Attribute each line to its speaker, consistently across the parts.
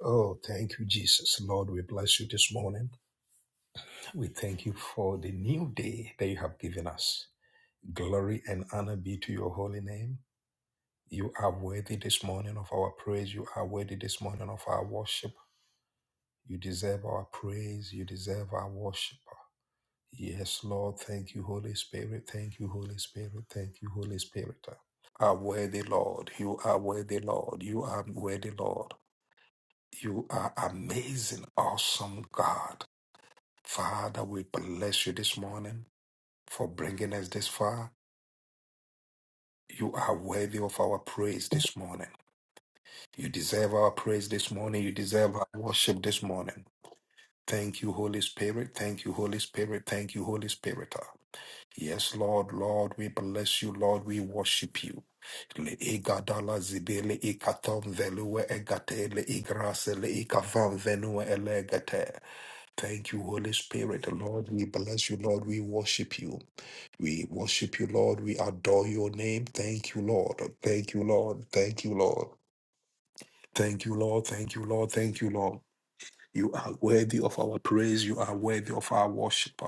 Speaker 1: Oh, thank you, Jesus. Lord, we bless you this morning. We thank you for the new day that you have given us. Glory and honor be to your holy name. You are worthy this morning of our praise. You are worthy this morning of our worship. You deserve our praise. You deserve our worship. Yes, Lord. Thank you, Holy Spirit. Thank you, Holy Spirit. Thank you, Holy Spirit. Are worthy, Lord. You are worthy, Lord. You are worthy, Lord. You are amazing, awesome God. Father, we bless you this morning for bringing us this far. You are worthy of our praise this morning. You deserve our praise this morning. You deserve our worship this morning. Thank you, Holy Spirit. Thank you, Holy Spirit. Thank you, Holy Spirit. Ah, Yes, Lord, Lord, we bless you. Lord, we worship you. Le igadala zibele ikatom velue egate le igrase le ikavam venue elegate. Thank you, Holy Spirit. Lord, we bless you. Lord, we worship you. We worship you, Lord. We adore your name. Thank you, Lord. Thank you, Lord. Thank you, Lord. Thank you, Lord. Thank you, Lord. Thank you, Lord. You are worthy of our praise. You are worthy of our worship.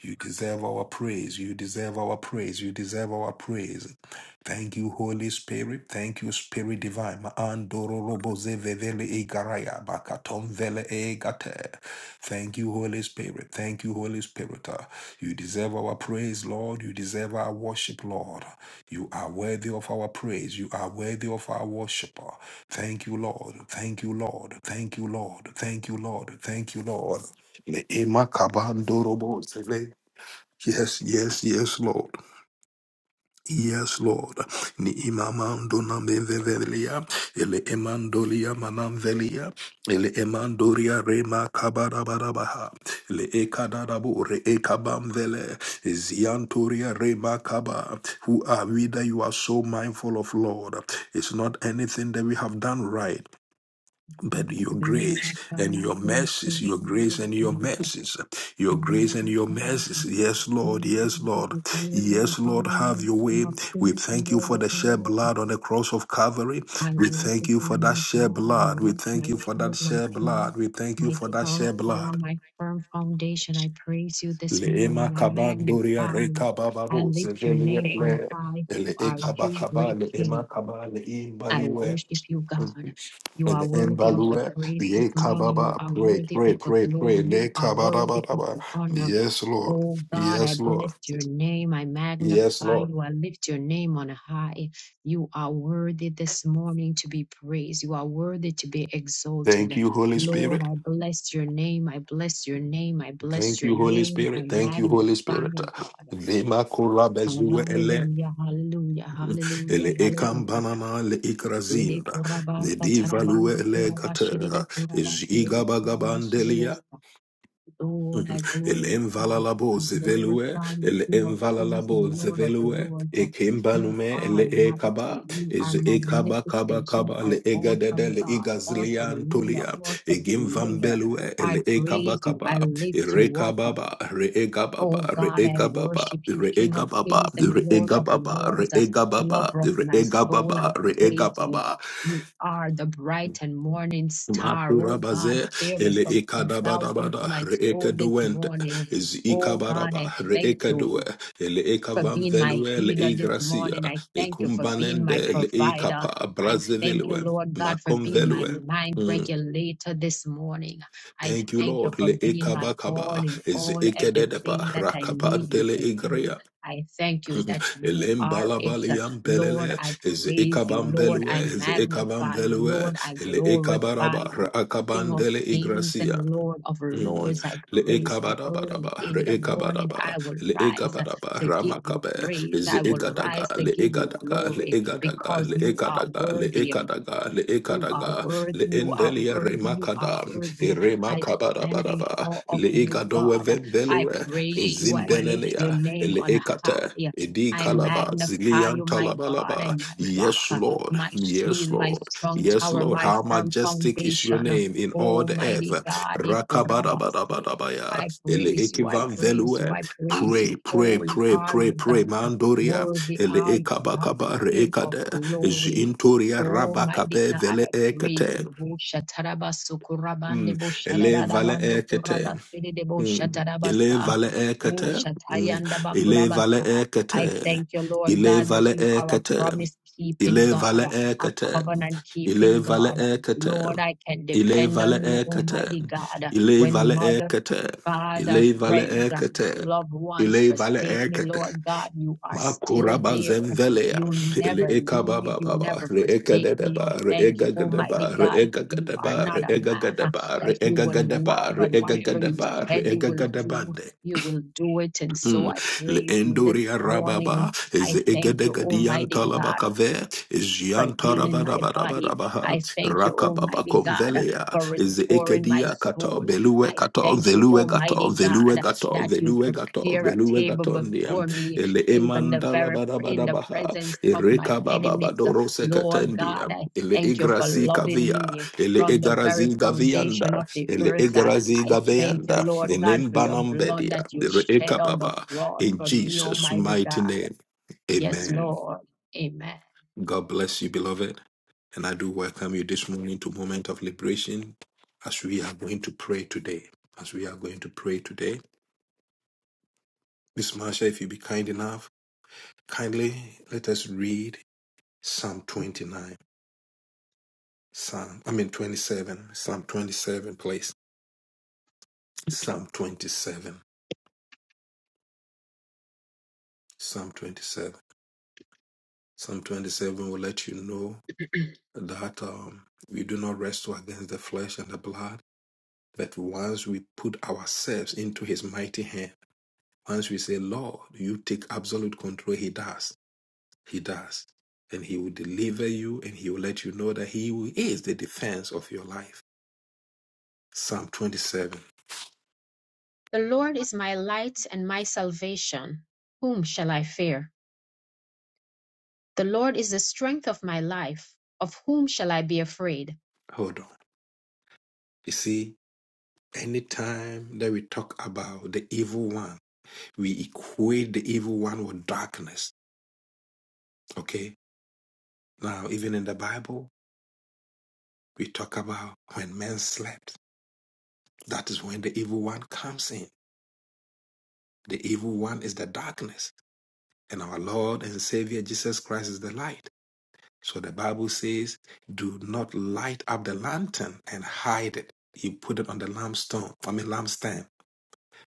Speaker 1: You deserve our praise. You deserve our praise. You deserve our praise. Thank you, Holy Spirit. Thank you, Spirit Divine. Andoro robo zevevele igaraya bakatom vele egate. Thank you, Holy Spirit. Thank you, Holy Spirit. Uh, You deserve our praise, Lord. You deserve our worship, Lord. You are worthy of our praise. You are worthy of our worship. Thank you, Lord. Thank you, Lord. Thank you, Lord. Thank you, Lord. Thank you, Lord. Le- ema kabandorobo sele. Yes, yes, yes, Lord. Yes, Lord. Ni imamandona mevevelia. Ele emandolia manamvelia. Ele emandoria rema kabarabarabaha. Le ekadarabu re ekabamvele. Ziantoria rema kaba. Who are we that you are so mindful of, Lord? It's not anything that we have done right
Speaker 2: Praise
Speaker 1: but
Speaker 2: to
Speaker 1: your
Speaker 2: be
Speaker 1: grace
Speaker 2: magnified
Speaker 1: and
Speaker 2: in
Speaker 1: your
Speaker 2: King of
Speaker 1: mercies,
Speaker 2: Kings
Speaker 1: your
Speaker 2: and the Lord
Speaker 1: grace
Speaker 2: of
Speaker 1: and your
Speaker 2: Lords.
Speaker 1: mercies,
Speaker 2: I
Speaker 1: your
Speaker 2: magnify
Speaker 1: grace and your
Speaker 2: you,
Speaker 1: mercies.
Speaker 2: God. I
Speaker 1: Yes, Lord,
Speaker 2: praise you,
Speaker 1: yes,
Speaker 2: I give
Speaker 1: Lord,
Speaker 2: you glory,
Speaker 1: yes,
Speaker 2: I
Speaker 1: Lord,
Speaker 2: honor
Speaker 1: have
Speaker 2: you,
Speaker 1: your
Speaker 2: King
Speaker 1: way.
Speaker 2: of
Speaker 1: We
Speaker 2: Kings and
Speaker 1: thank you
Speaker 2: Lord
Speaker 1: for
Speaker 2: of
Speaker 1: the shed
Speaker 2: Lords.
Speaker 1: blood on the cross of Calvary.
Speaker 2: I
Speaker 1: We
Speaker 2: worship
Speaker 1: thank
Speaker 2: you,
Speaker 1: you for that
Speaker 2: my
Speaker 1: shed
Speaker 2: God, my
Speaker 1: blood. We
Speaker 2: rock,
Speaker 1: thank
Speaker 2: my
Speaker 1: you for that
Speaker 2: shield, my
Speaker 1: shed
Speaker 2: king,
Speaker 1: blood. We thank you
Speaker 2: my
Speaker 1: for that shed.
Speaker 2: strong tower, my firm foundation. I praise you this morning.
Speaker 1: Leema
Speaker 2: I
Speaker 1: kabandoria
Speaker 2: magnify you.
Speaker 1: reka
Speaker 2: I
Speaker 1: bababo,
Speaker 2: lift your
Speaker 1: zevelia
Speaker 2: name on
Speaker 1: le-
Speaker 2: high.
Speaker 1: ele
Speaker 2: Who are you,
Speaker 1: ekabakaba,
Speaker 2: great King?
Speaker 1: leema kaba,
Speaker 2: I
Speaker 1: leimbaliwe.
Speaker 2: worship you,
Speaker 1: and
Speaker 2: God. You are
Speaker 1: the
Speaker 2: worthy of the
Speaker 1: Envalue,
Speaker 2: praise
Speaker 1: Ye
Speaker 2: this morning. You
Speaker 1: Kababa,
Speaker 2: are
Speaker 1: pray,
Speaker 2: worthy of
Speaker 1: pray,
Speaker 2: the
Speaker 1: pray,
Speaker 2: glory.
Speaker 1: pray, Ne
Speaker 2: You are worthy of
Speaker 1: Kabadabadaba.
Speaker 2: the honor.
Speaker 1: Yes, Lord.
Speaker 2: Oh God, I
Speaker 1: Yes, Lord.
Speaker 2: bless your name. I
Speaker 1: Yes,
Speaker 2: magnify
Speaker 1: Lord.
Speaker 2: you. I lift your name on high. You are worthy this morning to be praised. You are worthy to be
Speaker 1: Thank
Speaker 2: exalted.
Speaker 1: you, Holy
Speaker 2: Lord,
Speaker 1: Spirit.
Speaker 2: I bless your name. I bless your name. I bless
Speaker 1: Thank
Speaker 2: your
Speaker 1: you, Holy
Speaker 2: name. I
Speaker 1: Spirit. Thank you, Holy
Speaker 2: magnify
Speaker 1: Spirit.
Speaker 2: you, God.
Speaker 1: Vema kura bezue ele.
Speaker 2: Hallelujah, hallelujah, hallelujah,
Speaker 1: Ele ekam
Speaker 2: hallelujah.
Speaker 1: banana le
Speaker 2: Dede
Speaker 1: ikrazinda. Ne
Speaker 2: kurabasa tarabando
Speaker 1: divalue ele
Speaker 2: kurabashi dede
Speaker 1: gata.
Speaker 2: kurabashi dede kurabashi dede
Speaker 1: Is
Speaker 2: sa. Lord, I
Speaker 1: El
Speaker 2: glorify you.
Speaker 1: envalalabo
Speaker 2: I
Speaker 1: zevelue,
Speaker 2: glorify you,
Speaker 1: el
Speaker 2: King of kings
Speaker 1: envalalabo
Speaker 2: and Lord of
Speaker 1: zevelue,
Speaker 2: lords.
Speaker 1: e
Speaker 2: You
Speaker 1: kimbanume, el
Speaker 2: are mighty.
Speaker 1: ekaba,
Speaker 2: You
Speaker 1: is
Speaker 2: are
Speaker 1: ekaba kaba
Speaker 2: magnificent. You
Speaker 1: kaba, le
Speaker 2: are
Speaker 1: egadede,
Speaker 2: awesome
Speaker 1: le
Speaker 2: God, awesome
Speaker 1: igazlian
Speaker 2: ruler,
Speaker 1: tulia, e
Speaker 2: awesome creator.
Speaker 1: gimvambelue, el
Speaker 2: I
Speaker 1: ekaba
Speaker 2: praise you.
Speaker 1: kaba,
Speaker 2: I
Speaker 1: e
Speaker 2: lift you up.
Speaker 1: rekababa, re egababa,
Speaker 2: Oh
Speaker 1: re
Speaker 2: God, I
Speaker 1: egababa,
Speaker 2: worship you,
Speaker 1: re
Speaker 2: King of
Speaker 1: egababa,
Speaker 2: kings and
Speaker 1: re
Speaker 2: Lord of
Speaker 1: egababa, re
Speaker 2: lords, uh,
Speaker 1: egababa,
Speaker 2: lover of
Speaker 1: re
Speaker 2: my soul. I
Speaker 1: egababa, re
Speaker 2: praise you.
Speaker 1: egababa,
Speaker 2: You are the bright and morning star. Oh God,
Speaker 1: Makurabaze ele
Speaker 2: fairest of 10,000 to
Speaker 1: ikadabadabada
Speaker 2: my
Speaker 1: re
Speaker 2: soul this morning.
Speaker 1: is
Speaker 2: Oh God, I
Speaker 1: ikabaraba re
Speaker 2: thank you
Speaker 1: ele
Speaker 2: for
Speaker 1: ekavam
Speaker 2: being my
Speaker 1: velue le
Speaker 2: healer this morning.
Speaker 1: igracia
Speaker 2: I thank you for being my
Speaker 1: ekumbanende le
Speaker 2: provider.
Speaker 1: ikapa
Speaker 2: I thank you,
Speaker 1: brazevelue
Speaker 2: Lord God, for
Speaker 1: makom
Speaker 2: being my
Speaker 1: velue.
Speaker 2: mind
Speaker 1: Mm.
Speaker 2: regulator this morning. I
Speaker 1: Thank you,
Speaker 2: thank you
Speaker 1: Lord.
Speaker 2: for
Speaker 1: Le
Speaker 2: being my all
Speaker 1: ekabakaba
Speaker 2: in
Speaker 1: is
Speaker 2: all,
Speaker 1: ekedeba
Speaker 2: everything that I need you
Speaker 1: rakapantele
Speaker 2: to be.
Speaker 1: igria.
Speaker 2: I thank you
Speaker 1: Mm.
Speaker 2: that you are it.
Speaker 1: Elembalabaliam
Speaker 2: Lord,
Speaker 1: belele
Speaker 2: I
Speaker 1: is
Speaker 2: praise you.
Speaker 1: ekabam
Speaker 2: Lord,
Speaker 1: velue
Speaker 2: I
Speaker 1: is ekabam
Speaker 2: magnify you.
Speaker 1: velue
Speaker 2: Lord, I
Speaker 1: ele
Speaker 2: glorify
Speaker 1: ekabaraba
Speaker 2: you. King of
Speaker 1: rakabandele
Speaker 2: kings
Speaker 1: igracia.
Speaker 2: and Lord of
Speaker 1: Mm.
Speaker 2: lords, I praise you early
Speaker 1: Leekabadabadaba,
Speaker 2: in the morning. I
Speaker 1: reekabadaba,
Speaker 2: will rise
Speaker 1: leekabadaba,
Speaker 2: to give you
Speaker 1: ramakabe,
Speaker 2: praise. I will
Speaker 1: zeegadaga,
Speaker 2: rise to give you
Speaker 1: leegadaga,
Speaker 2: glory
Speaker 1: leegadaga,
Speaker 2: because you are
Speaker 1: leekadaga,
Speaker 2: worthy.
Speaker 1: leekadaga,
Speaker 2: You are
Speaker 1: leekadaga,
Speaker 2: worthy, you are
Speaker 1: leendelia
Speaker 2: worthy, you are
Speaker 1: remakada,
Speaker 2: worthy. I stand in
Speaker 1: remakabadabadaba,
Speaker 2: awe of you,
Speaker 1: leegadowe
Speaker 2: God. I
Speaker 1: venvelue,
Speaker 2: praise you, I lift your
Speaker 1: zimbenelea,
Speaker 2: name on
Speaker 1: leekate,
Speaker 2: high.
Speaker 1: edi
Speaker 2: I
Speaker 1: kalaba,
Speaker 2: magnify
Speaker 1: zilian
Speaker 2: you, my God
Speaker 1: talabalaba.
Speaker 2: and my rock,
Speaker 1: Yes, Lord.
Speaker 2: my shield,
Speaker 1: Yes,
Speaker 2: my
Speaker 1: Lord.
Speaker 2: strong
Speaker 1: Yes,
Speaker 2: tower,
Speaker 1: Lord.
Speaker 2: my
Speaker 1: How
Speaker 2: firm
Speaker 1: majestic is your
Speaker 2: foundation.
Speaker 1: name in all the
Speaker 2: Almighty
Speaker 1: earth.
Speaker 2: God, Ikorabasi.
Speaker 1: Rakabadabadabadabaya.
Speaker 2: I
Speaker 1: Ele
Speaker 2: praise you, I
Speaker 1: ekivan
Speaker 2: praise you,
Speaker 1: velue.
Speaker 2: I praise
Speaker 1: Pray,
Speaker 2: you.
Speaker 1: pray,
Speaker 2: Holy
Speaker 1: pray,
Speaker 2: are
Speaker 1: pray,
Speaker 2: you,
Speaker 1: pray.
Speaker 2: God.
Speaker 1: Mandoria.
Speaker 2: Worthy
Speaker 1: Ele
Speaker 2: are you, God,
Speaker 1: ekabakaba
Speaker 2: King of
Speaker 1: reekade.
Speaker 2: glory.
Speaker 1: Jintoria
Speaker 2: Almighty
Speaker 1: rabakabe
Speaker 2: God,
Speaker 1: vele
Speaker 2: I praise
Speaker 1: ekete.
Speaker 2: you. Bo shataraba sukurabande
Speaker 1: Mm.
Speaker 2: bo
Speaker 1: Ele vale
Speaker 2: shadabadabando
Speaker 1: ekete.
Speaker 2: kuraba sedede bo
Speaker 1: Mm. Ele
Speaker 2: shatarabasa.
Speaker 1: vale
Speaker 2: Oh,
Speaker 1: ekete. Mm.
Speaker 2: shatayanda
Speaker 1: Ele vale
Speaker 2: bakurabasa. I
Speaker 1: ekete.
Speaker 2: thank you, Lord
Speaker 1: Ele
Speaker 2: God, that
Speaker 1: vale
Speaker 2: you are a
Speaker 1: ekete.
Speaker 2: promise keeping
Speaker 1: Ele
Speaker 2: God,
Speaker 1: vale
Speaker 2: a
Speaker 1: ekete.
Speaker 2: covenant
Speaker 1: Ele
Speaker 2: keeping
Speaker 1: vale
Speaker 2: God.
Speaker 1: ekete.
Speaker 2: Lord, I can
Speaker 1: Ile
Speaker 2: depend
Speaker 1: vale
Speaker 2: on you,
Speaker 1: ekete.
Speaker 2: Almighty God.
Speaker 1: Ile
Speaker 2: When
Speaker 1: vale
Speaker 2: mother,
Speaker 1: ekete.
Speaker 2: father,
Speaker 1: Ile vale
Speaker 2: friends,
Speaker 1: ekete.
Speaker 2: loved ones
Speaker 1: Ile vale
Speaker 2: forsake me,
Speaker 1: ekete.
Speaker 2: Lord God, you are still
Speaker 1: Makuraba
Speaker 2: there.
Speaker 1: zemvelea.
Speaker 2: You'll
Speaker 1: Ile
Speaker 2: never
Speaker 1: eka
Speaker 2: leave.
Speaker 1: baba
Speaker 2: You'll
Speaker 1: baba.
Speaker 2: never
Speaker 1: Re eka
Speaker 2: forsake me.
Speaker 1: dedeba.
Speaker 2: Oh,
Speaker 1: Re
Speaker 2: thank you,
Speaker 1: ega
Speaker 2: Almighty
Speaker 1: gadeba. Re
Speaker 2: God, that
Speaker 1: ega
Speaker 2: you are
Speaker 1: gadeba.
Speaker 2: not
Speaker 1: Re
Speaker 2: a man
Speaker 1: ega
Speaker 2: uh,
Speaker 1: gadeba.
Speaker 2: that
Speaker 1: Re
Speaker 2: you
Speaker 1: ega
Speaker 2: would lie,
Speaker 1: gadeba. Re
Speaker 2: but
Speaker 1: ega
Speaker 2: whatever you
Speaker 1: gadeba. Re
Speaker 2: said you
Speaker 1: ega
Speaker 2: will do,
Speaker 1: gadeba.
Speaker 2: you will do it. And so
Speaker 1: Mm.
Speaker 2: I
Speaker 1: Le
Speaker 2: praise you this
Speaker 1: endoria rababa
Speaker 2: morning.
Speaker 1: is
Speaker 2: I thank you,
Speaker 1: egedegadian
Speaker 2: Almighty God
Speaker 1: talabakave is
Speaker 2: for healing my body.
Speaker 1: yantarabadabadabaha
Speaker 2: I thank you,
Speaker 1: rakababa
Speaker 2: Almighty God,
Speaker 1: convelia
Speaker 2: for
Speaker 1: is
Speaker 2: restoring my
Speaker 1: ekedia kato
Speaker 2: soul.
Speaker 1: belue
Speaker 2: I
Speaker 1: kato
Speaker 2: thank you,
Speaker 1: velue gato
Speaker 2: Almighty
Speaker 1: velue
Speaker 2: God,
Speaker 1: gato
Speaker 2: that you
Speaker 1: velue gato
Speaker 2: prepare a
Speaker 1: velue
Speaker 2: table
Speaker 1: gatondiam
Speaker 2: before me,
Speaker 1: ele
Speaker 2: even the
Speaker 1: emandala
Speaker 2: very in the
Speaker 1: badabadabaha
Speaker 2: presence of my
Speaker 1: ereka baba
Speaker 2: enemies.
Speaker 1: badorose
Speaker 2: Lord God,
Speaker 1: katendiam
Speaker 2: I
Speaker 1: ele
Speaker 2: thank you for
Speaker 1: igrasi
Speaker 2: loving
Speaker 1: kavia
Speaker 2: me
Speaker 1: ele
Speaker 2: from the very
Speaker 1: egarazi
Speaker 2: foundation
Speaker 1: gavianda
Speaker 2: of the
Speaker 1: Ele
Speaker 2: earth.
Speaker 1: egrazi
Speaker 2: I thank you,
Speaker 1: gabeanda, the
Speaker 2: Lord God,
Speaker 1: name
Speaker 2: for your blood
Speaker 1: Banambedia,
Speaker 2: that you
Speaker 1: the
Speaker 2: shed on the
Speaker 1: Reekababa,
Speaker 2: cross
Speaker 1: in
Speaker 2: for me,
Speaker 1: Jesus'
Speaker 2: Almighty
Speaker 1: mighty
Speaker 2: God.
Speaker 1: name.
Speaker 2: Yes,
Speaker 1: Amen.
Speaker 2: Lord. Amen.
Speaker 1: God bless you, beloved. And I do welcome you this morning to Moment of Liberation as we are going to pray today. As we are going to pray today. Miss Marsha, if you be kind enough, kindly let us read Psalm 29. Psalm, I mean 27. Psalm 27, please. Psalm 27. Psalm 27. Psalm 27 will let you know. that um, we do not wrestle against the flesh and the blood, but once we put ourselves into His mighty hand, once we say, Lord, you take absolute control, He does. He does. And He will deliver you and He will let you know that He will- is the defense of your life. Psalm 27.
Speaker 2: The Lord is my light and my salvation. Whom shall I fear? The Lord is the strength of my life. Of whom shall I be afraid?
Speaker 1: Hold on. You see, anytime that we talk about the evil one, we equate the evil one with darkness. Okay? Now, even in the Bible, we talk about when men slept. That is when the evil one comes in. The evil one is the darkness, and our Lord and Savior Jesus Christ is the light. So the Bible says, Do not light up the lantern and hide it. You put it on the lampstone, I mean, lampstand.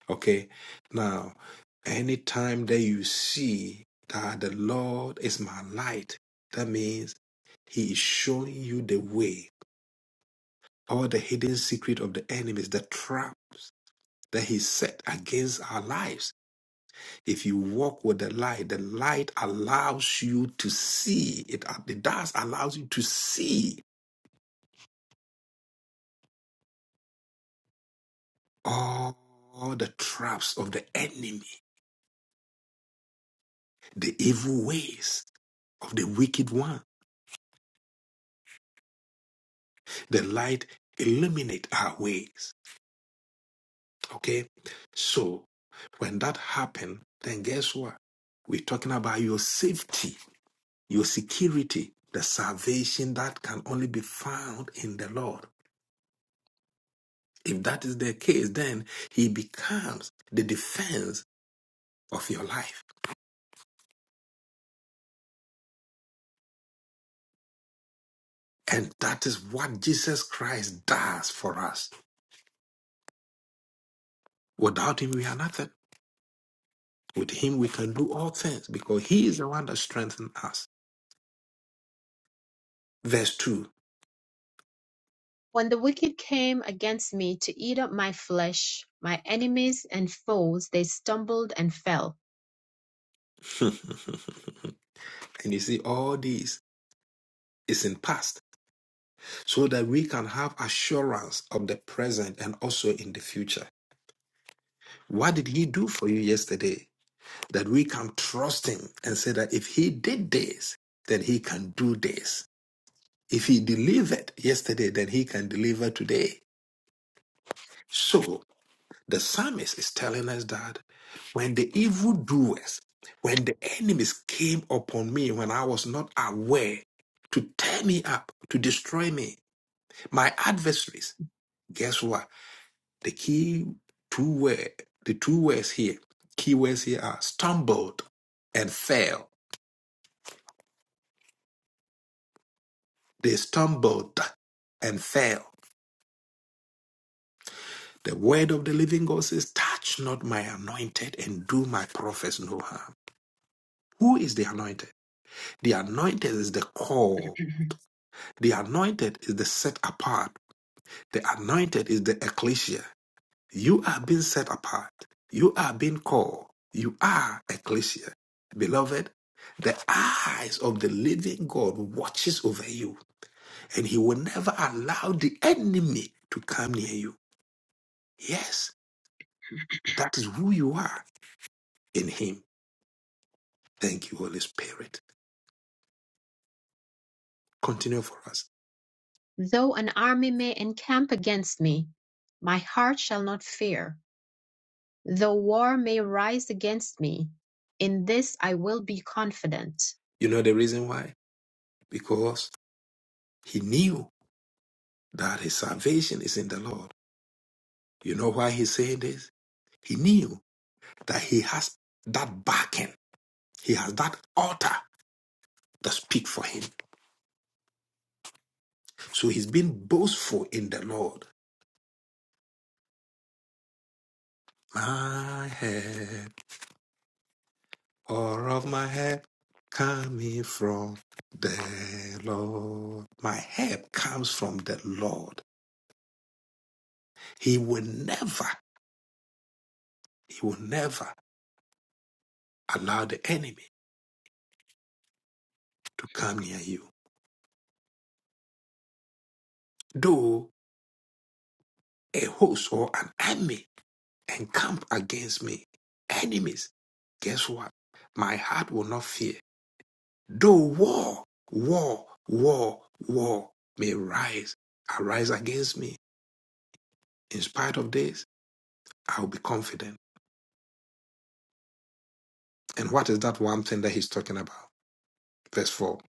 Speaker 1: Okay. Now, anytime that you see that the Lord is my light, that means He is showing you the way, all the hidden secret of the enemies, the traps that He set against our lives If you walk with the light, the light allows you to see. It, it does allows you to see all the traps of the enemy, the evil ways of the wicked one. The light illuminate our ways. Okay? So when that happens, then guess what? We're talking about your safety, your security, the salvation that can only be found in the Lord. If that is the case, then he becomes the defense of your life. And that is what Jesus Christ does for us. Without him, we are nothing. With him, we can do all things because he is the one that strengthens us. Verse 2.
Speaker 2: When the wicked came against me to eat up my flesh, my enemies and foes, they stumbled and fell.
Speaker 1: and you see, all these is in past so that we can have assurance of the present and also in the future. What did he do for you yesterday? That we can trust him and say that if he did this, then he can do this If he delivered yesterday, then he can deliver today. So the psalmist is telling us that when the evildoers, when the enemies came upon me when I was not aware to tear me up, to destroy me, my adversaries, guess what? The key two word, the two words here, key words here are stumbled and fell. They stumbled and fell. The word of the living God says, Touch not my anointed and do my prophets no harm. Who is the anointed? The anointed is the call. The anointed is the set apart. The anointed is the ecclesia. You are being set apart. You are being called. You are ecclesia. Beloved, the eyes of the living God watches over you and he will never allow the enemy to come near you. Yes, that is who you are in him. Thank you, Holy Spirit. Continue for us.
Speaker 2: Though an army may encamp against me, my heart shall not fear. Though war may rise against me, in this I will be confident.
Speaker 1: You know the reason why? Because he knew that his salvation is in the Lord. You know why he's saying this? He knew that he has that backing, he has that altar that speak for him. So he's been boastful in the Lord. My help, all of my help, coming from the Lord. My help comes from the Lord. He will never, he will never allow the enemy to come near you. Though a host or an army encamp against me, enemies, guess what? My heart will not fear. Though war, war, war, war may rise, arise against me, in spite of this, I'll be confident. And what is that one thing that he's talking about? Verse 4.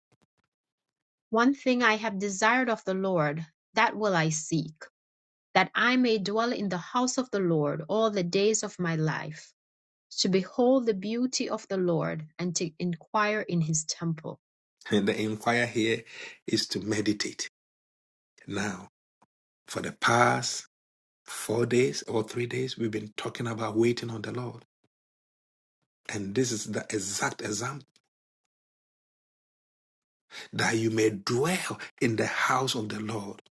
Speaker 2: One thing I have desired of the Lord, that will I seek, that I may dwell in the house of the Lord all the days of my life, to behold the beauty of the Lord and to inquire in his temple.
Speaker 1: And the inquiry here is to meditate. Now, for the past four days or three days, we've been talking about waiting on the Lord. And this is the exact example that you may dwell in the house of the Lord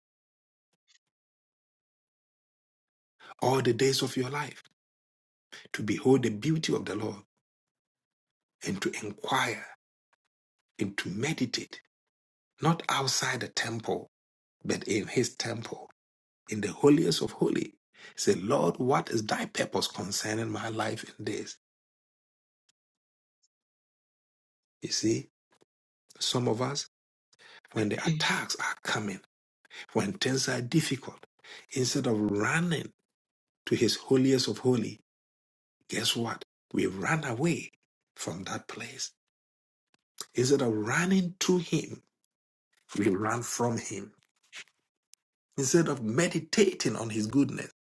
Speaker 1: all the days of your life to behold the beauty of the Lord and to inquire and to meditate, not outside the temple, but in his temple, in the holiest of holy. Say, Lord, what is thy purpose concerning my life in this? You see, some of us, when the attacks are coming, When things are difficult, instead of running to his holiest of holy, guess what? We run away from that place. Instead of running to him, we run from him. Instead of meditating on his goodness,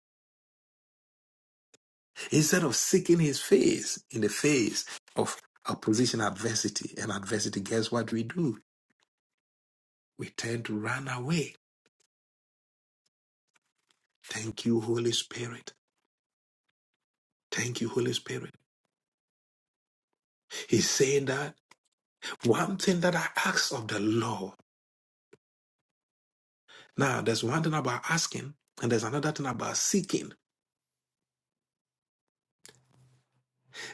Speaker 1: instead of seeking his face in the face of opposition, adversity, and adversity, guess what we do? We tend to run away. Thank you, Holy Spirit. Thank you, Holy Spirit. He's saying that one thing that I ask of the Lord Now, there's one thing about asking, and there's another thing about seeking,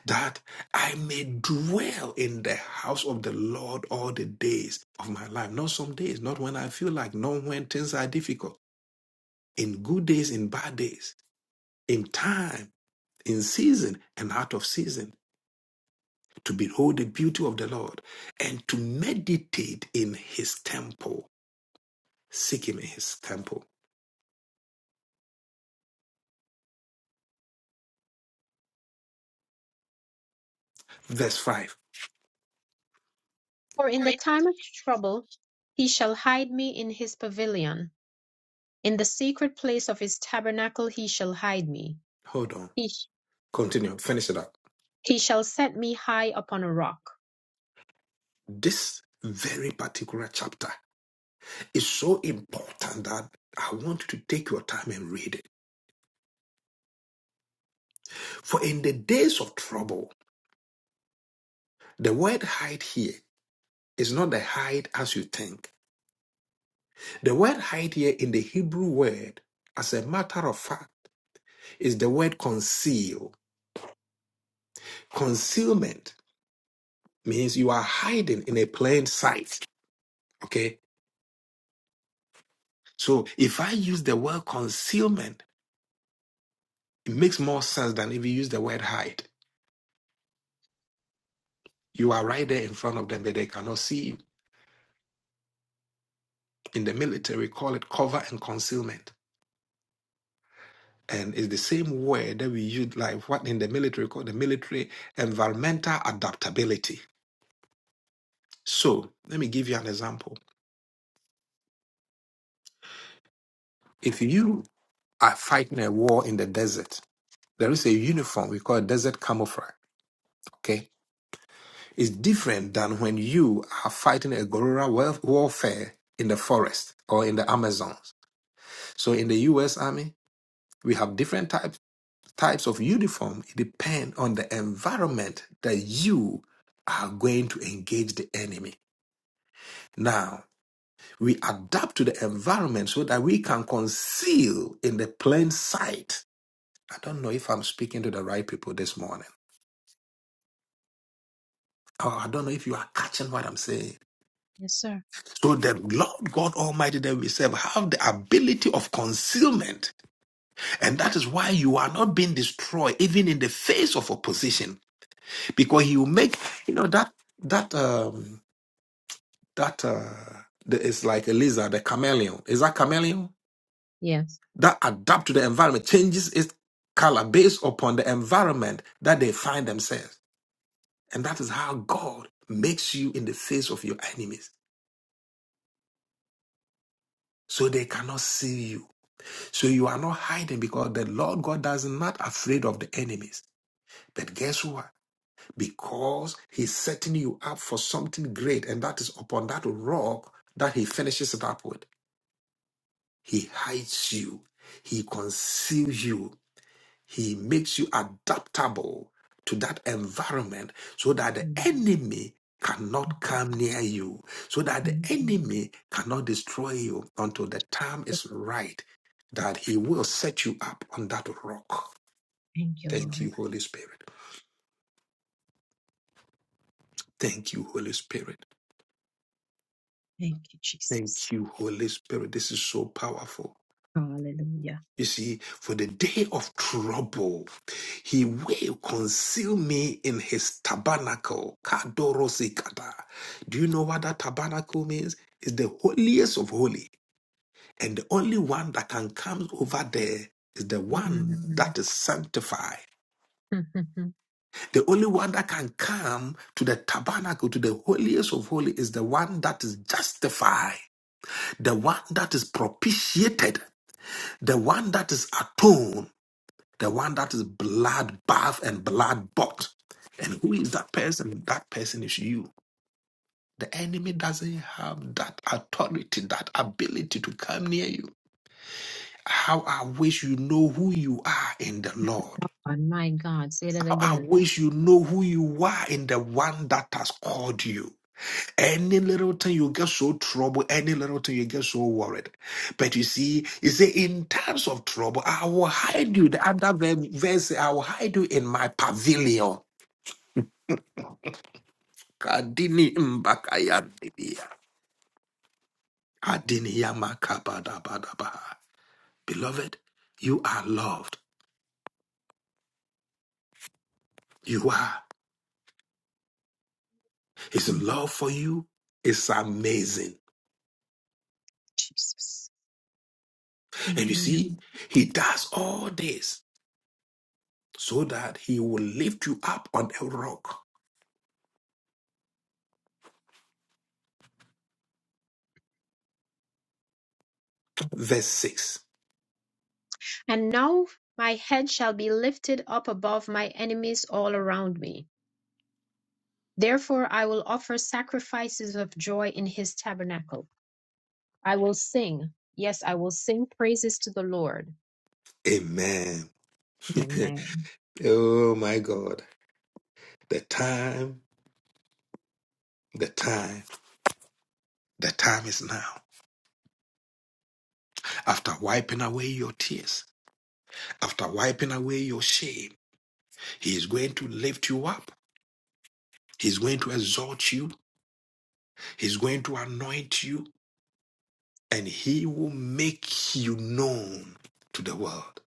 Speaker 1: that I may dwell in the house of the Lord all the days of my life. Not some days, not when I feel like, not when things are difficult, in good days, in bad days, in time, in season, and out of season, to behold the beauty of the Lord and to meditate in his temple. Seek him in his temple. Verse 5.
Speaker 2: For in the time of trouble he shall hide me in his pavilion; in the secret place of his tabernacle he shall hide me.
Speaker 1: Hold on.
Speaker 2: He, sh-
Speaker 1: Continue. Finish it up.
Speaker 2: he shall set me high upon a rock.
Speaker 1: This very particular chapter Is so important that I want you to take your time and read it. For in the days of trouble, the word hide here is not the hide as you think. The word hide here in the Hebrew word, as a matter of fact, is the word conceal. Concealment means you are hiding in a plain sight. Okay? So if I use the word concealment, it makes more sense than if you use the word hide. You are right there in front of them, but they cannot see you in the military call it cover and concealment and it's the same word that we use like what in the military call the military environmental adaptability so let me give you an example if you are fighting a war in the desert there is a uniform we call desert camouflage okay it's different than when you are fighting a guerrilla wa- warfare in the forest or in the amazons so in the us army we have different types types of uniform depend on the environment that you are going to engage the enemy. Now, we adapt to the environment so that we can conceal in the plain sight. I don't know if I'm speaking to the right people this morning. or I don't know if you are catching what I'm saying.
Speaker 2: Yes, sir.
Speaker 1: So the Lord God Almighty that we serve have the ability of concealment. And that is why you are not being destroyed even in the face of opposition. Because he will make, you know, that that um that uh, the, it's like a lizard, a chameleon. Is that chameleon
Speaker 2: Yes.
Speaker 1: that adapt to the environment, changes its color based upon the environment that they find themselves, and that is how God makes you in the face of your enemies, so they cannot see you, so you are not hiding because the Lord God does not afraid of the enemies. But guess what? Because He's setting you up for something great, and that is upon that rock that He finishes it up with. He hides you. He conceals you. He makes you adaptable to that environment so that the
Speaker 2: Mhm.
Speaker 1: enemy cannot come near you, so that the
Speaker 2: Mhm.
Speaker 1: enemy cannot destroy you until the time is right that he will set you up on that rock.
Speaker 2: Thank you,
Speaker 1: Thank
Speaker 2: Lord.
Speaker 1: you, Holy Spirit. Thank you, Holy Spirit.
Speaker 2: Thank you,
Speaker 1: Thank
Speaker 2: Jesus.
Speaker 1: you, Holy Spirit. This is so powerful.
Speaker 2: Hallelujah.
Speaker 1: You see, for the day of trouble, he will conceal me in his tabernacle. Kadorosikata. Do you know what that tabernacle means? It's the holiest of holy. And the only one that can come over there is the one
Speaker 2: Mhm.
Speaker 1: that is sanctified.
Speaker 2: On
Speaker 1: The only one that can come to the tabernacle, to the holiest of holy, is the one that is justified, the one that is propitiated, the one that is atoned the one that is blood bath and blood bought. And who is that person? That person is you. The enemy doesn't have that authority, that ability to come near you. How I wish you know who you are in the Lord.
Speaker 2: my God, say that
Speaker 1: How I
Speaker 2: again.
Speaker 1: wish you know who you are in the one that has called you. Any little thing you get so troubled, any little thing you get so worried. But you see, you say, in times of trouble, I will hide you. The other ver- verse, I will hide you in my pavilion. Kadini mbakayandidia. Adini yamakabadabadabaha. Beloved, you are loved. You are. His
Speaker 2: Mm,
Speaker 1: love for you is amazing.
Speaker 2: Jesus.
Speaker 1: And
Speaker 2: Thank
Speaker 1: you
Speaker 2: you. Lord.
Speaker 1: see, he does all this so that he will lift you up on a rock. Verse 6.
Speaker 2: And now my head shall be lifted up above my enemies all around me. Therefore I will offer sacrifices of joy in his tabernacle. I will sing, yes, I will sing praises to the Lord.
Speaker 1: Amen.
Speaker 2: Amen.
Speaker 1: oh my God. The time, the time, the time is now. After wiping away your tears, after wiping away your shame, He is going to lift you up. He's going to exalt you. He's going to anoint you. And he will make you known to the world.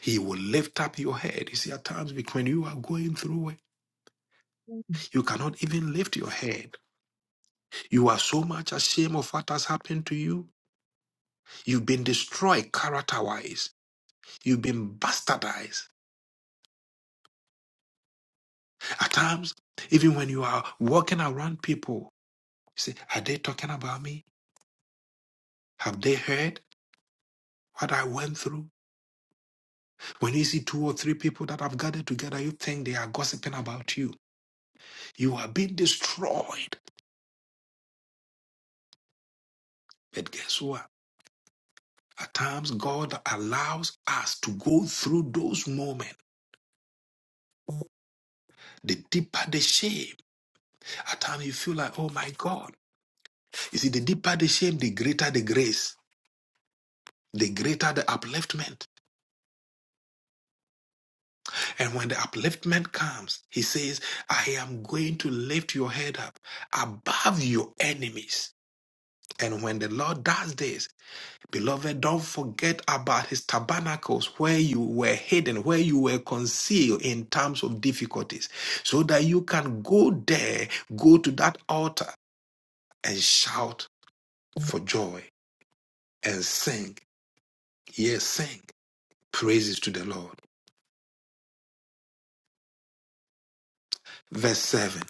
Speaker 1: He will lift up your head. You see, at times when you are going through it, you cannot even lift your head. You are so much ashamed of what has happened to you. You've been destroyed character wise. You've been bastardized. At times, even when you are walking around people, you say, Are they talking about me? Have they heard what I went through? When you see two or three people that have gathered together, you think they are gossiping about you. You are being destroyed. But guess what? At times, God allows us to go through those moments. The deeper the shame, at times you feel like, oh my God. You see, the deeper the shame, the greater the grace, the greater the upliftment. And when the upliftment comes, He says, I am going to lift your head up above your enemies. And when the Lord does this, Beloved, don't forget about his tabernacles where you were hidden, where you were concealed in times of difficulties, so that you can go there, go to that altar and shout for joy and sing. Yes, sing praises to the Lord. Verse 7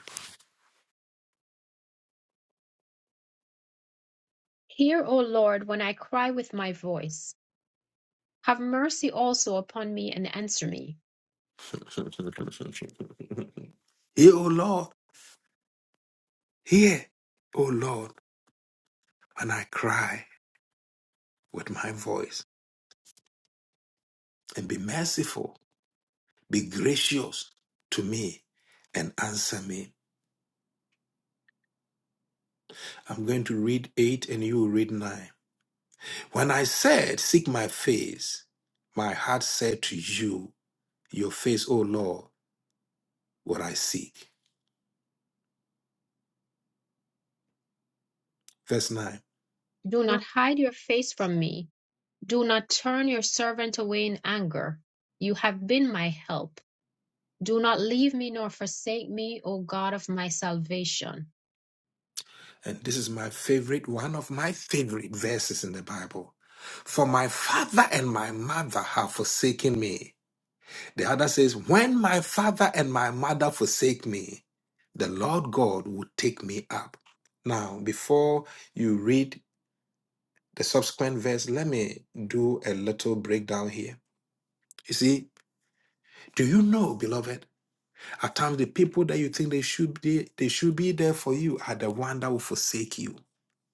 Speaker 2: Hear, O Lord, when I cry with my voice. Have mercy also upon me and answer me.
Speaker 1: Hear, O Lord, hear, O Lord, and I cry with my voice, and be merciful, be gracious to me, and answer me. I'm going to read 8 and you will read 9. When I said, Seek my face, my heart said to you, Your face, O Lord, what I seek. Verse 9.
Speaker 2: Do not hide your face from me. Do not turn your servant away in anger. You have been my help. Do not leave me nor forsake me, O God of my salvation.
Speaker 1: And this is my favorite, one of my favorite verses in the Bible. For my father and my mother have forsaken me. The other says, When my father and my mother forsake me, the Lord God will take me up. Now, before you read the subsequent verse, let me do a little breakdown here. You see, do you know, beloved, at times the people that you think they should be, they should be there for you are the one that will forsake you.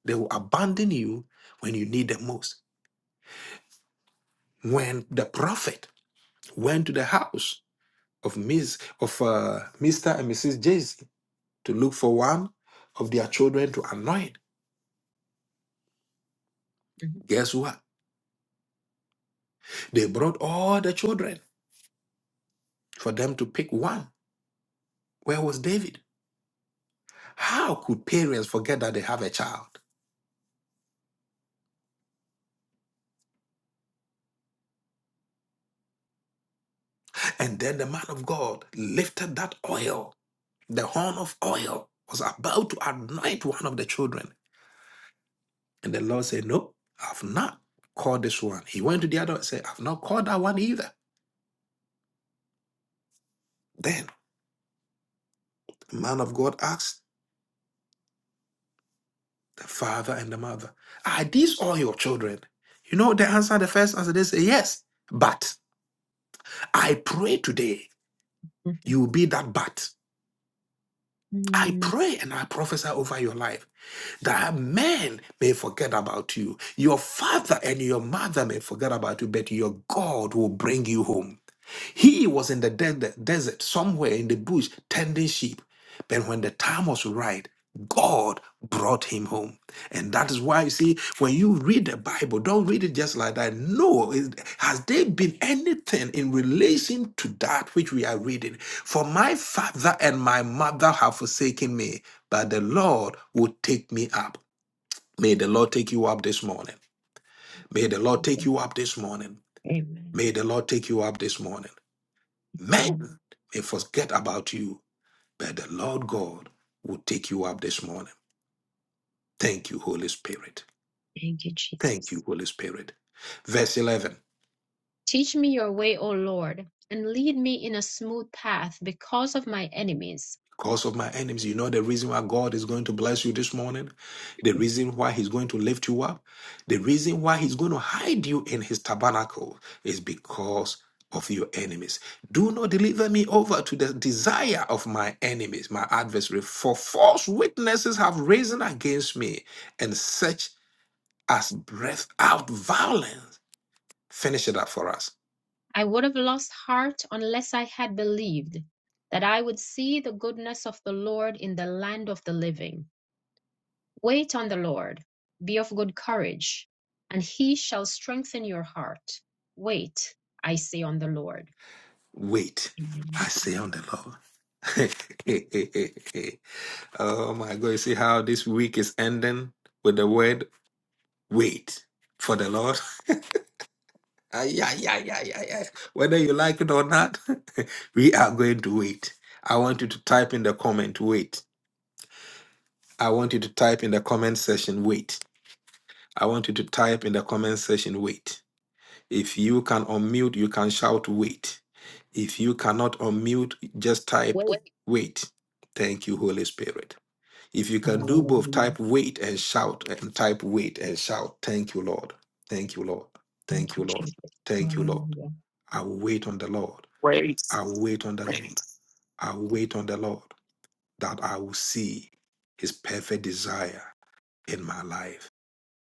Speaker 1: They will abandon you when you need them most. When the prophet went to the house of Miss of uh, Mr. and Mrs. to look for one of their children to anoint, guess what? They brought all the children for them to pick one. Where was David? How could parents forget that they have a child? And then the man of God lifted that oil. The horn of oil was about to anoint one of the children. And the Lord said, No, I've not called this one. He went to the other and said, I've not called that one either. Then the man of God asked the father and the mother, Are these all your children? You know, the answer, the first answer, they say, Yes. But I pray today
Speaker 2: Mhm.
Speaker 1: you will be that but. I
Speaker 2: Mhm.
Speaker 1: pray and I prophesy over your life that men may forget about you. Your father and your mother may forget about you, but your God will bring you home. He was in the de- desert, somewhere in the bush, tending sheep. But when the time was right, God brought him home. And that is why you see, when you read the Bible, don't read it just like that. No, it- has there been anything in relation to that which we are reading? For my father and my mother have forsaken me, but the Lord will take me up. May the Lord take you up this morning. May the Lord take
Speaker 2: Mm.
Speaker 1: you up this morning.
Speaker 2: Amen.
Speaker 1: May the Lord take you up this morning.
Speaker 2: Thank you,
Speaker 1: Men may forget about you, but the Lord God will take you up this morning. Thank you, Holy Spirit.
Speaker 2: Thank you,
Speaker 1: Thank
Speaker 2: Jesus.
Speaker 1: you, Holy Spirit. Verse 11
Speaker 2: Teach me your way, O Lord, and lead me in a smooth path because of my enemies.
Speaker 1: Because of my enemies. You know the reason why God is going to bless you this morning? The reason why He's going to lift you up? The reason why He's going to hide you in His tabernacle is because of your enemies. Do not deliver me over to the desire of my enemies, my adversary, for false witnesses have risen against me, and such as breath out violence. Finish it up for us.
Speaker 2: I would have lost heart unless I had believed that I would see the goodness of the Lord in the land of the living. Wait on the Lord, be of good courage, and he shall strengthen your heart. Wait, I say, on the Lord.
Speaker 1: Wait, I
Speaker 2: Amen.
Speaker 1: say on the Lord. Oh my God, you see how this week is ending with the word wait for the Lord? Ay, ay, ay, ay, ay, ay. Whether you like it or not, we are going to wait. I want you to type in the comment, wait. I want you to type in the comment section, wait. I want you to type in the comment section, wait. If you can unmute, you can shout, wait. If you cannot unmute, just type,
Speaker 2: Wait.
Speaker 1: wait. Thank you, Holy Spirit. If you can do both,
Speaker 2: Hallelujah.
Speaker 1: type wait and shout and type wait and shout. Thank you, Lord. Thank you, Lord. Thank
Speaker 2: Thank you,
Speaker 1: you, Lord.
Speaker 2: Jesus.
Speaker 1: Thank you, Lord.
Speaker 2: Hallelujah.
Speaker 1: I will wait on the Lord.
Speaker 3: race
Speaker 1: I will wait on the I will wait on the Lord that I will see his perfect desire in my life.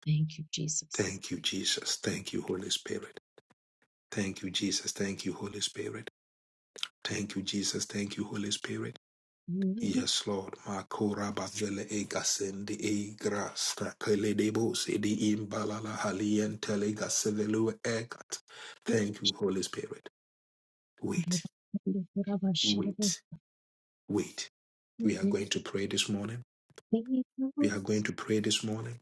Speaker 2: Thank you, Jesus.
Speaker 1: Thank you, Jesus. Thank you, Holy Spirit. Thank you, Jesus. Thank you, Holy Spirit. Thank you, Jesus. Thank you, Holy Spirit. Yes, Lord. Makora bavele egasendi egras takeledebos edi imbalala halientele gasevelu egat. Thank you, Holy Spirit.
Speaker 2: Hallelujah,
Speaker 1: Wait,
Speaker 2: hallelujah,
Speaker 1: wait, wait. We are going to pray this morning. We are going to pray this morning.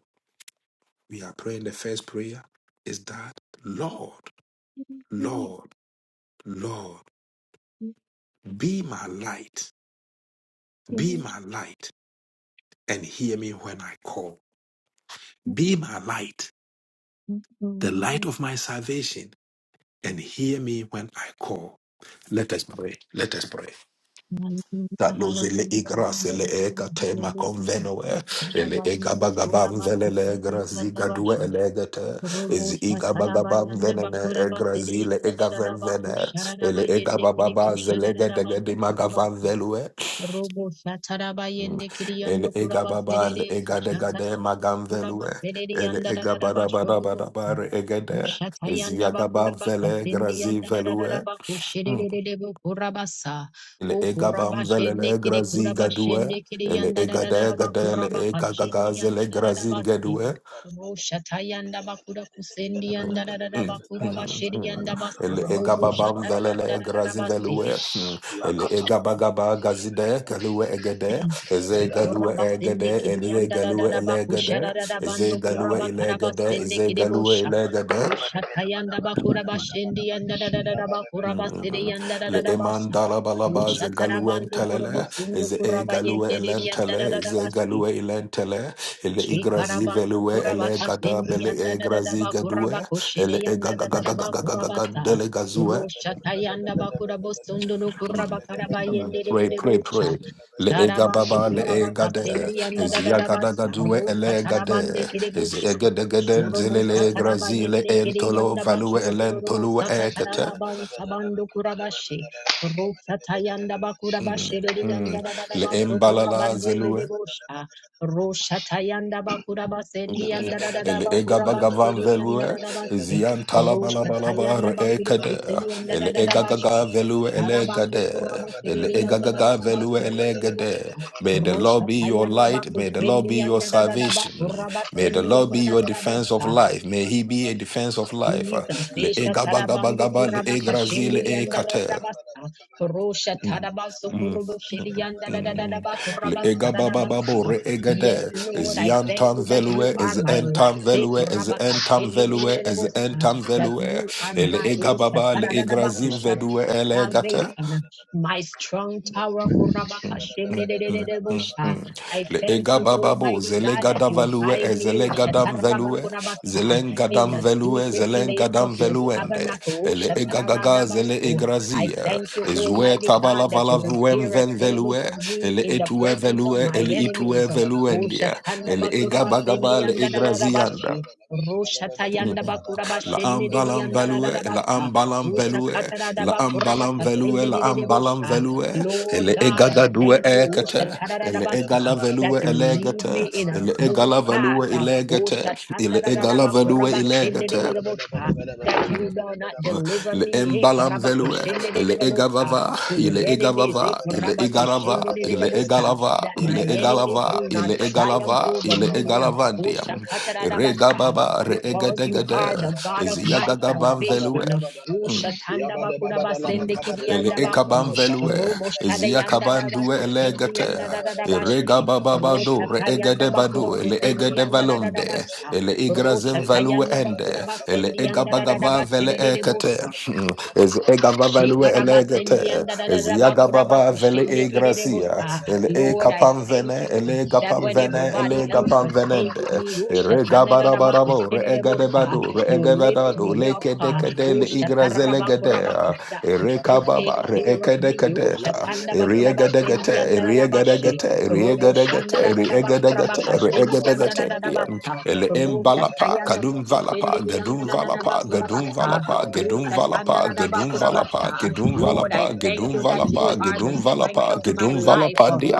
Speaker 1: We are praying the first prayer is that Lord, Lord, Lord, be my light, be my light, and hear me when I call. Be my light, the light of my salvation and hear me when I call. Let us pray. Let us pray. That knows
Speaker 2: hallelujah,
Speaker 1: igras ele eka tema convenoe ele ega bagabam velele graziga due
Speaker 2: hallelujah.
Speaker 1: elegete is
Speaker 2: Robos
Speaker 1: ega bagabam
Speaker 2: Patarabayanda
Speaker 1: venene
Speaker 2: Bakura Bateri
Speaker 1: egrazile
Speaker 2: and
Speaker 1: ega
Speaker 2: Dadaba
Speaker 1: venvene
Speaker 2: Kusharaba
Speaker 1: ele ega
Speaker 2: Yende Kiri
Speaker 1: bababa zelege dege di
Speaker 2: Kusharabando
Speaker 1: magavan velue
Speaker 2: Robo shataraba
Speaker 1: Mm.
Speaker 2: yende
Speaker 1: ele
Speaker 2: kiriyando
Speaker 1: ega
Speaker 2: kuraba
Speaker 1: baba ele
Speaker 2: serere
Speaker 1: ega dega de
Speaker 2: shatarabando
Speaker 1: magam
Speaker 2: kuraba
Speaker 1: velue
Speaker 2: serere
Speaker 1: ele
Speaker 2: yanda
Speaker 1: ega
Speaker 2: dararaba
Speaker 1: bada bada
Speaker 2: shorubo
Speaker 1: bada bare
Speaker 2: o
Speaker 1: egede is
Speaker 2: shatayanda
Speaker 1: yaga bab
Speaker 2: bakuraba
Speaker 1: vele
Speaker 2: kasendi
Speaker 1: grazi
Speaker 2: yanda
Speaker 1: velue
Speaker 2: dararaba
Speaker 1: Mm.
Speaker 2: kusherere bo kuraba sa o
Speaker 1: ele
Speaker 2: kuraba
Speaker 1: egabam velele
Speaker 2: shende kire
Speaker 1: grazi
Speaker 2: kuraba
Speaker 1: gadue
Speaker 2: shende kiri
Speaker 1: ele
Speaker 2: yanda
Speaker 1: egade
Speaker 2: dararaba
Speaker 1: gade ele
Speaker 2: kuraba kashindi yanda
Speaker 1: egagazele
Speaker 2: dararaba
Speaker 1: grazin
Speaker 2: se
Speaker 1: gadue
Speaker 2: ro
Speaker 4: Yakatala
Speaker 2: shatayanda bakura kusendi yanda
Speaker 1: Mm,
Speaker 2: dararaba
Speaker 1: mm,
Speaker 2: kuraba
Speaker 1: mm,
Speaker 2: sheri
Speaker 1: mm.
Speaker 2: yanda baso
Speaker 1: ele
Speaker 2: robo
Speaker 1: egababam
Speaker 2: shatari yanda
Speaker 1: velele grazin
Speaker 2: dararaba
Speaker 1: velue Mm. ele egabagaba gazide galue egede eze galue
Speaker 2: Chekorabasende
Speaker 1: egede ele
Speaker 2: kirianda da da
Speaker 1: galue
Speaker 2: da ba kushara
Speaker 1: elegede
Speaker 2: da da
Speaker 1: eze
Speaker 2: bando
Speaker 4: Yabba
Speaker 1: galue
Speaker 2: kuraba
Speaker 1: ilegede
Speaker 2: karabasende
Speaker 1: eze galue
Speaker 2: kiribosha.
Speaker 1: ilegede
Speaker 2: Ushatayanda bakura bashendi yanda da da da da bakura basiri
Speaker 1: Mm.
Speaker 2: yanda da da
Speaker 1: Le
Speaker 2: da basha.
Speaker 1: emandala balaba ze
Speaker 2: Ushatara
Speaker 1: galuen
Speaker 2: bando kurabo
Speaker 1: telele,
Speaker 2: sundo
Speaker 1: ze e
Speaker 2: kuraba
Speaker 1: galue
Speaker 2: yende yanda da da
Speaker 1: elentele,
Speaker 2: da
Speaker 1: ze
Speaker 2: bashi.
Speaker 1: galue elentele, le igrazi
Speaker 2: Shikarabando
Speaker 1: velue ele
Speaker 2: Kurabaka
Speaker 1: gada
Speaker 2: Sindi
Speaker 1: bele
Speaker 2: and
Speaker 1: e grazi
Speaker 2: Dadadaba
Speaker 1: gadue,
Speaker 2: Kurabako
Speaker 1: ele
Speaker 2: Shiri
Speaker 1: e
Speaker 2: and
Speaker 1: gaga gaga
Speaker 2: Dadadaba
Speaker 1: gaga gaga gaga
Speaker 2: Kurabata
Speaker 1: dele gazue.
Speaker 2: Rosha Tayanda Bakurabo Sunduru
Speaker 1: Mm.
Speaker 2: Kurabakaraba
Speaker 1: Mm. Pray, pray,
Speaker 2: Yendebocha
Speaker 1: pray. Le ega
Speaker 2: Charabando
Speaker 1: baba le ega
Speaker 2: Kurabaka
Speaker 1: de
Speaker 2: Sindi and
Speaker 1: ezia gada
Speaker 2: Dadadabasa
Speaker 1: gadue
Speaker 2: Rosa
Speaker 1: ele gade
Speaker 2: Tarabande
Speaker 1: ez
Speaker 2: Kirebusha
Speaker 1: ege geden zele le
Speaker 2: Shuromosta
Speaker 1: e
Speaker 2: Taraba
Speaker 1: grazi le
Speaker 2: Yende Kiri
Speaker 1: entolo
Speaker 2: and
Speaker 1: value elentolo
Speaker 2: Dabashurubosta
Speaker 1: ekete
Speaker 2: Taraban Sabando Kurabashi Rosa Tayanda
Speaker 1: Mm,
Speaker 2: Bakurabashi and
Speaker 1: mm. Le
Speaker 2: Dadabasto
Speaker 1: embalala
Speaker 2: Kurabande
Speaker 1: zelue.
Speaker 2: Debosha
Speaker 4: yeah,
Speaker 2: Roshatayanda Bakuraba
Speaker 1: Mm,
Speaker 2: Sendi and
Speaker 1: mm.
Speaker 2: Dada Bakuraba
Speaker 1: egabagavan
Speaker 2: Shiri and
Speaker 1: velue.
Speaker 2: Dada Basti.
Speaker 1: Zian talabalabalaba
Speaker 2: Roshatayanda
Speaker 1: re
Speaker 2: Bakura
Speaker 1: ekade.
Speaker 2: Kuseni and
Speaker 1: Le
Speaker 2: Dada Bashi.
Speaker 1: egagaga velue
Speaker 2: Tarabando
Speaker 1: elegade.
Speaker 2: Kuraba
Speaker 1: Le
Speaker 2: Sedi and Dada
Speaker 1: egagaga velue
Speaker 2: Basti.
Speaker 1: elegade. May the Lord be your
Speaker 2: Roshatayanda
Speaker 1: light.
Speaker 2: Baku
Speaker 1: May the Lord be
Speaker 2: Sendi and
Speaker 1: your
Speaker 2: Dada
Speaker 1: salvation.
Speaker 2: Bakuraba
Speaker 1: May the
Speaker 2: Sendi
Speaker 1: Lord
Speaker 2: and
Speaker 1: be your defense of
Speaker 2: Dada
Speaker 1: life. May he be a defense of life.
Speaker 2: Jesus,
Speaker 1: Le
Speaker 2: Esha Tarabandu
Speaker 1: egabagabagaba le
Speaker 2: Kurabaka
Speaker 1: egrazi le
Speaker 2: Shindiri and
Speaker 1: ekate.
Speaker 2: Rabasa, Rosha
Speaker 1: Mm,
Speaker 2: Tarabaso
Speaker 1: mm,
Speaker 2: Kurubu Shiri
Speaker 1: mm,
Speaker 2: and
Speaker 1: mm.
Speaker 2: Dadadadaba
Speaker 1: Le
Speaker 2: Kurabasa
Speaker 1: ega baba babo
Speaker 2: Dadabasa.
Speaker 1: re
Speaker 4: Yabba
Speaker 1: ega
Speaker 2: Yes,
Speaker 1: de
Speaker 4: Yabba
Speaker 1: is
Speaker 2: Lord, I thank
Speaker 1: yantam
Speaker 2: you that you
Speaker 1: velue
Speaker 2: are
Speaker 1: is
Speaker 2: my
Speaker 1: entam
Speaker 2: light. Take
Speaker 1: velue is
Speaker 2: Kurabaka
Speaker 1: entam velue is
Speaker 2: Shindiridabosa,
Speaker 1: entam
Speaker 2: That
Speaker 1: velue
Speaker 2: you are
Speaker 1: ele
Speaker 2: my
Speaker 1: ega
Speaker 2: Rosha
Speaker 1: baba le egrazim
Speaker 2: Taradadabakusha
Speaker 1: vedue ele
Speaker 2: salvation, my strong tower.
Speaker 1: Mm,
Speaker 2: Kurabaka
Speaker 1: mm, mm, mm,
Speaker 2: Shindiridabosa.
Speaker 1: mm.
Speaker 2: I
Speaker 1: Le
Speaker 2: thank
Speaker 1: ega
Speaker 2: you,
Speaker 1: bababo,
Speaker 2: Almighty God, that
Speaker 1: zelegada
Speaker 2: you
Speaker 1: value,
Speaker 2: hide
Speaker 4: yeah,
Speaker 2: me. Rosha
Speaker 1: ezelegadam velue,
Speaker 2: Tarabakurabasa in
Speaker 1: zelengadam
Speaker 2: the
Speaker 1: velue,
Speaker 2: secret place of
Speaker 1: zelengadam
Speaker 2: your
Speaker 1: veluende,
Speaker 2: tabernacle. O
Speaker 1: ele ega gaga, zele
Speaker 2: Shataradabasu. I
Speaker 1: egrazia,
Speaker 2: thank you,
Speaker 1: ezue
Speaker 2: Almighty God,
Speaker 1: tabala
Speaker 2: that
Speaker 1: vala
Speaker 2: you
Speaker 1: vuem
Speaker 2: prepare a
Speaker 1: ven
Speaker 2: table
Speaker 1: velue,
Speaker 2: for me
Speaker 1: ele
Speaker 2: in the
Speaker 1: etue
Speaker 2: presence of
Speaker 1: velue,
Speaker 2: my
Speaker 1: ele itue
Speaker 2: enemies. O
Speaker 1: veluendia, ele ega
Speaker 2: Shatandabakurabasendi
Speaker 1: bagaba, le egrazianda.
Speaker 2: andadadadabashi.
Speaker 1: Mhm. La
Speaker 2: Roshatayandabakurabasenidi
Speaker 1: ambalam value, la
Speaker 2: andadadadabasa.
Speaker 1: ambalam
Speaker 2: O
Speaker 1: value, la ambalam value, la ambalam
Speaker 2: Shakataradabakurabakasendidididibusha.
Speaker 1: value,
Speaker 2: Lord
Speaker 1: ele
Speaker 2: God, I
Speaker 1: egaga due
Speaker 2: thank you. O
Speaker 4: Yabba
Speaker 1: ekete, ele egala
Speaker 2: Shatarabasa that
Speaker 1: value
Speaker 2: you lead
Speaker 1: elegete,
Speaker 2: me in a
Speaker 1: ele
Speaker 2: smooth
Speaker 1: egala
Speaker 2: path.
Speaker 1: value
Speaker 2: Ah, Oh,
Speaker 1: elegete, ele
Speaker 2: Shatanda da da da
Speaker 1: egala
Speaker 2: ba
Speaker 1: value
Speaker 2: kuraba shende de de
Speaker 1: elegete.
Speaker 2: de shatandadadabakurabashendedededebosa, That you will not deliver
Speaker 1: Le
Speaker 2: me hey,
Speaker 1: embalam velue, le
Speaker 2: karabakoshendedededebosa,
Speaker 1: egavava,
Speaker 2: to
Speaker 1: il
Speaker 2: the enemies. hey,
Speaker 1: egavava, il
Speaker 2: kuraba
Speaker 1: egarava,
Speaker 2: kushende de de
Speaker 1: il
Speaker 2: de karabakoshendedededebosa,
Speaker 1: egalava,
Speaker 2: That my
Speaker 1: il
Speaker 2: enemies
Speaker 1: egalava,
Speaker 2: will
Speaker 1: il
Speaker 2: not triumph
Speaker 1: egalava,
Speaker 2: over
Speaker 1: il
Speaker 2: me. uh, oh,
Speaker 1: egalavandiam,
Speaker 2: shakatadadabasa,
Speaker 1: regababa, re
Speaker 2: Because you are the God of my
Speaker 1: ziagagabam
Speaker 2: salvation.
Speaker 1: velue.
Speaker 2: Ah, Oh, Shatanda ba kuraba sende
Speaker 1: Ele
Speaker 2: kidianda ba
Speaker 1: ekaban
Speaker 2: ku.
Speaker 1: velue,
Speaker 2: Robo shada
Speaker 1: ezia
Speaker 2: yanda uh,
Speaker 1: kabandue
Speaker 2: oh, shatandabakurabasendekidiandabaku,
Speaker 1: elegate,
Speaker 2: roboshadayandadabakutendiandadadabashi,
Speaker 1: erega bababado,
Speaker 2: Rosha
Speaker 1: re
Speaker 2: tayanda
Speaker 1: egede
Speaker 2: bakura
Speaker 1: badu, ele
Speaker 2: kusendi
Speaker 1: egede
Speaker 2: yanda da da da
Speaker 1: valonde,
Speaker 2: basha.
Speaker 1: ele
Speaker 2: Rosha
Speaker 1: igrazen value
Speaker 2: tayanda bakura
Speaker 1: ende, ele
Speaker 2: basendi yanda da da da
Speaker 1: egabagava
Speaker 2: bashe
Speaker 1: vele
Speaker 2: de de de
Speaker 1: ekate,
Speaker 2: bosa.
Speaker 1: Hmm. ez egava value elegate, ezia gababa vele egracia,
Speaker 2: Shekarabasendiyandadadadabakorabakushendekerebosa.
Speaker 1: ele
Speaker 2: Lord, I
Speaker 1: ekapan
Speaker 2: thank
Speaker 1: vene,
Speaker 2: you uh,
Speaker 1: ele
Speaker 2: that
Speaker 1: gapan
Speaker 2: when
Speaker 1: vene,
Speaker 2: everybody
Speaker 1: ele
Speaker 2: else
Speaker 1: gapan
Speaker 2: forsakes
Speaker 1: venende,
Speaker 2: me, oh,
Speaker 1: erega barabarabo, re egede
Speaker 2: shatanadadabakushenderebosa,
Speaker 1: badu, re
Speaker 2: you
Speaker 1: egede
Speaker 2: lift
Speaker 1: badu,
Speaker 2: me up.
Speaker 1: leke
Speaker 2: uh,
Speaker 1: dekade,
Speaker 2: oh,
Speaker 1: le igrazele gede,
Speaker 2: shatarabakorabakasa. You take
Speaker 1: Erekababa,
Speaker 2: care
Speaker 4: Yabba
Speaker 2: of me. oh,
Speaker 1: Reekedekadeta, Eriegadegate,
Speaker 2: shatandabakorabasendiyandadadabashe.
Speaker 1: Eriegadegate,
Speaker 2: Robo
Speaker 1: Eriegadegate, Eriegadegate, Eriegadegatendian,
Speaker 2: shandadadadabakorabakashendiyandadadadabasa.
Speaker 1: Ele
Speaker 2: Rota
Speaker 1: Embalapa,
Speaker 2: tayanda
Speaker 1: Kadum Valapa, Gadum Valapa, Gadum
Speaker 2: bakushendiyandadadadabakorabasa.
Speaker 1: Valapa, Gedum Valapa, Gedum Valapa,
Speaker 2: Ushatandarabakurabatsa.
Speaker 1: Gedum
Speaker 2: Lord, I
Speaker 1: Valapa,
Speaker 2: thank
Speaker 1: Gedum
Speaker 2: you that you
Speaker 1: Valapa,
Speaker 2: are the
Speaker 1: Gedum
Speaker 2: strength
Speaker 1: Valapa,
Speaker 2: of my
Speaker 1: Gedum
Speaker 2: life.
Speaker 1: Valapa, dia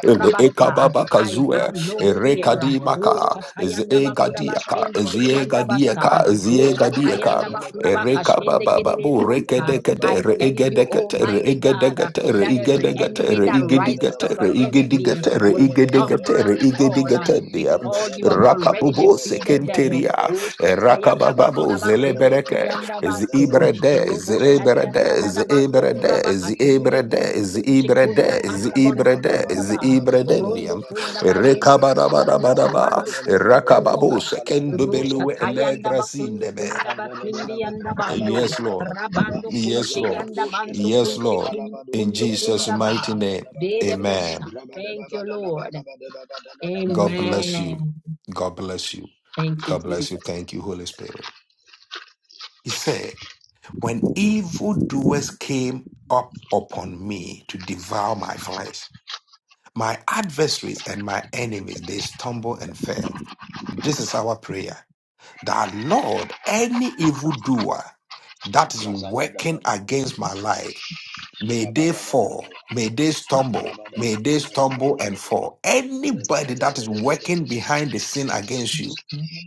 Speaker 1: Ele ekababa
Speaker 2: I have
Speaker 1: kazue,
Speaker 2: no
Speaker 1: ere
Speaker 2: fear.
Speaker 1: kadimaka, ze egadiaka, ze
Speaker 2: Ushatayandabakurabashindikiriyandabasa.
Speaker 1: egadiaka, ze egadiaka, ere kababa babu, re
Speaker 2: Ushatayandabakurabakashindikirirebosa.
Speaker 1: kedekete,
Speaker 2: I
Speaker 1: re
Speaker 2: thank you,
Speaker 1: egedekete, re
Speaker 2: Almighty God,
Speaker 1: egedekete, re
Speaker 2: that every
Speaker 1: igedegete,
Speaker 2: enemy
Speaker 1: re
Speaker 2: that rises
Speaker 1: igedigete,
Speaker 2: up
Speaker 1: re
Speaker 2: against me
Speaker 1: igedigete, re
Speaker 2: will
Speaker 1: igedegete,
Speaker 2: stumble
Speaker 1: re
Speaker 2: and fall
Speaker 1: igedigete, diam,
Speaker 2: because you have already
Speaker 1: rakabubu
Speaker 2: defeated them.
Speaker 1: sekenteria,
Speaker 2: Ushkatayanda
Speaker 1: rakabababo
Speaker 2: bakura basende
Speaker 1: zelebereke,
Speaker 2: kiyanda
Speaker 1: is the
Speaker 2: baso.
Speaker 1: Ibra there? Is
Speaker 2: Robo
Speaker 1: the Ibra there?
Speaker 2: sharianda
Speaker 1: Is
Speaker 2: dada
Speaker 1: the
Speaker 2: bando
Speaker 1: Ibra there?
Speaker 2: kuraba
Speaker 1: Is the
Speaker 2: kasindi
Speaker 1: Ibra there?
Speaker 2: kundu
Speaker 1: Is the
Speaker 2: kunshi
Speaker 1: Ibra
Speaker 2: kunda
Speaker 1: there? Is the
Speaker 2: kanda
Speaker 1: Ibra
Speaker 2: bonsu
Speaker 1: there?
Speaker 2: kunda
Speaker 1: Is the
Speaker 2: ba.
Speaker 1: Ibra
Speaker 2: Rondo
Speaker 1: dendium?
Speaker 2: kunda ba yendi kindu kunsha
Speaker 1: Rekabarabarabara.
Speaker 2: bando kunsu kunda
Speaker 1: Rakababu
Speaker 2: ba.
Speaker 1: sekendu
Speaker 2: Rusha
Speaker 1: belue
Speaker 4: Yabba
Speaker 2: tayanda bakundu
Speaker 1: elegrazinebe.
Speaker 2: kunda ba basindi
Speaker 4: Mandelebelebe
Speaker 2: yanda bando.
Speaker 1: Yes,
Speaker 4: kapalalelebe
Speaker 1: Lord.
Speaker 4: debedebe.
Speaker 2: Rabando
Speaker 1: Yes,
Speaker 2: kunshi
Speaker 1: Lord.
Speaker 2: yanda
Speaker 4: Ayabrandosh
Speaker 2: bansu
Speaker 1: Yes,
Speaker 4: kelelelebe
Speaker 2: kunshi
Speaker 1: Lord.
Speaker 2: kindu
Speaker 4: kalabadua
Speaker 1: In
Speaker 2: kundu
Speaker 4: delelebe
Speaker 1: Jesus'
Speaker 2: kunda
Speaker 1: mighty
Speaker 2: ba.
Speaker 1: name.
Speaker 2: Dede
Speaker 4: kashadadadabadabadua.
Speaker 2: bosta.
Speaker 1: Amen.
Speaker 2: Thank you,
Speaker 4: Rabadabadadalaba
Speaker 2: Lord.
Speaker 4: kabadabadadalaba
Speaker 1: God
Speaker 4: dua
Speaker 1: bless
Speaker 4: del-
Speaker 1: you.
Speaker 2: Amen.
Speaker 1: God bless you.
Speaker 2: Thank you,
Speaker 1: God bless you.
Speaker 2: Jesus.
Speaker 1: Thank you, Holy Spirit. He said. When evildoers came up upon me to devour my flesh, my adversaries and my enemies, they stumble and fail. This is our prayer. That Lord, any evildoer that is working
Speaker 4: Kazagadagadabe,
Speaker 1: against my life, may they fall,
Speaker 4: kabadabadabaya,
Speaker 1: may they stumble, may
Speaker 4: kabadaba,
Speaker 1: they stumble and
Speaker 4: rabadabadaba,
Speaker 1: fall. Anybody that is working
Speaker 4: adelebedebedebedebede,
Speaker 1: behind the scene against you,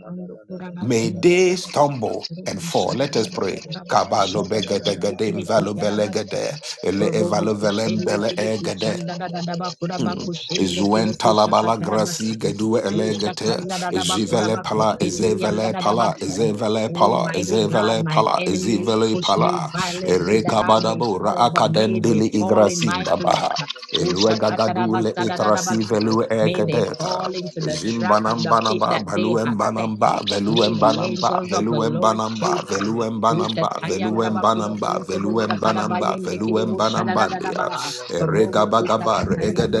Speaker 2: Bando kura
Speaker 1: May
Speaker 2: batsende
Speaker 1: they
Speaker 2: kiri
Speaker 1: stumble
Speaker 2: bakuru
Speaker 1: and fall.
Speaker 2: kushara
Speaker 1: Let us
Speaker 2: yende
Speaker 1: pray.
Speaker 2: kura
Speaker 1: Kabalo
Speaker 2: bakushara
Speaker 1: begede
Speaker 2: yende
Speaker 1: gede
Speaker 2: kiri
Speaker 1: invalo
Speaker 2: kushara batsende
Speaker 1: belegede ele
Speaker 2: robo
Speaker 1: evalo
Speaker 2: kushende
Speaker 1: velembele
Speaker 2: kiri
Speaker 1: egede
Speaker 2: kushanda da da da bakura
Speaker 1: Hmm.
Speaker 2: bakushende
Speaker 1: Zuen
Speaker 2: kiri kushaka
Speaker 1: talabala
Speaker 2: tara
Speaker 1: grasi
Speaker 2: batsende
Speaker 1: gedue
Speaker 2: usha
Speaker 1: elegete
Speaker 2: kanda da da bakura
Speaker 1: jivele pala
Speaker 2: bakushende yanda
Speaker 1: ezevele
Speaker 2: da da
Speaker 1: pala
Speaker 2: batsende
Speaker 1: ezevele pala
Speaker 2: Almighty God,
Speaker 1: ezevele
Speaker 2: my
Speaker 1: pala
Speaker 2: enemies
Speaker 1: ezevele
Speaker 2: push me
Speaker 1: pala
Speaker 2: violently that
Speaker 1: ereka
Speaker 2: I may
Speaker 1: badabo
Speaker 2: fall, but may they
Speaker 1: raakadendili
Speaker 2: fall in my
Speaker 1: igrasinda
Speaker 2: place.
Speaker 1: baha elue
Speaker 2: Usha katara
Speaker 1: gagadule
Speaker 2: basada da da
Speaker 1: itrasi
Speaker 2: basa.
Speaker 1: velue
Speaker 2: May they
Speaker 1: egedeta
Speaker 2: fall into the trap and the pit
Speaker 1: Zimbanambanaba,
Speaker 2: that they have set.
Speaker 1: Baluembanamba,
Speaker 2: May the
Speaker 1: Veluembanamba,
Speaker 2: angels of the Lord chase
Speaker 1: Veluembanamba,
Speaker 2: them.
Speaker 4: Yeah,
Speaker 1: Veluembanamba, Veluembanamba, Veluembanamba,
Speaker 4: Adalabadabaluandelebekobaluandelebedabaya.
Speaker 1: Veluembanambandia.
Speaker 2: Ushatayandabakudakustebundakadabayendekidebushanadadadaba.
Speaker 1: Eregabagabar,
Speaker 4: Yebaluandelebelebedabasubalaba.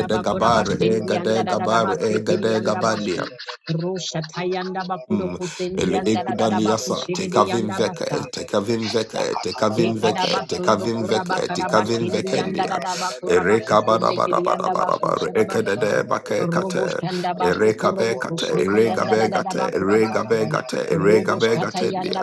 Speaker 4: Yabandolo bolo
Speaker 1: egadegabar, egadegabandia. Mm. Ele ekudaliasa, tekavim veke,
Speaker 2: Roshatayandabakudokusindiandadadabakushididiyandabasa.
Speaker 1: tekavim veke, tekavim veke,
Speaker 2: Ekarabasundo
Speaker 1: tekavim veke, tekavim
Speaker 2: kurabakarabashi anda da
Speaker 1: vekendia.
Speaker 2: dadaba kuraba kurabakusende kiri anda
Speaker 1: Erekabadabadabadabar,
Speaker 2: bakusharabasa.
Speaker 1: ekadede bake
Speaker 2: Robo
Speaker 1: kate,
Speaker 2: shanda basu
Speaker 1: erekabe
Speaker 2: kurobo
Speaker 1: kate,
Speaker 2: kushendi anda da da da
Speaker 1: eregabegate,
Speaker 2: bakurabasi.
Speaker 1: eregabegate,
Speaker 2: Robo shata
Speaker 1: eregabegatendia.
Speaker 2: yanda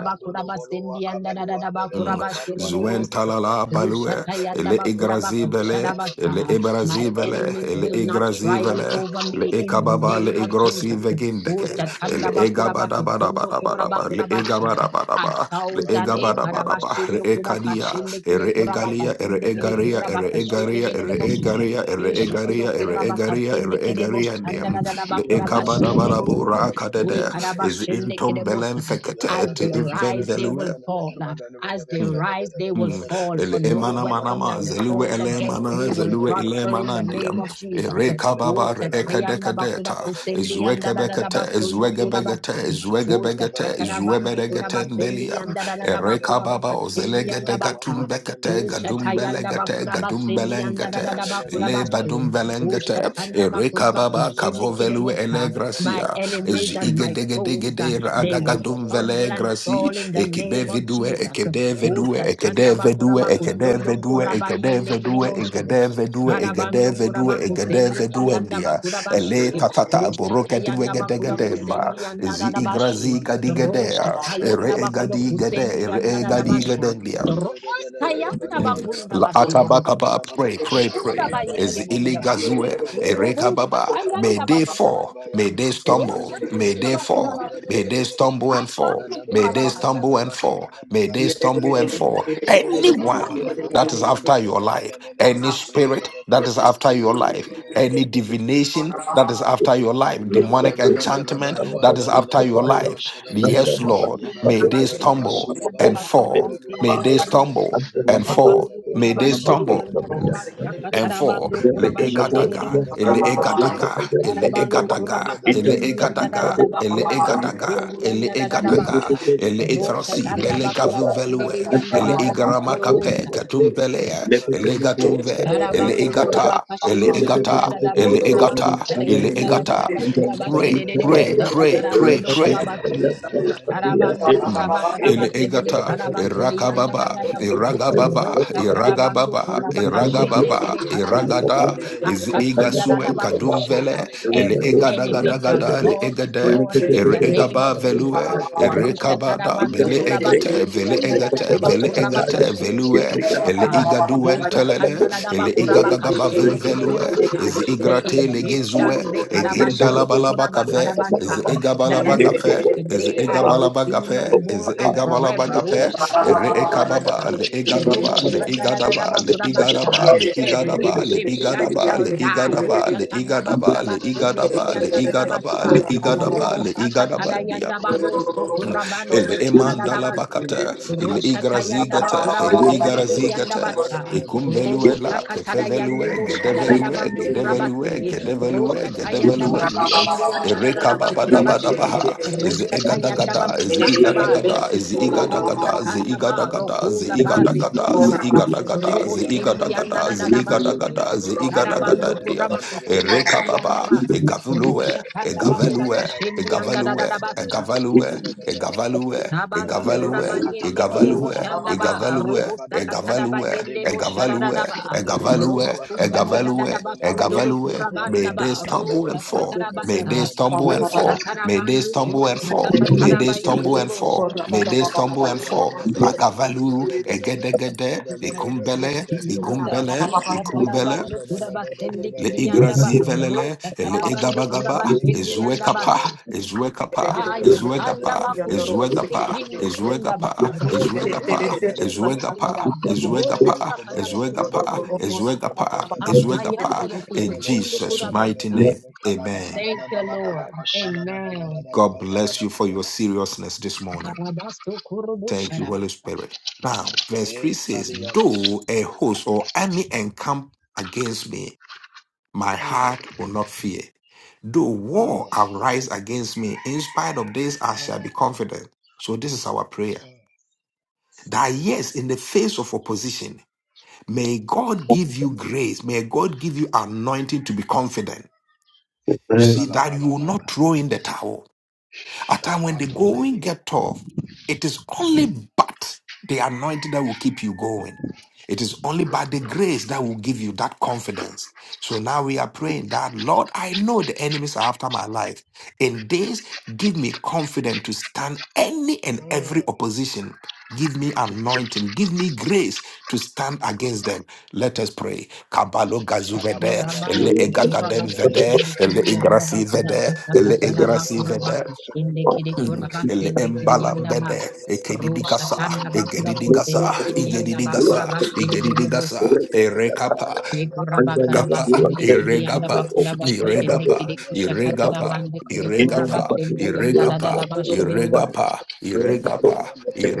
Speaker 4: wa
Speaker 2: bakurabasendi anda da
Speaker 4: kabalu
Speaker 2: da
Speaker 4: wa
Speaker 1: Mm.
Speaker 4: ndelele badu wa ndelele
Speaker 1: Zuen
Speaker 2: bosa.
Speaker 4: bele be
Speaker 1: talala balue,
Speaker 2: Ushata
Speaker 4: yabandele
Speaker 2: yanda
Speaker 1: ele
Speaker 4: bele be kabalu wa
Speaker 1: igrazibele,
Speaker 4: ndelele
Speaker 1: ele
Speaker 2: bakurabakusharabasa. My
Speaker 1: ibrazibele,
Speaker 4: Yabandole
Speaker 2: enemies
Speaker 1: ele
Speaker 4: bele
Speaker 2: will
Speaker 4: bele
Speaker 2: not
Speaker 4: bele
Speaker 2: triumph
Speaker 1: igrazivele,
Speaker 4: kabandole
Speaker 2: over
Speaker 4: bo
Speaker 1: le
Speaker 2: me
Speaker 4: kabale
Speaker 2: in the
Speaker 4: bele
Speaker 1: ekababa le
Speaker 4: bele
Speaker 2: name of
Speaker 4: bele bele.
Speaker 1: igrosi
Speaker 2: Jesus.
Speaker 4: bele
Speaker 1: vegindeke,
Speaker 4: yabandole
Speaker 1: ele
Speaker 2: Ushatanda
Speaker 4: bolu aba
Speaker 2: bakuraba
Speaker 4: kabalu
Speaker 2: kusundo
Speaker 4: andele
Speaker 2: kuraba
Speaker 4: bele
Speaker 1: egabadabadabadabadaba, le
Speaker 4: bele
Speaker 2: kurabakurabashi
Speaker 1: egabadabadaba, le
Speaker 4: kabalu
Speaker 2: thousand e
Speaker 4: baba bele.
Speaker 1: egabadabadaba,
Speaker 4: bele bele
Speaker 1: le
Speaker 2: karabashindo
Speaker 4: bele
Speaker 1: ekadia,
Speaker 4: kabada
Speaker 2: kurakashinde kere
Speaker 1: ere
Speaker 4: yabele
Speaker 1: egalia, ere
Speaker 4: bele
Speaker 2: kurabakasende
Speaker 4: bele,
Speaker 2: kere
Speaker 4: bele
Speaker 1: egaria, ere
Speaker 4: kabale baba
Speaker 1: egaria,
Speaker 2: kurabakashinde de
Speaker 1: ere
Speaker 4: bele
Speaker 2: bosha.
Speaker 4: bele
Speaker 1: egaria,
Speaker 4: bele bo bolu Yabandolebelebelebe,
Speaker 1: ere
Speaker 4: ikabandolobo,
Speaker 1: egaria,
Speaker 2: Ishituro
Speaker 1: ere
Speaker 4: kabalebebelebelebe,
Speaker 1: egaria,
Speaker 2: kurabakasende
Speaker 1: ere
Speaker 2: kere
Speaker 4: yabandelebeluwaba,
Speaker 1: egaria,
Speaker 2: boshanda
Speaker 1: niem,
Speaker 2: da da da
Speaker 4: kabaluwandelebelebe,
Speaker 2: ba
Speaker 1: le
Speaker 2: kurabashinde de
Speaker 1: ekabadabadabu
Speaker 4: kabalebebelebelebe, bele
Speaker 2: bosa.
Speaker 4: bele
Speaker 2: E
Speaker 1: rakadede,
Speaker 4: bele
Speaker 1: is
Speaker 4: bele
Speaker 2: karabashinde
Speaker 4: bele bele
Speaker 1: intom
Speaker 2: kere
Speaker 4: bele.
Speaker 1: belen
Speaker 2: bosa.
Speaker 1: fekete,
Speaker 2: As
Speaker 1: te
Speaker 2: they
Speaker 1: ivem
Speaker 2: rise, they
Speaker 1: velue.
Speaker 2: will fall. As they
Speaker 1: Mm.
Speaker 2: rise, they will
Speaker 1: Mm.
Speaker 2: fall. For
Speaker 1: Ele
Speaker 2: no
Speaker 1: emana mana
Speaker 2: weapon
Speaker 1: ma
Speaker 2: that is
Speaker 1: zelue
Speaker 2: formed
Speaker 1: ele
Speaker 2: against
Speaker 1: mana
Speaker 2: me will
Speaker 1: zelue ele
Speaker 2: prosper in
Speaker 1: mana
Speaker 2: the name
Speaker 1: ndiam
Speaker 2: of Jesus.
Speaker 1: ere
Speaker 2: Oh,
Speaker 1: kababa re ekadeka
Speaker 2: Shatayanda Bakuda
Speaker 1: deta
Speaker 2: Kusendi and da
Speaker 1: zueke
Speaker 2: da da da
Speaker 1: bekete
Speaker 2: Bashundo
Speaker 1: zuege begete
Speaker 2: Kurabasti.
Speaker 1: zuege
Speaker 2: Usha
Speaker 1: begete
Speaker 2: katara
Speaker 1: zuebe
Speaker 2: bandi kura
Speaker 1: degete
Speaker 2: basendi
Speaker 1: ndeliam
Speaker 2: yanda da da da ba
Speaker 1: ere
Speaker 2: kura
Speaker 1: kababa
Speaker 2: kachendi
Speaker 1: ozelege
Speaker 2: yanda ba
Speaker 1: degatum
Speaker 2: ka.
Speaker 1: bekete
Speaker 2: Usha
Speaker 1: gadum
Speaker 2: tayanda ba
Speaker 1: belegete
Speaker 2: kura
Speaker 1: gadum
Speaker 2: basendi yanda da
Speaker 1: belengete
Speaker 2: da da ba kura ba
Speaker 1: ele
Speaker 2: she.
Speaker 1: badum
Speaker 2: Usha
Speaker 1: belengete
Speaker 2: tanda ba
Speaker 1: ere
Speaker 2: kura ba
Speaker 1: kababa
Speaker 2: kushendi
Speaker 1: kavo
Speaker 2: kere
Speaker 1: velue ele
Speaker 2: bosa. My
Speaker 1: gracia
Speaker 2: enemies and
Speaker 1: ege
Speaker 2: my
Speaker 1: dege
Speaker 4: Yabba
Speaker 1: dege
Speaker 2: foes, uh,
Speaker 1: de
Speaker 2: they will
Speaker 1: agagadum
Speaker 2: stumble and
Speaker 1: vele
Speaker 2: fall in the name of
Speaker 1: Ekibevidue,
Speaker 2: Jesus.
Speaker 1: ekedevedue,
Speaker 2: Usha tanda ba kura
Speaker 1: ekedevedue,
Speaker 2: ba kusundo
Speaker 1: ekedevedue,
Speaker 2: kura
Speaker 4: Mandela
Speaker 2: yende kere
Speaker 1: ekedevedue,
Speaker 2: bosa.
Speaker 1: ekedevedue,
Speaker 2: Arabando kura
Speaker 1: ekedevedue,
Speaker 2: ba kusendi ki
Speaker 1: ekedevedue,
Speaker 2: yanda ba
Speaker 1: ndia.
Speaker 2: kura
Speaker 1: Ele
Speaker 4: Adeleba
Speaker 2: she.
Speaker 1: tatata
Speaker 4: kobala
Speaker 1: aboroka
Speaker 4: bebende
Speaker 2: Oshatayanda
Speaker 4: lebe kada
Speaker 2: bakula
Speaker 4: de de de de
Speaker 1: diwegedegedema.
Speaker 2: kusendi
Speaker 4: de.
Speaker 1: Ezi
Speaker 2: andara
Speaker 4: Yabalu
Speaker 2: rabashi.
Speaker 1: igrazi
Speaker 4: ande de de leba
Speaker 1: gadigedea.
Speaker 4: kusha de de
Speaker 1: Ere
Speaker 2: Roshatayanda
Speaker 4: de de de
Speaker 2: bakula
Speaker 4: de.
Speaker 1: egadi gede,
Speaker 2: kusendi
Speaker 1: ere
Speaker 4: Yede de
Speaker 2: andara
Speaker 4: de de
Speaker 1: egadi
Speaker 4: de
Speaker 2: rabasha.
Speaker 1: gedendia.
Speaker 4: de de de de de de de de de
Speaker 2: Rosatayanda
Speaker 1: Mm.
Speaker 2: bakunda
Speaker 1: La-
Speaker 2: bashi de
Speaker 1: Atabakaba,
Speaker 2: bukashu.
Speaker 1: pray, pray,
Speaker 4: kasha
Speaker 2: Kunda
Speaker 4: kada
Speaker 1: pray.
Speaker 4: de de
Speaker 2: bayende
Speaker 4: de
Speaker 1: Is
Speaker 4: de de de
Speaker 2: bunda
Speaker 4: de.
Speaker 2: ba.
Speaker 1: iligazue,
Speaker 4: Yaba de de de de
Speaker 2: Rubu
Speaker 1: erekababa. May
Speaker 2: tatayanda
Speaker 1: they
Speaker 4: de de
Speaker 2: bakula
Speaker 1: fall,
Speaker 4: ya.
Speaker 1: may
Speaker 2: bashi.
Speaker 1: they
Speaker 4: Yebe
Speaker 1: stumble, may
Speaker 4: de
Speaker 2: Roshatayanda
Speaker 4: de
Speaker 1: they
Speaker 4: de
Speaker 2: bakula
Speaker 1: fall.
Speaker 4: de de
Speaker 2: bashi.
Speaker 1: May
Speaker 4: de de
Speaker 1: they
Speaker 4: de de.
Speaker 1: stumble and fall.
Speaker 2: Arabandu
Speaker 1: May
Speaker 2: kura
Speaker 1: they
Speaker 4: de de de
Speaker 1: stumble
Speaker 2: bakatana.
Speaker 1: and fall.
Speaker 4: de
Speaker 1: May they
Speaker 4: de de de
Speaker 1: stumble and fall.
Speaker 4: Ayabalu
Speaker 2: Rosatayanda
Speaker 1: Anyone
Speaker 4: ande
Speaker 2: bakula
Speaker 4: leba
Speaker 1: that is
Speaker 4: kaba
Speaker 2: bashi.
Speaker 1: after
Speaker 4: lebe
Speaker 1: your
Speaker 4: de de
Speaker 1: life,
Speaker 4: de
Speaker 1: any
Speaker 4: de
Speaker 1: spirit that is after your
Speaker 4: de de
Speaker 1: life,
Speaker 4: de de
Speaker 1: any divination that is after your life,
Speaker 4: Yabba
Speaker 1: demonic enchantment that is after your life.
Speaker 2: Rabando
Speaker 1: Yes, Lord, may they stumble and fall. May they stumble and fall. May they stumble and fall. Le egadaga, ele egadaga, ele egadaga, ele egadaga, ele egadaga,
Speaker 5: Thank
Speaker 1: ele egadaga, ele etrasi, bele gavin velue,
Speaker 5: Thank
Speaker 1: ele igarama kape, katum pelea, ele gatumve, ele egata, ele egata, ele egata, ele egata.
Speaker 4: Kabala
Speaker 1: Pray, pray, pray, pray, pray
Speaker 2: Tarabando
Speaker 1: Mm.
Speaker 2: kuraba karaba
Speaker 1: Ele
Speaker 2: sedere
Speaker 1: egata,
Speaker 2: karaba sede yanda da
Speaker 1: erakababa,
Speaker 2: da da ba.
Speaker 1: eragababa,
Speaker 2: Roşta tarabando
Speaker 1: eragababa,
Speaker 2: kuraba kaşende
Speaker 1: eragababa,
Speaker 2: kede karabasa.
Speaker 1: eragada, ez
Speaker 2: Ashatanda da da
Speaker 1: egasue
Speaker 2: ba kuşa.
Speaker 1: kadumvele, ele
Speaker 2: Every enemy shall
Speaker 1: egadagadagada, ele
Speaker 2: fall this
Speaker 1: egade,
Speaker 2: morning in
Speaker 1: ere
Speaker 2: the name of
Speaker 1: egaba
Speaker 2: Jesus.
Speaker 1: velue,
Speaker 2: Roşta
Speaker 1: erekabada,
Speaker 2: tarabando
Speaker 1: bele
Speaker 2: kuraba
Speaker 5: you.
Speaker 1: egate,
Speaker 2: sendi
Speaker 1: vele
Speaker 2: yanda da da
Speaker 1: egate,
Speaker 2: da ba
Speaker 1: vele
Speaker 2: kuraba
Speaker 5: Nekopatapataya,
Speaker 1: egate,
Speaker 2: kaşende kede
Speaker 1: velue,
Speaker 2: de
Speaker 5: Gabriel
Speaker 1: ele
Speaker 2: bosa.
Speaker 5: Kamakatu,
Speaker 1: igaduen
Speaker 2: Roşta
Speaker 5: Kapapo,
Speaker 1: telele,
Speaker 2: tanda da da ba
Speaker 1: ele
Speaker 5: Sotobe,
Speaker 2: kuraba
Speaker 1: igagagaba
Speaker 2: kaşende
Speaker 5: Ringo
Speaker 2: kede de
Speaker 1: venvelue,
Speaker 5: Benabo,
Speaker 2: bosa.
Speaker 1: ez
Speaker 5: Ria
Speaker 2: The
Speaker 1: igrate
Speaker 5: Kamapati,
Speaker 1: legezue,
Speaker 2: Egyptians, they
Speaker 5: and Nebedo,
Speaker 2: karabashondo kuraba
Speaker 5: Ria
Speaker 1: egindalabalabakave,
Speaker 4: Yabba
Speaker 1: is
Speaker 2: karabasa
Speaker 1: it
Speaker 5: Kamapapa,
Speaker 2: that
Speaker 5: and
Speaker 2: I
Speaker 5: Nembo,
Speaker 1: Egabalabagape?
Speaker 2: see
Speaker 1: Is it
Speaker 2: today, I
Speaker 5: Sotaba,
Speaker 2: will see no
Speaker 5: Bo,
Speaker 1: Egabalabagape? Is
Speaker 2: more
Speaker 1: it
Speaker 2: and
Speaker 5: Papai,
Speaker 2: forever. Oh,
Speaker 5: Nikan,
Speaker 1: Egabalabagape?
Speaker 5: Bo,
Speaker 2: Shatanda
Speaker 1: Ere
Speaker 2: Bakurabasa.
Speaker 1: Ekababa, Le
Speaker 5: Ibo,
Speaker 2: Robo
Speaker 1: Egadaba, Le
Speaker 5: Mama,
Speaker 2: Shatanda da da da
Speaker 1: Egadaba,
Speaker 5: Bo,
Speaker 1: Le Igadaba,
Speaker 5: Papa,
Speaker 1: Le
Speaker 2: Every
Speaker 5: Nebedo,
Speaker 1: Igadaba, Le
Speaker 2: Egyptian
Speaker 1: Igadaba,
Speaker 2: shall
Speaker 1: Le
Speaker 2: die. Oh,
Speaker 1: Igadaba, Le
Speaker 2: Shatanda
Speaker 1: Igadaba, Le
Speaker 2: Bakurabasende
Speaker 1: Igadaba, Le
Speaker 2: Kirianda da da
Speaker 1: Igadaba, Le
Speaker 2: Basha.
Speaker 1: Igadaba,
Speaker 2: Robo
Speaker 1: Le Igadaba,
Speaker 2: Yanda Bado Sokurabande
Speaker 1: El
Speaker 2: Bostada da da
Speaker 1: emandala
Speaker 2: Basi.
Speaker 1: bakata, el
Speaker 2: Roshata Yanda
Speaker 1: igrazigata,
Speaker 5: I
Speaker 1: el
Speaker 2: Bakurabasende
Speaker 5: think
Speaker 2: Kirianda
Speaker 1: igarazigata,
Speaker 2: Basha. Robo
Speaker 1: ekumbelue ke
Speaker 2: Sakatada
Speaker 1: kefelue,
Speaker 2: Yande Bostada da da
Speaker 1: gedevelue,
Speaker 2: Bando
Speaker 1: gedevelue,
Speaker 4: Thank
Speaker 2: Kurabasi.
Speaker 1: gedevelue,
Speaker 2: Roshka Tayanda
Speaker 1: gedeveluendium,
Speaker 2: Bakusendi and
Speaker 1: ereka
Speaker 2: Dadaba Kurabashi,
Speaker 5: it
Speaker 1: babadabadabaha, is
Speaker 2: Roshka Tayanda
Speaker 1: egadagada, is
Speaker 5: is.
Speaker 2: Bakusanda Ba,
Speaker 1: igadagada, is
Speaker 2: Urobo
Speaker 1: igadagada, ze
Speaker 2: Satana Ba,
Speaker 1: igadagada, ze
Speaker 2: Rokura
Speaker 5: Thank you.
Speaker 2: Bate
Speaker 1: igadagada, ze
Speaker 2: Kunaba,
Speaker 1: igadagada,
Speaker 2: Robo
Speaker 1: ze
Speaker 2: Shendi and
Speaker 1: igadagada, ze
Speaker 2: Dadabashi,
Speaker 1: igadagada, ze
Speaker 2: Karabando
Speaker 1: igadagadadium,
Speaker 2: Kurabako Sendi
Speaker 1: ereka
Speaker 2: Kirianda
Speaker 1: baba,
Speaker 2: Ba,
Speaker 1: egavulue,
Speaker 2: Rosha Tanda
Speaker 1: egavelue,
Speaker 2: Bakuraka Shendi and
Speaker 1: egavelue,
Speaker 2: Dadabasa,
Speaker 1: egavelue,
Speaker 4: you.
Speaker 1: Egavaluwe,
Speaker 2: Tabanto
Speaker 1: Egavaluwe,
Speaker 2: kuraba yende kiribo
Speaker 1: Egavaluwe,
Speaker 2: shandaba,
Speaker 1: Egavaluwe,
Speaker 2: arobo sakatadaba
Speaker 1: Egavaluwe,
Speaker 2: yende bo
Speaker 1: Egavaluwe,
Speaker 2: sharararaba.
Speaker 1: Egavaluwe,
Speaker 2: Robo kushanda da da
Speaker 1: Egavaluwe,
Speaker 2: da ba sundoro
Speaker 1: Egavaluwe. May
Speaker 2: kurabanda ba
Speaker 1: they
Speaker 2: ro
Speaker 1: stumble and fall.
Speaker 2: sakataraba
Speaker 1: May they
Speaker 2: sa.
Speaker 1: stumble
Speaker 2: O
Speaker 1: and fall. May they
Speaker 2: shatarabandu kuro
Speaker 1: stumble and fall. May
Speaker 2: kusakataraba
Speaker 1: they stumble
Speaker 2: yende
Speaker 1: and
Speaker 2: bo shi.
Speaker 1: fall. May they stumble and fall. Lagavalu, Egedegede, Ikumbele,
Speaker 2: Jesus, se
Speaker 1: Ikumbele, Ikumbele,
Speaker 2: shatarabando kuraba sendi
Speaker 1: Le
Speaker 2: kiriyanda ba
Speaker 1: igrazi
Speaker 2: ro
Speaker 1: velele,
Speaker 4: Yabaluwa
Speaker 1: le
Speaker 2: sakarabandu kuraba
Speaker 1: egabagaba,
Speaker 2: shendi yanda
Speaker 1: ezuekapa, ezuekapa,
Speaker 4: Mm,
Speaker 2: Kaya kanda
Speaker 1: ezuegapa,
Speaker 2: ba kundo kushi
Speaker 1: ezuegapa,
Speaker 2: kindu kunda ba
Speaker 1: ezuegapa,
Speaker 2: roso kundu
Speaker 1: ezuegapa,
Speaker 2: kushikiti piti
Speaker 1: ezuegapa,
Speaker 2: kunda ba
Speaker 1: ezuegapa,
Speaker 2: robunda kada ba
Speaker 6: Yo, don't
Speaker 1: ezuegapa,
Speaker 2: kushindi busta
Speaker 1: ezuegapa,
Speaker 2: ashayanda
Speaker 1: ezuegapa.
Speaker 2: ba kutu
Speaker 1: In
Speaker 2: kundu
Speaker 1: Jesus'
Speaker 2: kura
Speaker 1: mighty name, amen.
Speaker 2: Thank you, Lord. Amen.
Speaker 1: God bless you for your seriousness this morning.
Speaker 2: Barabasto kurubu
Speaker 1: Thank you,
Speaker 2: sharaba.
Speaker 1: Holy Spirit. Now, verse 3 says, Though a host or army encamp against me, My heart will not fear. Though war
Speaker 4: mm,
Speaker 1: arise against me, in spite of this, I
Speaker 4: mm,
Speaker 1: shall be confident. So, this is our prayer. That yes, in the face of opposition, may God give you grace, may God give you anointing to be confident. You see, that you will not
Speaker 4: mm.
Speaker 1: throw in the towel at time when the going get tough, it is only but the anointing that will keep you going. It is only by the grace that will give you that confidence. So now we are praying that, Lord, I know the enemies are after my life. In this, give me confidence to stand any and every opposition. Give me anointing. Give me grace to stand against them. Let us pray. Kabalo gazu vede,
Speaker 2: Kuraba
Speaker 1: ele
Speaker 2: kuraba
Speaker 1: egagadem vede,
Speaker 2: kushindi
Speaker 1: ele
Speaker 2: kiri yanda ba
Speaker 1: igrasi
Speaker 2: kura
Speaker 1: vede, ele igrasi
Speaker 6: know.
Speaker 2: kuraba
Speaker 1: vede,
Speaker 2: kushindi kiri
Speaker 6: Thank
Speaker 1: Mm.
Speaker 2: kuraba
Speaker 1: Ele
Speaker 2: sende kiri yanda ba.
Speaker 1: embalambede, ekedidigasa,
Speaker 2: Roshatanda ba kura
Speaker 1: egedidigasa,
Speaker 2: kushindi kiri yanda ba
Speaker 1: igedidigasa,
Speaker 2: kuraba shindi de
Speaker 1: igedidigasa, erekapa, erekapa,
Speaker 2: Yekurabakarabatende kiri yanda
Speaker 1: iregapa,
Speaker 2: bakurabakushende
Speaker 1: iregapa,
Speaker 2: kiri
Speaker 1: iregapa,
Speaker 2: kushakatarabande kiri
Speaker 1: iregapa,
Speaker 2: kurabatende yanda
Speaker 1: iregapa,
Speaker 2: dadadabasherewo.
Speaker 1: iregapa,
Speaker 5: Thank
Speaker 1: iregapa,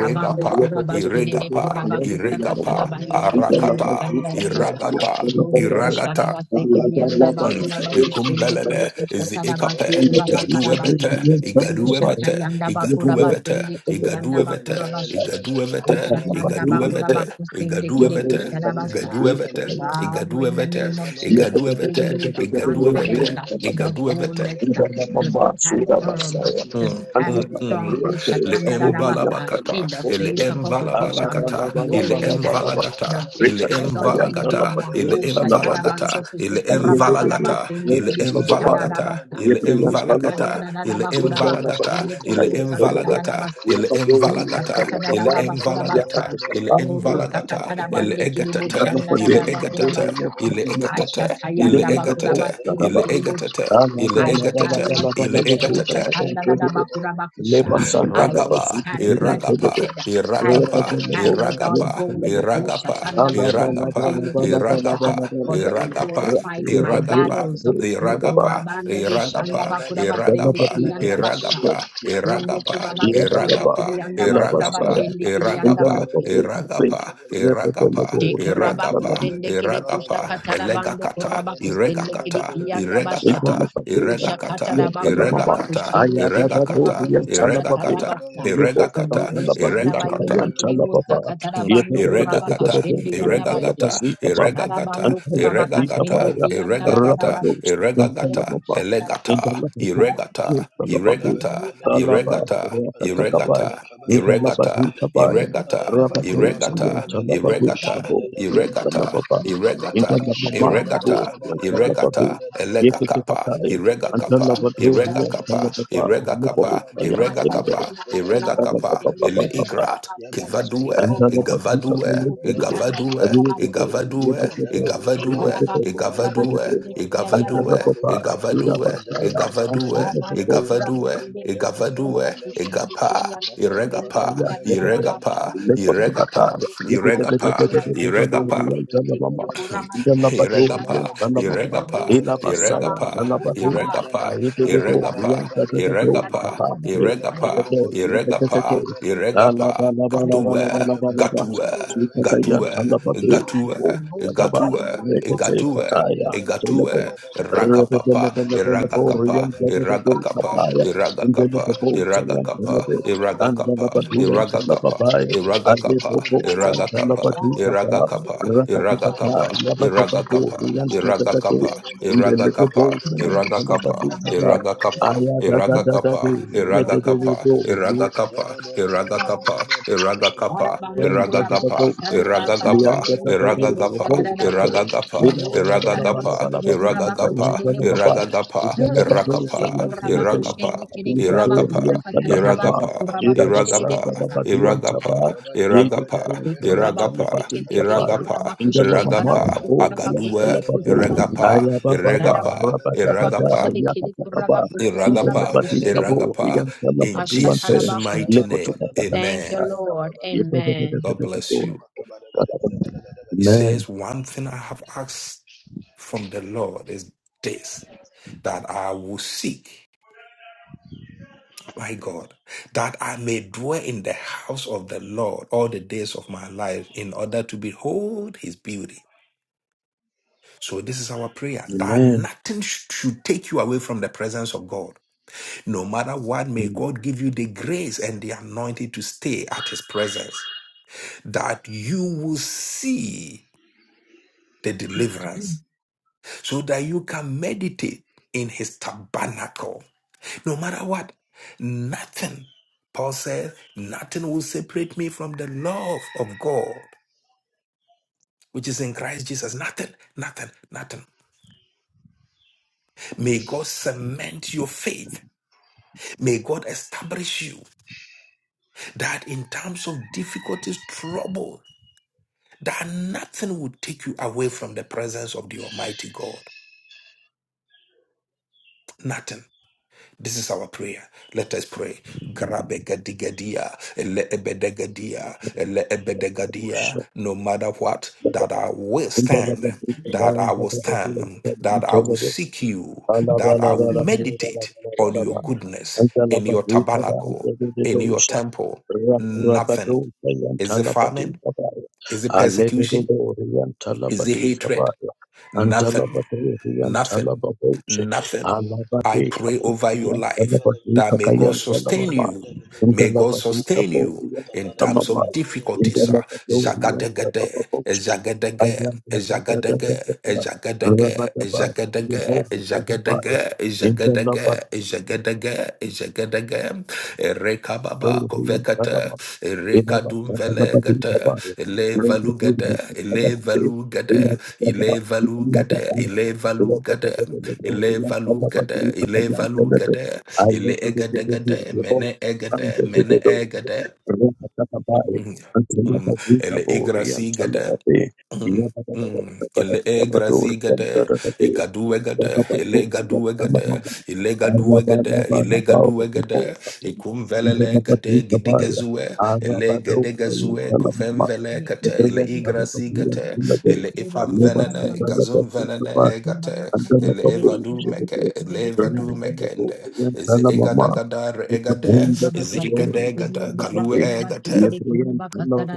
Speaker 2: Abando kurabashedede
Speaker 1: iregapa, iregapa,
Speaker 2: kurabakusakatarabayende kiri
Speaker 1: arakata,
Speaker 2: bushararaba.
Speaker 1: iragata,
Speaker 2: Robo
Speaker 1: iragata,
Speaker 2: kusharabase kiri yanda
Speaker 1: Mm.
Speaker 2: bakurabakushende
Speaker 4: Makala
Speaker 2: kiri
Speaker 1: Ikumbelele, izi
Speaker 4: La la la
Speaker 2: kushatarabasu
Speaker 1: ikape, gadu
Speaker 2: kurabakarabasa.
Speaker 1: evete, igadu
Speaker 2: Ushata
Speaker 5: you.
Speaker 1: evete,
Speaker 2: yanda
Speaker 1: igadu evete,
Speaker 2: bakurabasende kiri yanda
Speaker 1: igadu evete,
Speaker 2: bakurabashu.
Speaker 1: igadu evete,
Speaker 2: Ushatanda
Speaker 1: igadu evete,
Speaker 2: bakurabakusende
Speaker 1: igadu
Speaker 2: kiri
Speaker 1: evete,
Speaker 2: kusharabasa.
Speaker 1: igadu evete,
Speaker 2: Father,
Speaker 1: igadu
Speaker 2: in the
Speaker 1: evete,
Speaker 2: name of Jesus,
Speaker 1: igadu
Speaker 2: give
Speaker 1: evete,
Speaker 2: me the
Speaker 1: igadu
Speaker 2: confidence,
Speaker 1: evete,
Speaker 2: uh, the
Speaker 1: igadu evete,
Speaker 2: boldness uh, to stand firm, uh, to
Speaker 1: Mm,
Speaker 5: Thank
Speaker 2: stand
Speaker 5: you
Speaker 1: mm, mm.
Speaker 2: strong
Speaker 1: mm.
Speaker 2: oh,
Speaker 1: Le
Speaker 2: shatandarabasa,
Speaker 1: embalabakata,
Speaker 2: in the
Speaker 1: ele
Speaker 2: face of opposition,
Speaker 1: embalabalakata, ele
Speaker 2: knowing that uh,
Speaker 1: emvalagata,
Speaker 2: the
Speaker 1: ele
Speaker 2: victory has already been
Speaker 1: emvalagata,
Speaker 2: won.
Speaker 1: ele
Speaker 2: Oh,
Speaker 1: emvalagata, ele emvalagata, ele emvalagata,
Speaker 2: shatarabanjokustukurabakarabasindikidikushtarabasa,
Speaker 1: ele
Speaker 2: oh,
Speaker 1: emvalagata, ele
Speaker 2: shakandarabakurabakas,
Speaker 1: emvalagata, ele
Speaker 4: la
Speaker 1: emvalagata,
Speaker 4: la
Speaker 2: kundikidimusakatarabasa,
Speaker 1: ele
Speaker 2: oh,
Speaker 4: Yakana
Speaker 1: emvalagata, ele emvalagata, ele
Speaker 2: Urubu
Speaker 1: emvalagata,
Speaker 2: sakatara
Speaker 1: ele
Speaker 2: bande kiribu
Speaker 1: egatata,
Speaker 2: shanda da
Speaker 1: ele
Speaker 2: da bakura
Speaker 1: egatata,
Speaker 2: basta.
Speaker 1: ele egatata, ele
Speaker 2: Ashatayanda bakura
Speaker 1: egatata,
Speaker 2: bakunde
Speaker 1: ele
Speaker 2: kiribu.
Speaker 1: egatata, ele
Speaker 2: I shall
Speaker 1: egatata,
Speaker 2: not
Speaker 1: ele
Speaker 2: fear.
Speaker 1: egatata,
Speaker 2: Utatanda da da bakura bakusha.
Speaker 5: leva Santa
Speaker 2: I
Speaker 5: la
Speaker 2: will
Speaker 5: Bazooka
Speaker 2: stand
Speaker 5: Piran
Speaker 2: flat
Speaker 5: Telebe,
Speaker 2: footed. I
Speaker 5: Reba
Speaker 2: will
Speaker 5: de Lebo,
Speaker 2: stand without
Speaker 5: Yen
Speaker 2: boldness.
Speaker 5: Telemobrat,
Speaker 2: Ushatanda
Speaker 5: Alaba
Speaker 2: bakura
Speaker 5: Laba
Speaker 2: kachinde
Speaker 5: Laba Laba
Speaker 2: kirikusa.
Speaker 5: Laba Laba
Speaker 2: For the
Speaker 5: Laba,
Speaker 2: Lord fights my
Speaker 5: Rakieva de
Speaker 2: battles.
Speaker 5: Bo, Ladaba,
Speaker 2: Ukurabande bushanda bakura basende
Speaker 5: Laba Bita,
Speaker 2: kiriyanda basha. Undo kuraba
Speaker 5: Yaba
Speaker 2: kusende
Speaker 5: Daba,
Speaker 2: kiriyanda
Speaker 5: Ilaba
Speaker 2: bakura
Speaker 5: Saya,
Speaker 2: basende kiriyanda
Speaker 5: Indalaba
Speaker 2: basi.
Speaker 5: Bo, Reba de
Speaker 4: Thank
Speaker 2: Shekorabako
Speaker 5: Lebo,
Speaker 2: sende kede kusha katada bando
Speaker 4: you.
Speaker 2: korabako sende kede kiyanda basha. Usha katada Ba
Speaker 5: Rabba
Speaker 2: rabako
Speaker 1: Eregakata,
Speaker 2: sende kede
Speaker 1: Eregakata,
Speaker 2: korabako sata kada
Speaker 1: Eregakata,
Speaker 2: basa.
Speaker 1: Eregakata,
Speaker 2: Robo shanda
Speaker 1: Eregakata.
Speaker 2: bayende kede bosa katada
Speaker 1: mm,
Speaker 2: bando korabaka
Speaker 1: Eregakata,
Speaker 2: sende yanda basiri.
Speaker 1: Eregagata,
Speaker 2: Shara bando
Speaker 1: Eregagata,
Speaker 2: korabaka sende
Speaker 1: Eregagata,
Speaker 2: kiyanda
Speaker 1: Eregagata,
Speaker 2: rarabas.
Speaker 1: Eregagata,
Speaker 2: Robo shanda
Speaker 1: Elegata,
Speaker 2: rarabas.
Speaker 1: Eregata,
Speaker 2: Robo
Speaker 1: Eregata, Eregata, Eregata, Eregata, Eregata, Eregata, Eregata, Eregata, Eregata, Eregata, Iregata, Elega Kappa,
Speaker 5: Yekatekataya,
Speaker 1: Irega Kappa, Irega
Speaker 5: Antalabadoria,
Speaker 1: Kappa,
Speaker 5: Antalababa,
Speaker 1: Irega
Speaker 5: Antalabo,
Speaker 1: Kappa,
Speaker 4: Balua
Speaker 5: Ayan,
Speaker 4: balua
Speaker 1: Irega
Speaker 5: Telebe,
Speaker 4: balaba
Speaker 1: Kappa,
Speaker 4: koba
Speaker 1: Irega
Speaker 4: dua
Speaker 1: Kappa,
Speaker 4: balaba
Speaker 1: Ele
Speaker 4: bada
Speaker 5: Antalabababababa,
Speaker 1: Igrat,
Speaker 4: ya balaba
Speaker 1: Kivadue,
Speaker 4: bada laba koba
Speaker 5: Antalabaduta,
Speaker 4: laba
Speaker 5: Kayan,
Speaker 1: Igavadue,
Speaker 4: bada
Speaker 5: Telebe,
Speaker 4: laba koba
Speaker 1: Igavadue,
Speaker 4: lua ba
Speaker 5: Adiyateke,
Speaker 1: Igavadue,
Speaker 5: Yeteteke,
Speaker 4: balaba lua
Speaker 1: Igavadue,
Speaker 4: balaba
Speaker 5: Yeteteke,
Speaker 2: Shekarabando
Speaker 4: koba laba
Speaker 2: Kurabatin,
Speaker 5: Yeteteke,
Speaker 1: Igavadue,
Speaker 2: the
Speaker 1: Igavadue,
Speaker 4: badua balaba laba
Speaker 1: Igavadue,
Speaker 2: Yandana
Speaker 5: Antalababa,
Speaker 4: lua ba balaba
Speaker 5: Tirabasaya,
Speaker 4: laba bada
Speaker 1: Igavadue,
Speaker 4: laba
Speaker 2: Lavando
Speaker 5: Antalababo,
Speaker 4: koba
Speaker 2: pura
Speaker 4: laba
Speaker 1: Igavadue,
Speaker 2: madre
Speaker 4: bada
Speaker 2: de
Speaker 4: laba
Speaker 2: socorro da
Speaker 4: laba
Speaker 1: Igavadue,
Speaker 2: cuxende que lhe
Speaker 1: Igapa,
Speaker 2: anda
Speaker 4: laba balaba
Speaker 2: vocende
Speaker 5: Rebele
Speaker 2: e
Speaker 1: Iregapa,
Speaker 4: koba laba
Speaker 2: andarina na
Speaker 4: bada laba
Speaker 2: base.
Speaker 1: Iregapa,
Speaker 4: koba
Speaker 1: Iregapa,
Speaker 2: Ramando pura machende
Speaker 1: Iregapa,
Speaker 2: e
Speaker 4: laba balaba koba laba
Speaker 2: andarina na
Speaker 4: bada
Speaker 1: Iregapa,
Speaker 2: base
Speaker 4: laba
Speaker 2: que
Speaker 4: koba
Speaker 2: tinha
Speaker 4: laba
Speaker 2: pura machende que lhe
Speaker 4: shaba
Speaker 2: anda
Speaker 1: Iregapa,
Speaker 2: na
Speaker 4: laba bada
Speaker 2: base.
Speaker 4: laba
Speaker 1: Iregapa,
Speaker 4: koba laba balaba
Speaker 2: Rusta
Speaker 4: koba
Speaker 2: andavando
Speaker 1: Iregapa,
Speaker 2: pura base
Speaker 1: Iregapa,
Speaker 2: que
Speaker 4: laba
Speaker 2: pura
Speaker 4: laba
Speaker 1: Iregapa,
Speaker 2: machende
Speaker 4: laba
Speaker 2: que
Speaker 1: Iregapa,
Speaker 2: patanavando.
Speaker 4: Mandelebe
Speaker 2: Rebus
Speaker 1: Iregapa,
Speaker 2: que
Speaker 4: kobolobolebe
Speaker 1: Iregapa,
Speaker 2: patanavando pura
Speaker 4: kebelebe.
Speaker 2: rosto.
Speaker 1: Iregapa,
Speaker 2: Rebus
Speaker 4: Mandelebe
Speaker 1: Katua,
Speaker 4: kebelebe
Speaker 2: patanavando
Speaker 1: Gatua,
Speaker 2: pura
Speaker 4: bedelebe
Speaker 2: rosto que lhe
Speaker 1: Gatua,
Speaker 2: anda
Speaker 4: kebelebe
Speaker 2: na
Speaker 4: kebe.
Speaker 2: base.
Speaker 1: Gatua,
Speaker 2: Rusta
Speaker 1: Gatua,
Speaker 2: andavando
Speaker 4: Mandelebe
Speaker 2: pura
Speaker 4: kebelebe
Speaker 2: cuxende
Speaker 1: Gatua.
Speaker 2: que lhe
Speaker 4: bedelebe
Speaker 1: Egatue,
Speaker 4: kebelebe bede.
Speaker 1: Rakapapa,
Speaker 4: Mandelebe
Speaker 2: Thank
Speaker 1: Iragakapa,
Speaker 4: kebelebe
Speaker 1: Iragakapa,
Speaker 4: şebelebe
Speaker 1: Iragakapa,
Speaker 4: bedelebe kebelebe
Speaker 1: Iragakapa,
Speaker 4: bedelebe
Speaker 1: Iragakapa,
Speaker 4: kebelebe.
Speaker 5: Andalabadu and
Speaker 1: Iragakapa,
Speaker 5: Talababaya,
Speaker 4: Mandelebe kurururu
Speaker 1: Iragakapa,
Speaker 5: Alepopo
Speaker 4: bedelebe
Speaker 1: Iragakapa,
Speaker 5: Santalabadu
Speaker 4: kebelebe bedelebe
Speaker 5: Tapa,
Speaker 4: bedelebe
Speaker 1: Iragakapa,
Speaker 4: bedelebe
Speaker 5: Rakatakata,
Speaker 1: Iragakapa,
Speaker 5: Yabatabadu,
Speaker 1: Iragakapa,
Speaker 4: bedelebe
Speaker 5: Yantakatade,
Speaker 1: Iragakapa,
Speaker 4: kebelebe
Speaker 5: in the little
Speaker 4: bedelebe
Speaker 5: boat
Speaker 1: Iragakapa,
Speaker 4: bedelebe.
Speaker 5: and
Speaker 1: Iragakapa,
Speaker 5: Talabadu
Speaker 1: Iragakapa,
Speaker 5: Tapa,
Speaker 4: Yabadebe
Speaker 1: Iragakapa,
Speaker 4: bedelebe
Speaker 1: Iragakapa,
Speaker 5: Ayadadadadade,
Speaker 4: kebelebe bedelebe bedelebe.
Speaker 1: Iragakapa,
Speaker 5: Yedede,
Speaker 4: Shabba
Speaker 1: Iragakapa,
Speaker 2: you.
Speaker 1: Iragakapa, Iragagapa, Iragagapa,
Speaker 2: Arabando
Speaker 5: Yanda da da
Speaker 2: Kurabaka
Speaker 5: do shit.
Speaker 2: Sandabakara
Speaker 1: Iragagapa,
Speaker 5: Yanda da
Speaker 2: Balinde
Speaker 5: da do
Speaker 2: Kerebu
Speaker 1: Iragagapa,
Speaker 5: robo kape.
Speaker 2: Sarabaka
Speaker 1: Iragagapa,
Speaker 5: Ila ba la
Speaker 2: Rosa
Speaker 5: ba la ba la
Speaker 1: Iragagapa,
Speaker 5: ba la
Speaker 2: Karabasundo
Speaker 5: ba tu kata
Speaker 2: Kurabako
Speaker 5: yanda la ba ba.
Speaker 2: Chedebuta
Speaker 1: Iragagapa,
Speaker 5: Ila la ba do sa
Speaker 1: Irakapa,
Speaker 2: She
Speaker 5: yanda la be.
Speaker 2: Kurabaku Shende
Speaker 1: Iragapa,
Speaker 5: Ati
Speaker 2: Kere
Speaker 5: ba do
Speaker 2: Kurabaku
Speaker 1: Iragapa,
Speaker 5: yanda la ba ba.
Speaker 2: Sakatarabando
Speaker 1: Iragapa,
Speaker 5: Ira
Speaker 2: Kurabaku
Speaker 5: ba sa da la
Speaker 1: Iragapa,
Speaker 2: Shedebuta
Speaker 5: ba do anta
Speaker 1: Iragapa,
Speaker 5: ba. Yede da
Speaker 1: Iragapa,
Speaker 5: do
Speaker 2: E
Speaker 5: sa yanda la
Speaker 2: Kurabaku
Speaker 5: ba
Speaker 1: Iragapa,
Speaker 5: tu
Speaker 2: Tekete
Speaker 5: kapa.
Speaker 2: Kere
Speaker 1: Iragapa,
Speaker 2: Kurabaku
Speaker 5: Inda la
Speaker 2: Shede
Speaker 5: ba ma ka
Speaker 1: Iragapa,
Speaker 2: Karabaku
Speaker 5: bo
Speaker 2: Kurabaku
Speaker 1: Akadua,
Speaker 2: Shede Kutabatan
Speaker 1: Iragapa, Iragapa,
Speaker 2: Sharabandu Kurabaku
Speaker 1: Iragapa,
Speaker 2: Shede Kere Kurabaku
Speaker 1: Iragapa,
Speaker 2: Kurabaku Shedebuta
Speaker 1: Iragapa, in Jesus'
Speaker 4: Thank
Speaker 2: Ashtatarabaku
Speaker 1: mighty name.
Speaker 2: Thank you
Speaker 5: Thank
Speaker 1: Amen.
Speaker 5: you.
Speaker 2: Lord Amen
Speaker 1: God bless you. He
Speaker 5: Amen.
Speaker 1: says, One thing I have asked from the Lord is this that I will seek my God, that I may dwell in the house of the Lord all the days of my life in order to behold his beauty. So, this is our prayer that
Speaker 5: Amen.
Speaker 1: nothing sh- should take you away from the presence of God. No matter what, may God give you the grace and the anointing to stay at his presence, that you will see the deliverance, so that you can meditate in his tabernacle No matter what, nothing, Paul says, nothing will separate me from the love of God, which is in Christ Jesus. Nothing, nothing, nothing. May God cement your faith. May God establish you that in times of difficulties, trouble, that nothing will take you away from the presence of the Almighty God. Nothing. This is our prayer. Let us pray. Grabegadigadia, eleebedegadia,
Speaker 5: Oh,
Speaker 1: eleebedegadia.
Speaker 5: shut
Speaker 1: No matter what,
Speaker 5: up.
Speaker 1: that I will stand,
Speaker 2: Kuraba
Speaker 1: that I will stand, that I will
Speaker 5: Amen.
Speaker 1: seek you, that I will meditate on your goodness in your
Speaker 5: Antalabadika ba
Speaker 1: tabernacle, in your
Speaker 5: antelelebosha.
Speaker 1: temple. Nothing.
Speaker 5: Rakurabadosha
Speaker 1: Is it famine?
Speaker 5: yantalabadika ba ya.
Speaker 1: Is it persecution?
Speaker 5: Alelelebori
Speaker 1: Is it
Speaker 5: yantalabadika ba
Speaker 1: hatred?
Speaker 5: ya.
Speaker 1: Nothing.
Speaker 5: Antalabadori
Speaker 1: Nothing,
Speaker 5: yantalababoshe.
Speaker 1: nothing. I
Speaker 5: Alabadika
Speaker 1: pray over
Speaker 5: boshi
Speaker 1: your life
Speaker 5: yantalabadika
Speaker 1: that
Speaker 5: ka
Speaker 1: may God sustain
Speaker 5: yantalamama.
Speaker 1: you. May God
Speaker 5: Antalabadika
Speaker 1: sustain
Speaker 5: boshi
Speaker 1: you in times
Speaker 5: yantalamama.
Speaker 1: of difficulties.
Speaker 4: you.
Speaker 1: ah.
Speaker 5: Antalabadori
Speaker 1: Zagadagade,
Speaker 5: yantalababoshe.
Speaker 1: zagadage, zagadage,
Speaker 5: Ayadadadadadada.
Speaker 1: zagadage,
Speaker 5: Rabadaba.
Speaker 1: zagadage,
Speaker 5: Libosha ba
Speaker 1: zagadage,
Speaker 5: ya.
Speaker 1: zagadage, zagadage, zagadage. Ereka baba
Speaker 5: Thank
Speaker 1: kovekate, ereka dumvelegate, ele valugade, ele Ilevalugadaya, Ilevalugadaya, Ilevalugadaya, Ilevalugadaya, Ile Egadagadaya, Mene Egadaya, Mene egada, Mm, um, Ele Igrasigada, Mm, mm. mm. Ele e grazi gade, e
Speaker 5: you.
Speaker 1: gadu e gade, ele gadu e gade, ele gadu e gade, ele gadu e gade, e kum velele gade, gidi gazue, ele gade gazue, kufen vele kate, ele e grazi gate, ele e fam venene, e gazum venene e
Speaker 5: Yabata
Speaker 1: gate, ele e vadu meke, ele e vadu mekende, eze e gada gada re e gade, eze e gade gada, kalue e gate,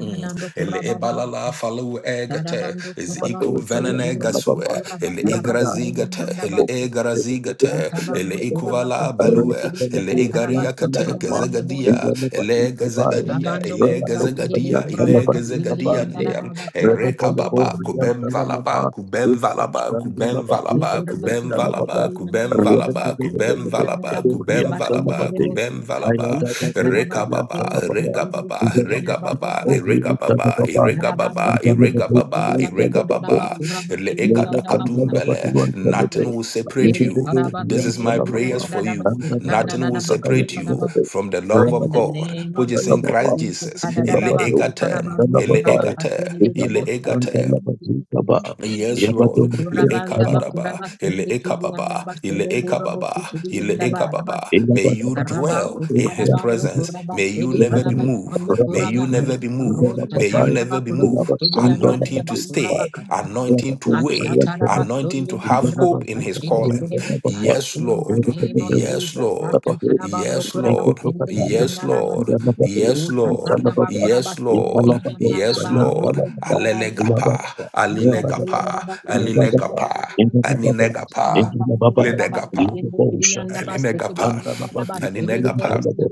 Speaker 1: Mm. Ele ebalala falu egate is ikum venene gasue ele igrazigate ele
Speaker 5: Thank
Speaker 1: egrazigate ele ikuvala balue ele igaria kate gazagadia ele gazagadia
Speaker 2: Tabando
Speaker 1: ele
Speaker 2: kuraba sudebe
Speaker 1: gazagadia
Speaker 2: kuraba
Speaker 1: ele
Speaker 2: kasindi
Speaker 1: gazagadia
Speaker 2: yandara
Speaker 1: ndiam
Speaker 2: raba kuraba
Speaker 1: ere
Speaker 2: sudebe
Speaker 1: kababa
Speaker 2: yandaba
Speaker 1: kubem valaba kubem valaba kubem
Speaker 2: ve
Speaker 1: valaba
Speaker 2: kuraba
Speaker 1: kubem
Speaker 2: kuseke
Speaker 1: valaba
Speaker 2: sedi
Speaker 1: kubem
Speaker 2: yandaba kuraba
Speaker 1: valaba
Speaker 2: sudi
Speaker 1: kubem
Speaker 2: yandara
Speaker 1: valaba
Speaker 2: raba
Speaker 1: kubem
Speaker 2: kuraba sudebe
Speaker 1: valaba
Speaker 2: de bostu.
Speaker 1: kubem valaba
Speaker 2: Usta tarabando kuraba
Speaker 1: Rekababa,
Speaker 2: kusindi
Speaker 1: Regababa,
Speaker 2: kidi yandaba
Speaker 1: Regababa,
Speaker 2: kuraba
Speaker 1: Eregababa,
Speaker 2: tarabando
Speaker 1: Eregababa,
Speaker 2: kuraba kasidi
Speaker 1: Eregababa,
Speaker 2: yandara
Speaker 5: you.
Speaker 2: raba
Speaker 1: Eregababa,
Speaker 2: kuraba sudi
Speaker 5: Leva
Speaker 2: yandaba
Speaker 5: Santa
Speaker 2: sa.
Speaker 5: Labatuan
Speaker 1: Leekadakadumbele. Nothing
Speaker 5: Telebe,
Speaker 1: will separate
Speaker 2: Sede
Speaker 1: you.
Speaker 5: Yededo
Speaker 2: karaba
Speaker 1: This
Speaker 5: Yan
Speaker 1: is
Speaker 2: sende
Speaker 1: my
Speaker 2: kidi
Speaker 1: prayers
Speaker 5: Talamama,
Speaker 2: yandara
Speaker 1: for
Speaker 2: raba
Speaker 1: you.
Speaker 5: Santa
Speaker 2: kustanda
Speaker 1: Nothing
Speaker 5: Labatu
Speaker 1: will
Speaker 2: raba
Speaker 1: separate
Speaker 5: Sakayan
Speaker 1: you
Speaker 2: kustaraba.
Speaker 5: Telebe,
Speaker 1: from the love of
Speaker 2: In the
Speaker 5: Rabado,
Speaker 1: God,
Speaker 2: name
Speaker 1: which
Speaker 2: of
Speaker 1: is in
Speaker 2: Jesus,
Speaker 1: Christ
Speaker 5: Talamama,
Speaker 2: Usta
Speaker 1: Jesus. Ele
Speaker 5: Labado,
Speaker 1: egate,
Speaker 2: tarabando
Speaker 1: ele
Speaker 2: kuraba
Speaker 5: Talababai,
Speaker 1: egate,
Speaker 2: kasidi de
Speaker 1: ele
Speaker 5: Elaba Santa
Speaker 1: egate.
Speaker 5: Labatu Saba,
Speaker 1: Yes,
Speaker 5: Yabado
Speaker 1: Lord. Le
Speaker 5: Yan
Speaker 2: Kurabanda
Speaker 5: Talam,
Speaker 1: ekabadaba,
Speaker 2: bakuraba
Speaker 1: ele
Speaker 2: sende kiyanda
Speaker 1: ekababa, ele
Speaker 7: Thank
Speaker 2: basere bura bosi
Speaker 1: ekababa,
Speaker 2: chidi
Speaker 1: ele
Speaker 2: yanda
Speaker 1: ekababa. May
Speaker 5: Elaba
Speaker 1: you
Speaker 5: Labado
Speaker 2: Karaba
Speaker 1: dwell in his
Speaker 5: Yan
Speaker 2: Kutarabando
Speaker 5: Talam,
Speaker 1: presence.
Speaker 2: Kuraba
Speaker 1: May you
Speaker 2: Sede
Speaker 1: never be
Speaker 2: Karaba
Speaker 5: Elaba
Speaker 1: moved.
Speaker 2: Sando
Speaker 1: May
Speaker 5: Rabado,
Speaker 1: you
Speaker 2: Kuraba
Speaker 1: never be moved.
Speaker 2: Rota
Speaker 1: May you
Speaker 5: Talababai,
Speaker 2: Tanaba
Speaker 1: never be
Speaker 2: Kuro
Speaker 1: moved.
Speaker 5: Elaba
Speaker 2: Kutidi
Speaker 5: Santa
Speaker 1: Anointing to
Speaker 2: Yandanaba
Speaker 5: Labatu
Speaker 2: Kuraba
Speaker 1: stay,
Speaker 2: Kata
Speaker 1: anointing to wait,
Speaker 2: Atataraba
Speaker 1: anointing
Speaker 2: Sundu
Speaker 1: to have
Speaker 2: Kuraba
Speaker 1: hope in his
Speaker 2: Katinde
Speaker 1: calling.
Speaker 2: Kudebesta
Speaker 1: Yes,
Speaker 2: in the
Speaker 1: Lord.
Speaker 2: name of
Speaker 1: Yes,
Speaker 2: Jesus
Speaker 1: Lord.
Speaker 5: Thank
Speaker 2: Atatarabando
Speaker 1: Yes,
Speaker 2: Kuraba
Speaker 1: Lord.
Speaker 2: Sende
Speaker 5: Ekotokataya,
Speaker 1: Yes,
Speaker 2: Yandanaba
Speaker 1: Lord.
Speaker 5: Yamababo,
Speaker 1: Yes, Lord.
Speaker 2: Utatanaba
Speaker 5: Salababa,
Speaker 2: Kuraba
Speaker 1: Yes,
Speaker 2: Sende
Speaker 1: Lord.
Speaker 5: Ekalababo,
Speaker 1: Yes,
Speaker 2: Yandanaba
Speaker 5: Sayam
Speaker 1: Lord.
Speaker 2: Arobo
Speaker 5: Salababa,
Speaker 2: Kuraba
Speaker 1: Alelegapa.
Speaker 5: Elababa, Rabadaba,
Speaker 1: Alilegapa.
Speaker 2: Astatayandaba Kuro Kushida
Speaker 5: Yabadaba,
Speaker 1: Alilegapa.
Speaker 5: Endababa,
Speaker 1: Aninegapa.
Speaker 2: Thank
Speaker 5: Endababa,
Speaker 1: Linegapa.
Speaker 5: Yababo Shalaba,
Speaker 1: Aninegapa.
Speaker 5: Antanababa, Kayam
Speaker 1: Aninegapa.
Speaker 5: Salabo,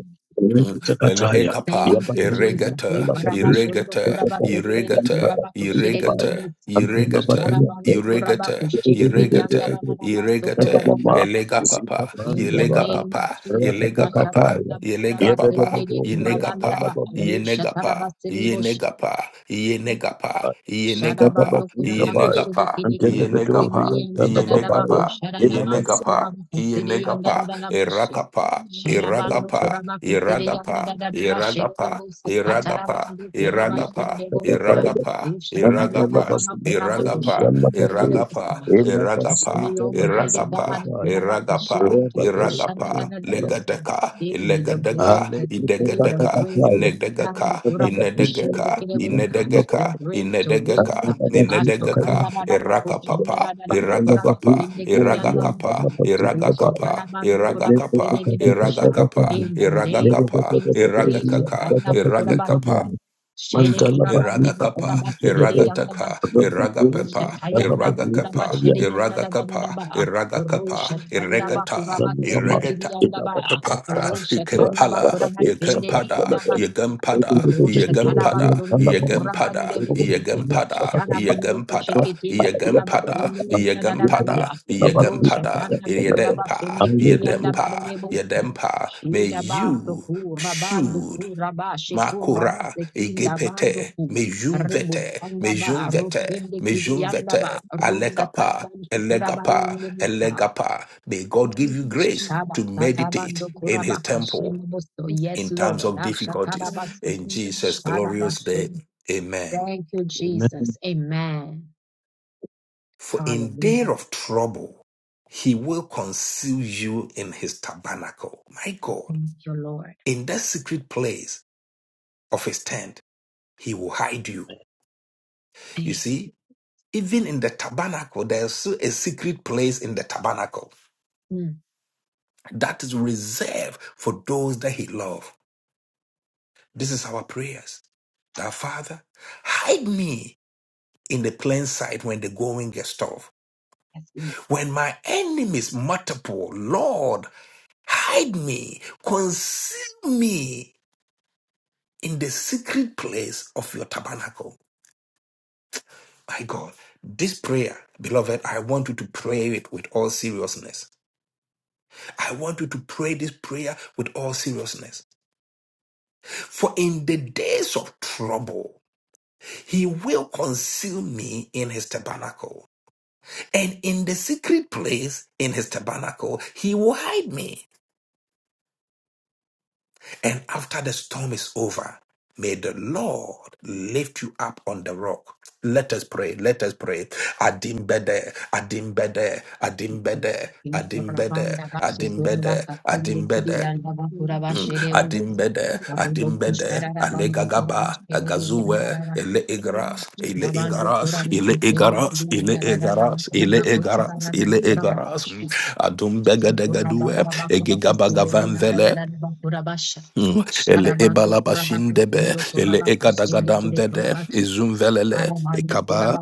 Speaker 1: El
Speaker 5: Ekotokataya,
Speaker 1: ekapa,
Speaker 2: you,
Speaker 5: Yababo, Yam
Speaker 2: Jesus. Eh,
Speaker 1: irregata,
Speaker 5: Salababa,
Speaker 2: barabashondo
Speaker 1: irregata,
Speaker 2: korabakerere
Speaker 1: irregata,
Speaker 5: Ekotokataya,
Speaker 1: irregata,
Speaker 5: Yababo,
Speaker 2: korabakushererebosa.
Speaker 5: Antanababa,
Speaker 1: irregata,
Speaker 2: Sharabando
Speaker 1: irregata,
Speaker 2: korabakusherereyanda
Speaker 1: irregata,
Speaker 5: Yababo,
Speaker 2: bararabaso
Speaker 1: irregata,
Speaker 5: Mama
Speaker 1: elega
Speaker 2: korabakarabasa.
Speaker 5: zika
Speaker 1: papa,
Speaker 2: In
Speaker 5: panda
Speaker 2: the
Speaker 1: yelega
Speaker 5: ba
Speaker 2: name of
Speaker 1: papa,
Speaker 2: Jesus,
Speaker 1: yelega
Speaker 2: Sasha
Speaker 1: papa,
Speaker 5: rakatakataya
Speaker 2: Tanaba
Speaker 1: yelega
Speaker 2: Kuraba
Speaker 1: papa,
Speaker 2: Kerebe
Speaker 5: yebedebedoria
Speaker 1: yenega
Speaker 2: Kurabanda
Speaker 5: mtanda
Speaker 1: pa,
Speaker 5: babaya
Speaker 2: Barusha
Speaker 1: yenega pa, yenega pa, yenega pa, yenega
Speaker 5: dadaba
Speaker 1: pa,
Speaker 2: Shadabando
Speaker 5: zika
Speaker 2: Kuraba
Speaker 5: baya
Speaker 1: yenega
Speaker 2: Kushidi
Speaker 1: pa,
Speaker 2: Kidi Kuraba
Speaker 1: yenega
Speaker 5: antelebedoria
Speaker 1: pa,
Speaker 2: Sindi and
Speaker 5: mtanda baba.
Speaker 1: yenega
Speaker 2: Dadaba
Speaker 1: pa,
Speaker 2: Kushadabando
Speaker 5: inabasanta
Speaker 1: Yenegapa,
Speaker 2: Kuraba Kusidi and
Speaker 1: Yenegapa,
Speaker 2: Dadadabashi.
Speaker 1: Irakapa,
Speaker 2: Shadabando
Speaker 1: Iragapa,
Speaker 2: Kuraba Kusidi and
Speaker 1: Iragapa,
Speaker 2: Dadadabashi
Speaker 1: Iragapa,
Speaker 2: Devosa
Speaker 1: Iragapa,
Speaker 2: Katarabando Kuraba
Speaker 5: basanta
Speaker 2: Shidi
Speaker 1: Iragapa,
Speaker 2: Devosa.
Speaker 5: dadabaya
Speaker 1: Iragapa, Iragapa,
Speaker 2: Ushatanababa Kuraba
Speaker 5: andelabasanta
Speaker 1: Iragapa,
Speaker 5: mtanda
Speaker 2: Kushindi Kidi
Speaker 5: babaya
Speaker 7: you.
Speaker 1: Iragapa,
Speaker 2: Devosa. Keep
Speaker 1: Iragapa,
Speaker 2: me,
Speaker 5: inabasanta
Speaker 2: Almighty
Speaker 1: Iragapa,
Speaker 5: labasanta
Speaker 2: God,
Speaker 5: baya
Speaker 2: Kuraba
Speaker 1: Iragapa,
Speaker 2: Kushindi Kidi
Speaker 5: rabadoria
Speaker 1: Iragapa,
Speaker 5: mtanda
Speaker 2: Kushanadadabasu.
Speaker 1: Legadeka,
Speaker 2: Give me the grace
Speaker 1: Ilegadeka,
Speaker 2: to give the
Speaker 1: Idegadeka,
Speaker 2: grace to
Speaker 5: alebedekatakataya
Speaker 2: stand
Speaker 1: Inedegaka,
Speaker 2: Kuraba
Speaker 5: dadaba zika
Speaker 2: Kushindi
Speaker 1: Inedegeka,
Speaker 2: Kidi
Speaker 5: babaya
Speaker 2: Devosa
Speaker 5: mtanda
Speaker 2: the
Speaker 1: Inedegeka,
Speaker 2: great weight.
Speaker 1: Inedegeka,
Speaker 5: babaya
Speaker 1: Inedegeka, Irakapapa, Iragakapa, Iragakapa, Iragakapa, Iragakapa,
Speaker 2: Ashakandarabakosandarabakurabasindekidiyandarabasa.
Speaker 1: Iragakapa,
Speaker 2: In the name of
Speaker 1: Iragakapa,
Speaker 2: Jesus,
Speaker 1: Iragakaka, Iragakapa,
Speaker 2: Ishakandarabakurabasa.
Speaker 1: Iraga
Speaker 5: Thank
Speaker 1: Iragakapa, Iragataka,
Speaker 2: Shedekurabandebukurabasidiyandarabasa.
Speaker 1: Iragapepa, Iragakapa, Iragakapa,
Speaker 2: Ushatayandabakurabasidiyandadadadaba.
Speaker 1: Iragakapa, Iregata, Iregata.
Speaker 2: Roshatandabakurabasindekidiyandaraba.
Speaker 1: Kapa, Ikempala, Ikempada,
Speaker 2: Roshatandabakurabasindiyandarabasa.
Speaker 1: igempada,
Speaker 2: Rosha
Speaker 1: igempada,
Speaker 2: Tarabatsundo Kurabani
Speaker 1: igempada,
Speaker 2: Debusi,
Speaker 1: igempada, igempada,
Speaker 2: Sharabando
Speaker 1: igempada,
Speaker 2: Kushekitin Kurabasindi and Dadaba,
Speaker 1: igempada,
Speaker 2: Rosha
Speaker 1: igempada,
Speaker 2: Tanaba
Speaker 1: Yedempa,
Speaker 2: Kurabasindi Kirianda
Speaker 1: Yedempa,
Speaker 2: Badebusi,
Speaker 1: Yedempa. May
Speaker 2: Shida Baso
Speaker 1: you
Speaker 2: Kurabandu
Speaker 1: shoot
Speaker 2: Kurabashi
Speaker 1: Makura,
Speaker 2: Kurabase Kinda
Speaker 1: Igepete,
Speaker 2: Banduku. Rebus
Speaker 1: vete,
Speaker 2: Handaba,
Speaker 1: mejun
Speaker 7: Thank
Speaker 1: vete,
Speaker 2: Rochende
Speaker 1: mejun
Speaker 2: Kiriandaba,
Speaker 1: vete,
Speaker 2: Rutsa
Speaker 1: alekapa,
Speaker 2: Tarabanshi
Speaker 1: elegapa,
Speaker 2: Kurabayin Debusa,
Speaker 1: elegapa. May God give you grace
Speaker 2: Shaba
Speaker 1: to meditate
Speaker 2: satabando
Speaker 1: in his
Speaker 2: kurabaka
Speaker 1: temple
Speaker 2: shinibuso. Yes,
Speaker 1: in times
Speaker 2: Lord.
Speaker 1: of difficulties.
Speaker 2: Ashatarabasu.
Speaker 1: In Jesus' glorious
Speaker 2: Shadabasu.
Speaker 1: name, amen.
Speaker 2: Thank you, Jesus. Amen.
Speaker 1: For in day
Speaker 2: Hallelujah.
Speaker 1: of trouble, he will conceal you in his tabernacle. My God,
Speaker 2: Thank you, Lord.
Speaker 1: in that secret place of his tent, he will hide you. You
Speaker 2: Thank
Speaker 1: see, even in the tabernacle, there's still a secret place in the tabernacle.
Speaker 2: you. Mm.
Speaker 1: that is reserved for those that he loves. This is our prayers. That Father, hide me in the plain sight when the going gets tough.
Speaker 2: Yes, Lord.
Speaker 1: When my enemies multiple, Lord, hide me, conceal me in the secret place of your tabernacle. My God, this prayer, beloved, I want you to pray it with all seriousness. I want you to pray this prayer with all seriousness. For in the days of trouble, He will conceal me in his tabernacle. And in the secret place in his tabernacle, he will hide me. And after the storm is over, may the Lord lift you up on the rock. Let us pray. Let us pray. Adimbede, adimbede,
Speaker 2: We thank
Speaker 1: adimbede,
Speaker 2: you.
Speaker 1: adimbede,
Speaker 2: Yorabanda bashi
Speaker 1: adimbede,
Speaker 2: kurabaka kunde
Speaker 1: adimbede,
Speaker 2: kibiyanda
Speaker 1: Mm.
Speaker 2: bakurabashirebuso.
Speaker 1: Adimbede,
Speaker 2: Oribo
Speaker 1: Adimbede,
Speaker 2: kusharabando
Speaker 1: Alegagaba, Agazuwe,
Speaker 2: kurabashiririyandaraba.
Speaker 1: Ele Igaras, Ele
Speaker 2: Shabando
Speaker 1: Igaras, Ele
Speaker 2: kurabakushinde
Speaker 1: Igaras, Ele
Speaker 2: kibiyanda rararaba.
Speaker 1: Igaras, Ele Igaras,
Speaker 2: Kurabakutsararaba.
Speaker 1: Ele
Speaker 7: you.
Speaker 1: Igaras, Mm.
Speaker 2: Kurabakushi. Shikura
Speaker 1: Adumbega de Gadue, Egigabagavanvele, Mm. Ele ebalabashindebe, ele ekadagadambede, izumvelele, Ekaba,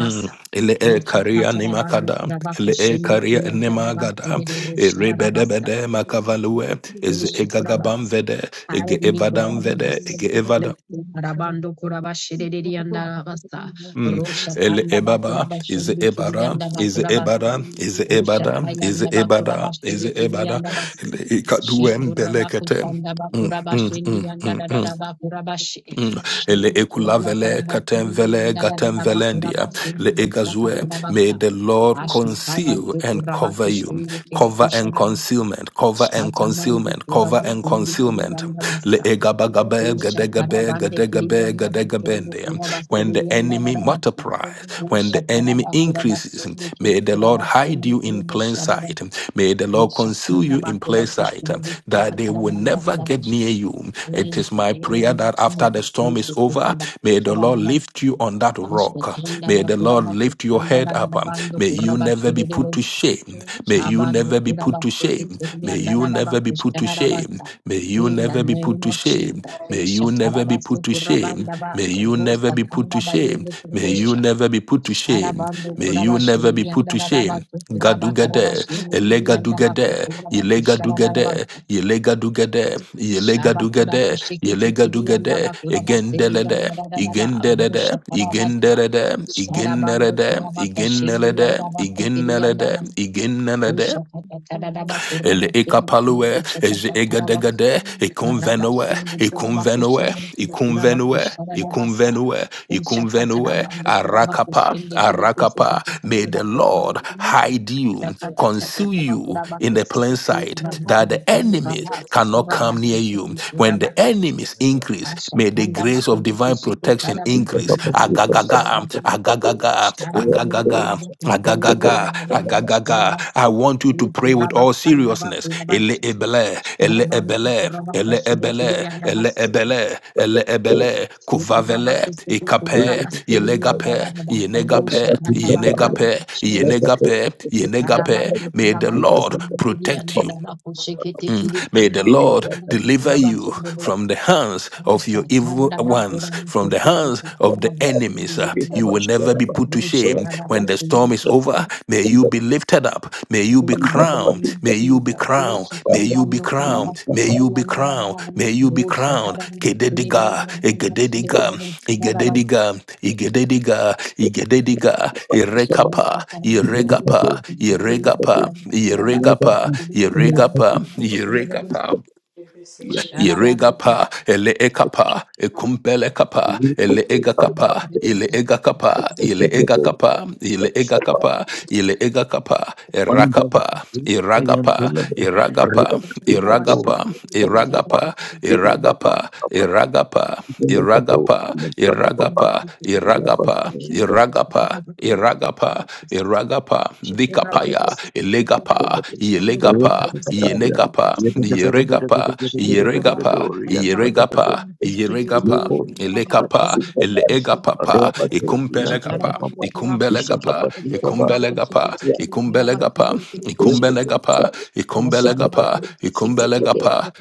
Speaker 1: Mm. Ele e karia ni makada, ele e karia ni magada, e rebede bede makavalue, Is e gagabam vede, ege
Speaker 2: Hide me,
Speaker 1: evadam
Speaker 2: God, in the
Speaker 1: vede, ege
Speaker 2: secret
Speaker 1: evada.
Speaker 2: place. Rabando kurabashiriri andarabasa.
Speaker 1: Mm.
Speaker 2: Rosha
Speaker 1: Ele
Speaker 2: tanda
Speaker 1: ebaba, is
Speaker 2: bakurabashindi kiri
Speaker 1: ebara, is
Speaker 2: andabakurabasa.
Speaker 1: ebara, is
Speaker 2: Usha
Speaker 1: ebada, is
Speaker 2: tayanda
Speaker 1: ebada, is
Speaker 2: bakurabashindi kiri
Speaker 1: ebada,
Speaker 2: andabasi.
Speaker 1: ele ikaduem
Speaker 2: Shekurabaku
Speaker 1: belekete.
Speaker 2: tanda
Speaker 1: Mm, mm,
Speaker 2: bakurabashindi
Speaker 1: mm, mm, mm.
Speaker 2: andarabakurabashi.
Speaker 1: Mm. Ele
Speaker 2: Shindu
Speaker 1: ekulavele
Speaker 2: kurabakarabashindi
Speaker 1: katemvele gatemvelendia.
Speaker 2: andarabakurabashi.
Speaker 1: Le
Speaker 2: Besaka
Speaker 1: egazue. May
Speaker 2: kurabasa.
Speaker 1: the Lord
Speaker 2: Asha taba
Speaker 1: conceal and
Speaker 2: sekurabatu
Speaker 1: cover you.
Speaker 2: shindu kiri
Speaker 1: Cover and
Speaker 2: kusharabasa.
Speaker 1: concealment. Cover and
Speaker 2: Shatamandu
Speaker 1: concealment. Cover and
Speaker 2: Kurabasindi
Speaker 1: concealment. Le
Speaker 2: Kiriyandamasa. O
Speaker 1: egabagabe gadegabe
Speaker 2: Shatarabande
Speaker 1: gadegabe
Speaker 2: Kiriyandabashondo
Speaker 1: gadegabendia. When the enemy
Speaker 2: Kurabasiriyandabasa.
Speaker 1: multiplies,
Speaker 2: O
Speaker 1: when the enemy increases,
Speaker 2: Shatarabakurabasendi Kiri
Speaker 1: may the Lord hide
Speaker 2: Kurabasendi
Speaker 1: you
Speaker 2: Kiri
Speaker 1: in plain
Speaker 2: Musharaba.
Speaker 1: sight. May the
Speaker 2: O
Speaker 1: Lord conceal you in plain clay site,
Speaker 2: Shatandabakurakushiri
Speaker 1: uh, that they will
Speaker 2: Shatarabanda
Speaker 1: never get near
Speaker 2: Kurabashi.
Speaker 1: you. It
Speaker 2: In
Speaker 1: is
Speaker 2: the
Speaker 1: my prayer
Speaker 2: name of
Speaker 1: that after
Speaker 2: Jesus,
Speaker 1: the storm
Speaker 2: praise
Speaker 1: is
Speaker 2: the
Speaker 7: Thank
Speaker 1: over, may the Lord
Speaker 2: Kurabakusharaba.
Speaker 1: lift you on that rock. May the Lord lift your head up. Um,
Speaker 2: Ashtatandabakurabakushandabakurabandu
Speaker 1: May you never be
Speaker 2: Kurabashiri
Speaker 1: put to shame. May you
Speaker 2: Shabando
Speaker 1: never be put to shame.
Speaker 2: kurabaseketeli
Speaker 1: May you never be put to shame.
Speaker 2: andadadabakushanarabasa.
Speaker 1: May you
Speaker 2: In the
Speaker 1: never be put
Speaker 2: name
Speaker 1: to
Speaker 2: of
Speaker 1: shame.
Speaker 2: Jesus,
Speaker 1: May
Speaker 2: Pesha
Speaker 1: you never be put
Speaker 2: Tarabasu
Speaker 1: to shame.
Speaker 2: Kurabandaba,
Speaker 1: May you never
Speaker 2: Rusta
Speaker 1: be put to shame.
Speaker 2: Kandabayendo
Speaker 1: May you
Speaker 2: Kurubusha,
Speaker 1: never be put to shame.
Speaker 2: Sharabando
Speaker 1: May you never be
Speaker 2: Kurabashiri and
Speaker 1: put to shame.
Speaker 2: Dadabasu Kuraba
Speaker 1: Gadugade,
Speaker 2: Karabashin
Speaker 1: Elegadugade,
Speaker 2: Piriandabasu Kurabaku
Speaker 1: Yelega dugede,
Speaker 2: Sharabasa,
Speaker 1: yelega dugede, yelega
Speaker 2: Shabakura
Speaker 1: dugede,
Speaker 2: Kushikiti
Speaker 1: yelega dugede,
Speaker 2: Kiriandabakurabasiri and
Speaker 1: egendelede,
Speaker 2: Dadadaba,
Speaker 1: igendelede,
Speaker 2: Rusha Karabasa,
Speaker 1: igendelede,
Speaker 2: Sharabando
Speaker 1: igendelede,
Speaker 2: Kurabaka Shindi
Speaker 1: igendelede,
Speaker 2: and
Speaker 1: igendelede,
Speaker 2: Namaste
Speaker 1: igendelede,
Speaker 2: Shakata
Speaker 1: ele ekapalue, eje egadegade, ekonvenoe, ekonvenoe, ekonvenoe, ekonvenoe, ekonvenoe, arakapa, arakapa. May the Lord hide you, conceal
Speaker 7: you.
Speaker 1: you in the plain
Speaker 7: Thank
Speaker 1: sight, that the enemies cannot come near you. When the enemies increase, may the grace of divine protection increase. Agagaga, agagaga,
Speaker 2: Sharabando
Speaker 1: Agagaga,
Speaker 2: Kurabas, Sending and
Speaker 1: agagaga,
Speaker 2: Nagaramas,
Speaker 1: agagaga.
Speaker 2: Kurabas,
Speaker 1: I want you to pray with
Speaker 2: Kurabas,
Speaker 1: all
Speaker 2: Sandaba,
Speaker 1: seriousness.
Speaker 2: Kurabas,
Speaker 1: Ele ebele, ele
Speaker 2: Sharabando
Speaker 1: ebele,
Speaker 2: Kurabas,
Speaker 1: ele
Speaker 2: Shida
Speaker 1: ebele, ele
Speaker 2: Kiriyanabas,
Speaker 1: ebele, ele ebele, kuvavele,
Speaker 2: Kurabas,
Speaker 1: ikape,
Speaker 2: Kurabas,
Speaker 1: yelegape,
Speaker 2: Kuriyanabas, Rusha,
Speaker 1: yenegape,
Speaker 2: Nanaba,
Speaker 5: Thank
Speaker 2: Kurabas,
Speaker 1: yenegape,
Speaker 2: Shemus,
Speaker 1: yenegape, yenegape.
Speaker 2: Sharabando
Speaker 1: May the
Speaker 2: Kurabas,
Speaker 1: Lord
Speaker 2: Sending
Speaker 1: protect you.
Speaker 2: Kiriyanabas, Shikiti
Speaker 1: Mm.
Speaker 2: Kiri
Speaker 1: May the
Speaker 2: Kurabas,
Speaker 1: Lord
Speaker 2: and
Speaker 1: deliver
Speaker 2: Kurabas,
Speaker 1: you
Speaker 2: Kurabas,
Speaker 1: from the hands of your evil
Speaker 2: Shandaba,
Speaker 1: ones, from
Speaker 2: Kurabas,
Speaker 1: the hands of the
Speaker 2: Kurabas,
Speaker 1: enemies. Uh, You will never be put to shame. When the storm is
Speaker 2: Kuriyanabas,
Speaker 1: over, may you be lifted up. May you be
Speaker 2: Shara
Speaker 1: crowned. May you be crowned. May you be crowned crowned. May you be crowned. May you be crowned. Kedediga, egedediga, egedediga, egedediga, egedediga,
Speaker 5: you.
Speaker 1: irekapa,
Speaker 5: Thank
Speaker 1: iregapa, iregapa, iregapa, iregapa, iregapa.
Speaker 5: you.
Speaker 1: Iregapa, ele ekapa, ekumpele kapa, ele egakapa, ile egakapa, ile egakapa, ile egakapa, ile egakapa, erakapa, iragapa, iragapa, iragapa, iragapa, iragapa, iragapa, iragapa, iragapa, iragapa, iragapa, Iragapa, Iragapa,
Speaker 2: Thank
Speaker 1: Dikapaya, Elegapa, Ilegapa, Ilegapa, Yeregapa,
Speaker 2: you.
Speaker 1: Yeregapa, Yeregapa, Iregapa, Elegapa, Ilegapa,
Speaker 5: Thank
Speaker 1: Ikumbelekapa, Ikumbelekapa, Ikumbelekapa, Ikumbelekapa, Ikumbelekapa, Ikumbelekapa,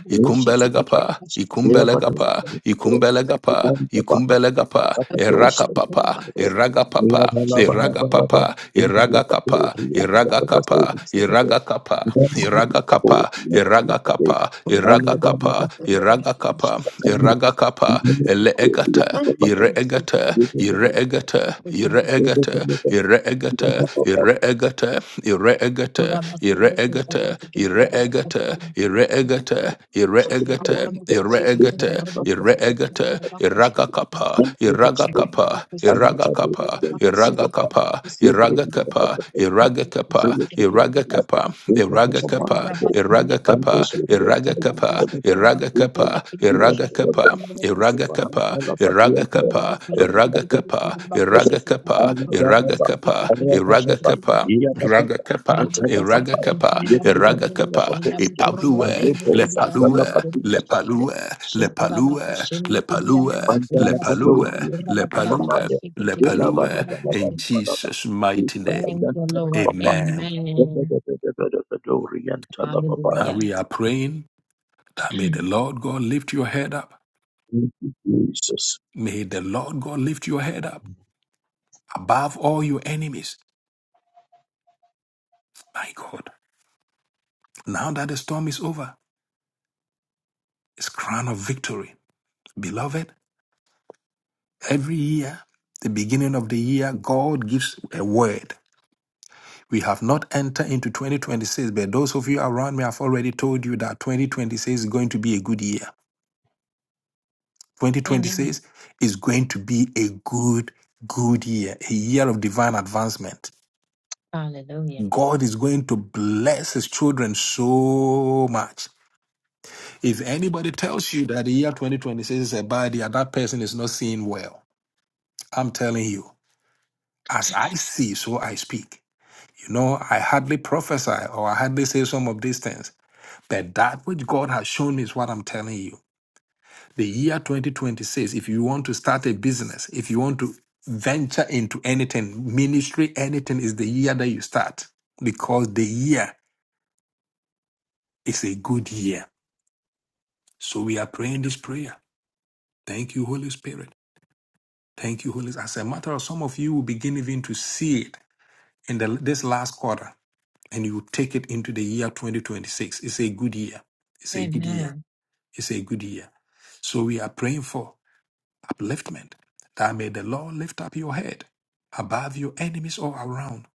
Speaker 1: Ikumbelekapa, ikumbelagapa, ikumbelagapa, ikumbelagapa, ikumbelagapa, erakapapa, eragapapa, eragapapa, eragakapa, eragakapa, eragakapa, eragakapa, eragakapa, eragakapa, eragakapa, eragakapa, eleegata,
Speaker 2: Thank
Speaker 1: ireegata, ireegata, ireegata, ireegata, egata
Speaker 5: you.
Speaker 1: ire egata ire egata ire egata
Speaker 5: Antana Papa, Yepri
Speaker 1: ire egata ire egata ire egata ire egata ire egata iraga kapa iraga kapa iraga kapa iraga kapa iraga kapa iraga kapa iraga kapa iraga kapa iraga kapa iraga kapa iraga kapa Iraga kapa, iraga kapa, iraga kapa, iraga kapa, iraga kapa, iraga kapa, iraga kapa,
Speaker 2: you.
Speaker 1: iraga kapa,
Speaker 2: Robo kusaka
Speaker 1: iraga kapa,
Speaker 2: kutanga
Speaker 1: iraga
Speaker 2: mukorobo
Speaker 5: Antana
Speaker 1: kapa,
Speaker 5: Papa,
Speaker 2: shanda mukorobo
Speaker 1: ipalue,
Speaker 2: sende
Speaker 1: le
Speaker 2: kiriyanda
Speaker 5: Antana
Speaker 1: palue,
Speaker 5: Papa, Antana
Speaker 2: mukoroma
Speaker 1: le
Speaker 2: she.
Speaker 5: Papa,
Speaker 1: palue, le
Speaker 2: Shekora
Speaker 1: palue,
Speaker 2: bakushende
Speaker 1: le
Speaker 2: kiriyanda
Speaker 1: palue,
Speaker 2: bakura
Speaker 1: le
Speaker 5: Mandala
Speaker 2: basando
Speaker 5: Pado,
Speaker 1: palue,
Speaker 2: bakura
Speaker 1: le
Speaker 5: Yellow
Speaker 2: bakara
Speaker 5: Papa,
Speaker 1: palue,
Speaker 2: bakushike
Speaker 1: le
Speaker 2: tekele
Speaker 5: Yellow Baba
Speaker 2: koro
Speaker 1: palue,
Speaker 5: Baba Baba
Speaker 1: in
Speaker 2: bakushe.
Speaker 5: Baba,
Speaker 1: Jesus' mighty name.
Speaker 2: Thank
Speaker 5: Patagan,
Speaker 2: you, Lord.
Speaker 5: Papa,
Speaker 1: Amen.
Speaker 2: Amen.
Speaker 5: Dorian Talababa,
Speaker 1: Now
Speaker 2: Hallelujah.
Speaker 1: we are praying that may the Lord God lift your head up.
Speaker 5: Jesus,
Speaker 1: May the Lord God lift your head up. above all your enemies. My God, now that the storm is over, it's crown of victory. Beloved, every year, the beginning year, God gives a word. We have not entered into 2026, but those of you around me have already told you that 2026 is going to be a good year.
Speaker 2: Amen.
Speaker 1: 2026 is going to be a good, good year, a year of divine advancement.
Speaker 2: Hallelujah.
Speaker 1: God is going to bless his children so much. If anybody tells you that the year 2026 is a bad year, that person is not seeing well. I'm telling you, as I see, so I speak. You know, I hardly prophesy or I hardly say some of these things, but that which God has shown me is what I'm telling you. The year 2026, if you want to start a business, if you want to venture into anything, ministry, anything, is the year that you start because the year is a good year. So we are praying this prayer. Thank you, Holy Spirit. Thank you, Holy Spirit. As a matter of some of you will begin even to see it in the, this last quarter, and you will take it into the year 2026. It's a good year. It's a good year.
Speaker 2: Amen.
Speaker 1: It's a good year. So we are praying for upliftment. That may the Lord lift up your head above your enemies all around.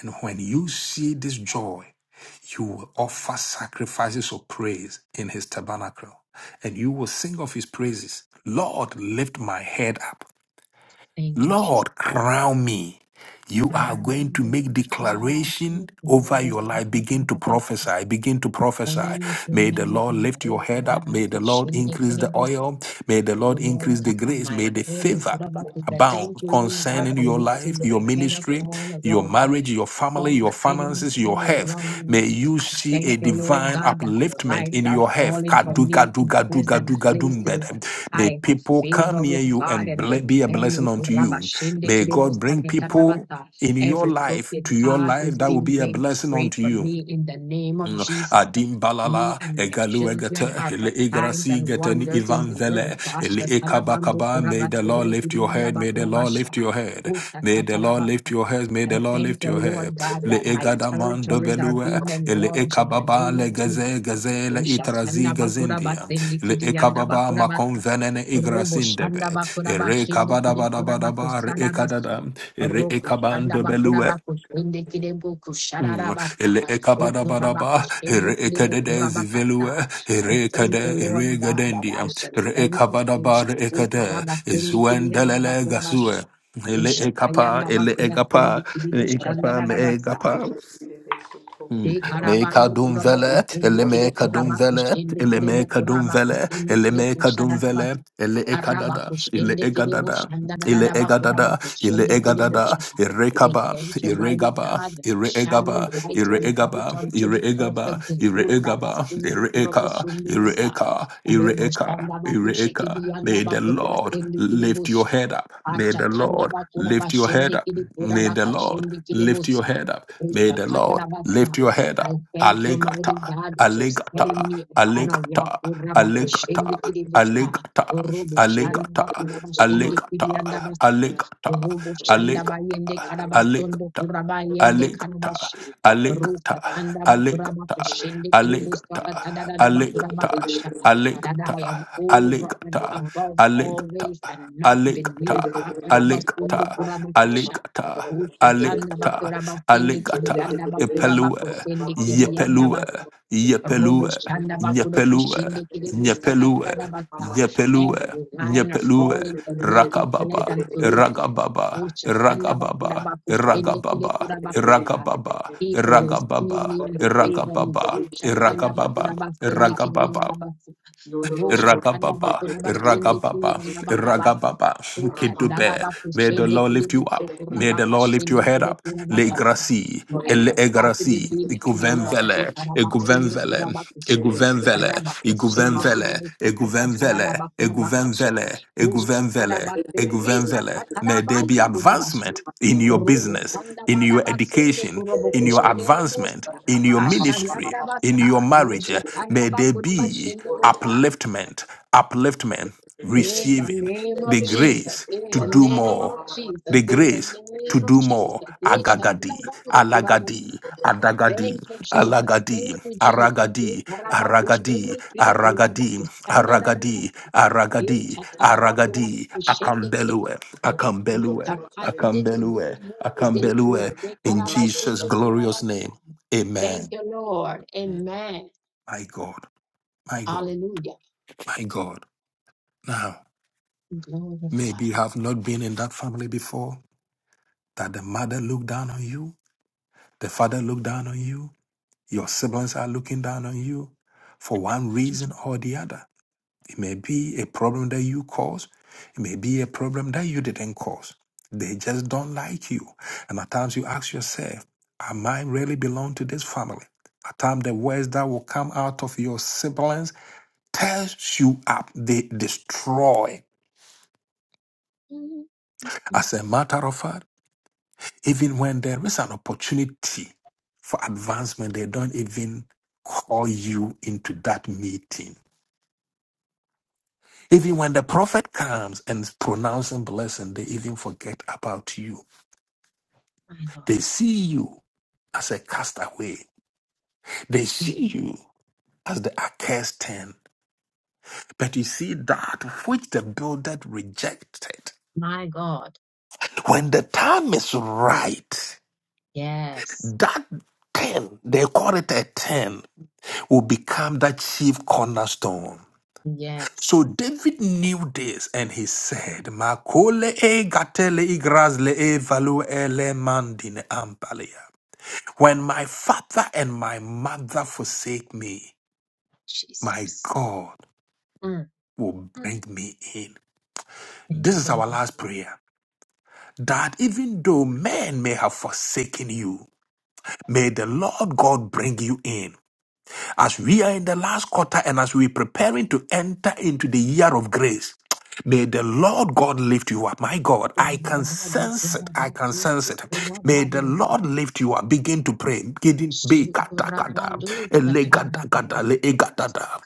Speaker 1: And when you see this joy, you will offer sacrifices of praise in his tabernacle. And you will sing of his praises. Lord, lift my head up.
Speaker 2: Thank you, Jesus.
Speaker 1: Lord, crown me. You
Speaker 2: Thank
Speaker 1: are going to
Speaker 2: you,
Speaker 1: make declaration over your life. Begin to prophesy. Begin to prophesy. May the
Speaker 2: mighty
Speaker 1: Lord lift your head up. May the Lord increase the
Speaker 2: God.
Speaker 1: oil. May the Lord
Speaker 2: Lord
Speaker 1: increase the
Speaker 2: God,
Speaker 1: grace.
Speaker 2: my
Speaker 1: May the
Speaker 2: head of
Speaker 1: favor
Speaker 2: Rabakuta.
Speaker 1: abound
Speaker 2: Thank you, Lord God,
Speaker 1: concerning
Speaker 2: for
Speaker 1: your life,
Speaker 2: lifting
Speaker 1: your
Speaker 2: my head up
Speaker 1: ministry,
Speaker 2: all
Speaker 1: your
Speaker 2: around me
Speaker 1: marriage, your family,
Speaker 2: from the
Speaker 1: your
Speaker 2: enemies
Speaker 1: finances, your
Speaker 2: all around
Speaker 1: health.
Speaker 2: me.
Speaker 1: May you
Speaker 2: I
Speaker 1: see
Speaker 2: thank
Speaker 1: a
Speaker 2: you, Lord
Speaker 1: divine
Speaker 2: God, that the
Speaker 1: upliftment
Speaker 2: light
Speaker 1: in
Speaker 2: are
Speaker 1: your health.
Speaker 2: falling for
Speaker 1: Kadu,
Speaker 2: me
Speaker 1: gadu,
Speaker 2: in
Speaker 1: gadu, gadu,
Speaker 2: pleasant places.
Speaker 1: gadu, May
Speaker 2: I have
Speaker 1: people come
Speaker 2: favor
Speaker 1: near
Speaker 2: with
Speaker 1: you
Speaker 2: God
Speaker 1: and
Speaker 2: and with
Speaker 1: ble- be a blessing
Speaker 2: many.
Speaker 1: unto you. May God bring people in your
Speaker 2: Every
Speaker 1: life
Speaker 2: crooked
Speaker 1: to your
Speaker 2: path
Speaker 1: life
Speaker 2: is
Speaker 1: that will
Speaker 2: being
Speaker 1: be a
Speaker 2: made
Speaker 1: blessing
Speaker 2: straight
Speaker 1: unto
Speaker 2: for
Speaker 1: you.
Speaker 2: me in the name of
Speaker 1: Mm,
Speaker 2: Jesus. Me
Speaker 1: Adimbalala
Speaker 2: and my children
Speaker 1: egaluegata
Speaker 2: are
Speaker 1: ele
Speaker 2: for signs
Speaker 1: igrasi
Speaker 2: and
Speaker 1: getani
Speaker 2: wonders in the
Speaker 1: ivanzele
Speaker 2: earth.
Speaker 1: ele
Speaker 2: Tasha tarabando
Speaker 1: ekabakaba. May the Lord
Speaker 2: kurabasende
Speaker 1: lift your
Speaker 2: kirianda
Speaker 1: head. May the Lord
Speaker 2: bakurabasha.
Speaker 1: lift your head.
Speaker 2: Uta
Speaker 1: May the Lord
Speaker 2: katarabasa
Speaker 1: lift your head. May
Speaker 2: I
Speaker 1: the Lord
Speaker 2: thank
Speaker 1: lift
Speaker 2: the
Speaker 1: your head.
Speaker 2: Lord God,
Speaker 1: Le
Speaker 2: that my
Speaker 1: egadaman
Speaker 2: territories are
Speaker 1: dobelue
Speaker 2: being
Speaker 1: ele
Speaker 2: enlarged in the
Speaker 1: ekababa
Speaker 2: name of
Speaker 1: le
Speaker 2: Jesus.
Speaker 1: gaze gaze
Speaker 2: O
Speaker 1: le itrazi
Speaker 2: Shatanda Bakura
Speaker 1: gazindia
Speaker 2: Basendi
Speaker 1: le
Speaker 2: Kidianda
Speaker 1: ekababa
Speaker 2: Bakura
Speaker 1: makon
Speaker 2: Basa.
Speaker 1: venene
Speaker 2: Robo Shanda
Speaker 1: igrasindebe
Speaker 2: Bakura
Speaker 1: ere
Speaker 2: Bashindi
Speaker 1: kabada
Speaker 2: Kide
Speaker 1: bada
Speaker 2: Kura
Speaker 1: bada bar
Speaker 2: Bakusada
Speaker 1: ekadada ere
Speaker 2: Roku
Speaker 1: ekaban
Speaker 2: Shanda Bakura
Speaker 1: dobelue
Speaker 2: Bakusindi Kide Buku Shadara
Speaker 1: Mm.
Speaker 2: Basa.
Speaker 1: Ele ekabada
Speaker 2: Ukura
Speaker 1: badaba, ere
Speaker 2: Bakusindi Kide
Speaker 1: ekadede
Speaker 2: Bukura
Speaker 1: zivelue,
Speaker 2: I
Speaker 1: ere
Speaker 2: thank
Speaker 1: ekade,
Speaker 2: the
Speaker 1: ere
Speaker 2: Lord God that I
Speaker 1: gadendia,
Speaker 2: shall
Speaker 1: ere
Speaker 2: lend to
Speaker 1: ekabada bar
Speaker 2: nations.
Speaker 1: ekade,
Speaker 2: Ukura Basendi Kidianda
Speaker 1: izwendelele
Speaker 2: Bakura Basha.
Speaker 1: gasue. Ele
Speaker 2: Ushatayanda
Speaker 1: ekapa, ele
Speaker 2: bakuda sendi
Speaker 1: egapa,
Speaker 2: kiri
Speaker 1: ele
Speaker 2: bushanda
Speaker 1: ekapa, me
Speaker 2: rabasa.
Speaker 1: egapa.
Speaker 2: Te
Speaker 1: Mm. Meka
Speaker 2: karabando kuraba
Speaker 1: dumvele,
Speaker 2: kusendi
Speaker 1: ele
Speaker 2: kiri
Speaker 1: meka
Speaker 2: kuraba
Speaker 1: dumvele,
Speaker 2: kusendi
Speaker 1: ele
Speaker 2: kiri bu
Speaker 1: meka
Speaker 2: kuraba
Speaker 1: dumvele,
Speaker 2: kusendi
Speaker 1: ele
Speaker 2: kiri
Speaker 1: meka dumvele, ele ekadada, ele egadada, ele egadada, ele egadada,
Speaker 2: Arabakushendekidebushandadadabakurabakoshendekidebusha. I
Speaker 1: irekaba,
Speaker 2: thank you, mighty
Speaker 1: iregaba,
Speaker 2: God, that I'm shining
Speaker 1: ireegaba,
Speaker 2: bright and bright
Speaker 1: ireegaba,
Speaker 2: unto the
Speaker 1: ireegaba,
Speaker 2: perfect day.
Speaker 1: ireegaba, ireeka,
Speaker 2: Urabasundekurabasundebusa.
Speaker 1: ireeka, ireeka, ireeka. May the Lord lift your
Speaker 2: Areboshandabakushekidiyandabakurabasendekidebusha.
Speaker 1: head up. May the Lord lift your head up. May the Lord lift your
Speaker 2: Achatandabakurabashendekidekurabakashendekidebusa.
Speaker 1: head up. May the Lord Lift
Speaker 2: Ushakatarabasa.
Speaker 1: your head
Speaker 2: I
Speaker 1: up.
Speaker 2: thank you, mighty
Speaker 1: Allegata,
Speaker 2: God, that you're setting
Speaker 1: allegata,
Speaker 2: me upon a rock.
Speaker 1: allegata, allegata,
Speaker 2: Urabakushendekidebusa.
Speaker 1: allegata,
Speaker 2: Robo shanda
Speaker 1: allegata,
Speaker 2: bakuna bashende
Speaker 1: allegata,
Speaker 2: kibianda basa.
Speaker 1: allegata,
Speaker 2: Robo shanda bayende
Speaker 1: allegata, allegata,
Speaker 2: karabasondo kurabayende
Speaker 1: Allegata,
Speaker 2: karabashi.
Speaker 1: allegata,
Speaker 2: Ruka kanda bakuraba
Speaker 1: allegata,
Speaker 2: kushende kiribusta
Speaker 1: allegata,
Speaker 2: katadada bakuraba
Speaker 1: allegata,
Speaker 2: kusha. That
Speaker 1: allegata,
Speaker 2: I am over and
Speaker 1: allegata,
Speaker 2: above
Speaker 1: allegata,
Speaker 2: always and not
Speaker 1: allegata,
Speaker 2: beneath.
Speaker 1: allegata,
Speaker 2: Hakarabasondo kuraba kasha.
Speaker 1: allegata,
Speaker 2: Ushatanda
Speaker 1: allegata,
Speaker 2: bakuraba sende
Speaker 1: allegata,
Speaker 2: kidiyanda bakuraba
Speaker 1: epelue,
Speaker 2: kusende kidiyanda
Speaker 1: yepelue,
Speaker 2: basa. Robo
Speaker 1: yepelue,
Speaker 2: shanda bakudo
Speaker 1: nyepelue,
Speaker 2: kushinde kide busa
Speaker 1: nyepelue,
Speaker 2: katana
Speaker 1: nyepelue,
Speaker 2: Every line are
Speaker 1: nyepelue,
Speaker 2: falling for me in
Speaker 1: rakababa,
Speaker 2: pleasant places.
Speaker 1: ragababa,
Speaker 2: Usha
Speaker 1: ragababa,
Speaker 2: bakuda bakushinde kide
Speaker 1: ragababa,
Speaker 2: bakusa.
Speaker 1: Iragababa,
Speaker 2: People will see
Speaker 1: Iragababa,
Speaker 2: me and favor me.
Speaker 1: Iragababa,
Speaker 2: Usha
Speaker 1: Iragababa,
Speaker 2: bakuda bakushinde kide
Speaker 1: Iragababa,
Speaker 2: yanda basa.
Speaker 1: Ragababa,
Speaker 2: bakuda bakushinde kide
Speaker 1: Ragababa,
Speaker 2: yanda bada
Speaker 1: Ragababa, Kidube. May the
Speaker 2: bakushinde
Speaker 1: Lord
Speaker 2: kide
Speaker 1: lift you
Speaker 2: busa
Speaker 1: up.
Speaker 2: kura
Speaker 1: May the Lord lift your
Speaker 2: bakashinde
Speaker 1: head up. Le
Speaker 2: bakasa
Speaker 1: gracie,
Speaker 2: my
Speaker 1: le
Speaker 2: capacity
Speaker 1: gracie,
Speaker 2: being enlarged.
Speaker 1: iguvenvele,
Speaker 2: Ikarabasundo
Speaker 1: iguvenvele,
Speaker 2: kurabakushe,
Speaker 1: iguvenvele,
Speaker 2: rabakushende
Speaker 1: iguvenvele, iguvenvele,
Speaker 2: kidobusakatatarabakurabakusha,
Speaker 1: iguvenvele, iguvenvele,
Speaker 2: ushatarabase,
Speaker 1: iguvenvele. May there be
Speaker 2: isakatarabande kurabashe,
Speaker 1: advancement in your
Speaker 2: robo
Speaker 1: business, in your
Speaker 2: sandabarabasunde
Speaker 1: education, in your advancement,
Speaker 2: kurabokushirerobosa,
Speaker 1: in your ministry, in
Speaker 2: asharyandabasa,
Speaker 1: your marriage, eh, may there be
Speaker 6: you.
Speaker 2: roshatandabakurabakushindebosa.
Speaker 1: upliftment,
Speaker 6: Thank
Speaker 1: upliftment,
Speaker 2: In the
Speaker 1: receiving
Speaker 2: name of
Speaker 1: the
Speaker 2: Jesus,
Speaker 1: grace
Speaker 2: in
Speaker 1: to
Speaker 2: the
Speaker 1: do
Speaker 2: name
Speaker 1: more,
Speaker 2: of Jesus,
Speaker 1: the
Speaker 2: in the
Speaker 1: grace to
Speaker 2: name of
Speaker 1: do
Speaker 2: Jesus,
Speaker 1: more. Agagadi,
Speaker 2: Ishatarabande kurabasa.
Speaker 1: alagadi, adagadi,
Speaker 2: Thank you, Jesus. Thank
Speaker 1: alagadi,
Speaker 2: you, Jesus. Eh,
Speaker 1: aragadi,
Speaker 2: karabaku
Speaker 1: aragadi,
Speaker 2: shende kiri Kurabaku,
Speaker 1: aragadi,
Speaker 2: sanda da, da,
Speaker 1: aragadi,
Speaker 2: Ikarabakushendikirikurabakutsandarabasa.
Speaker 1: aragadi, aragadi, akambelue,
Speaker 2: Ichatarabakurabakutsendekirebesa. My
Speaker 1: akambelue,
Speaker 2: capacity to do
Speaker 1: akambelue,
Speaker 2: more is increased.
Speaker 1: akambelue, in Jesus'
Speaker 6: you.
Speaker 1: glorious
Speaker 2: Ikarabashundukurabasa.
Speaker 1: name.
Speaker 2: Thank
Speaker 1: Amen.
Speaker 2: you, Lord. Amen.
Speaker 1: My God. My God,
Speaker 2: Hallelujah.
Speaker 1: my God. Now,
Speaker 2: Glorify
Speaker 1: maybe you
Speaker 2: you.
Speaker 1: have not been in that family before, that the mother looked down on you, the father looked down on you, your siblings are looking down on you for one reason or the other. It may be a problem that you caused, it may be a problem that you didn't cause. They just don't like you. And at times you ask yourself, Am I really belong to this family? At times the words that will come out of your siblings tears you up, they destroy
Speaker 2: Mm, mm,
Speaker 1: As a matter of fact, even when there is an opportunity for advancement, they don't even call you into that meeting. Even when the prophet comes and is pronouncing blessing, they even forget about you.
Speaker 2: My Lord.
Speaker 1: They see you as a castaway. They
Speaker 2: Mm,
Speaker 1: see you as the accursed ten. But you see that which the builder rejected.
Speaker 2: My God.
Speaker 1: When the time is right,
Speaker 2: Yes.
Speaker 1: that ten, they call it a ten will become that chief cornerstone. So
Speaker 2: Yes.
Speaker 1: David knew this and he said, Makole e gatele igrazle e value ele mandine ampalia. When my father and my mother forsake me, my
Speaker 2: Jesus.
Speaker 1: God
Speaker 2: Mm,
Speaker 1: will
Speaker 2: mm.
Speaker 1: bring me in.
Speaker 2: Thank
Speaker 1: This is
Speaker 2: you,
Speaker 1: our
Speaker 2: Lord.
Speaker 1: last prayer that even though men may have forsaken you, may the Lord God bring you in. As we are in the last quarter and as we're preparing to enter into the year of grace, May the Lord God lift you up. My God, I can
Speaker 2: Shikurabandu
Speaker 1: sense it. I can sense it. May the Lord lift you up. Begin to pray. Begin- be- kata- kata, ele-
Speaker 2: yakatsanga
Speaker 1: gada- gada, le- e- gada- da.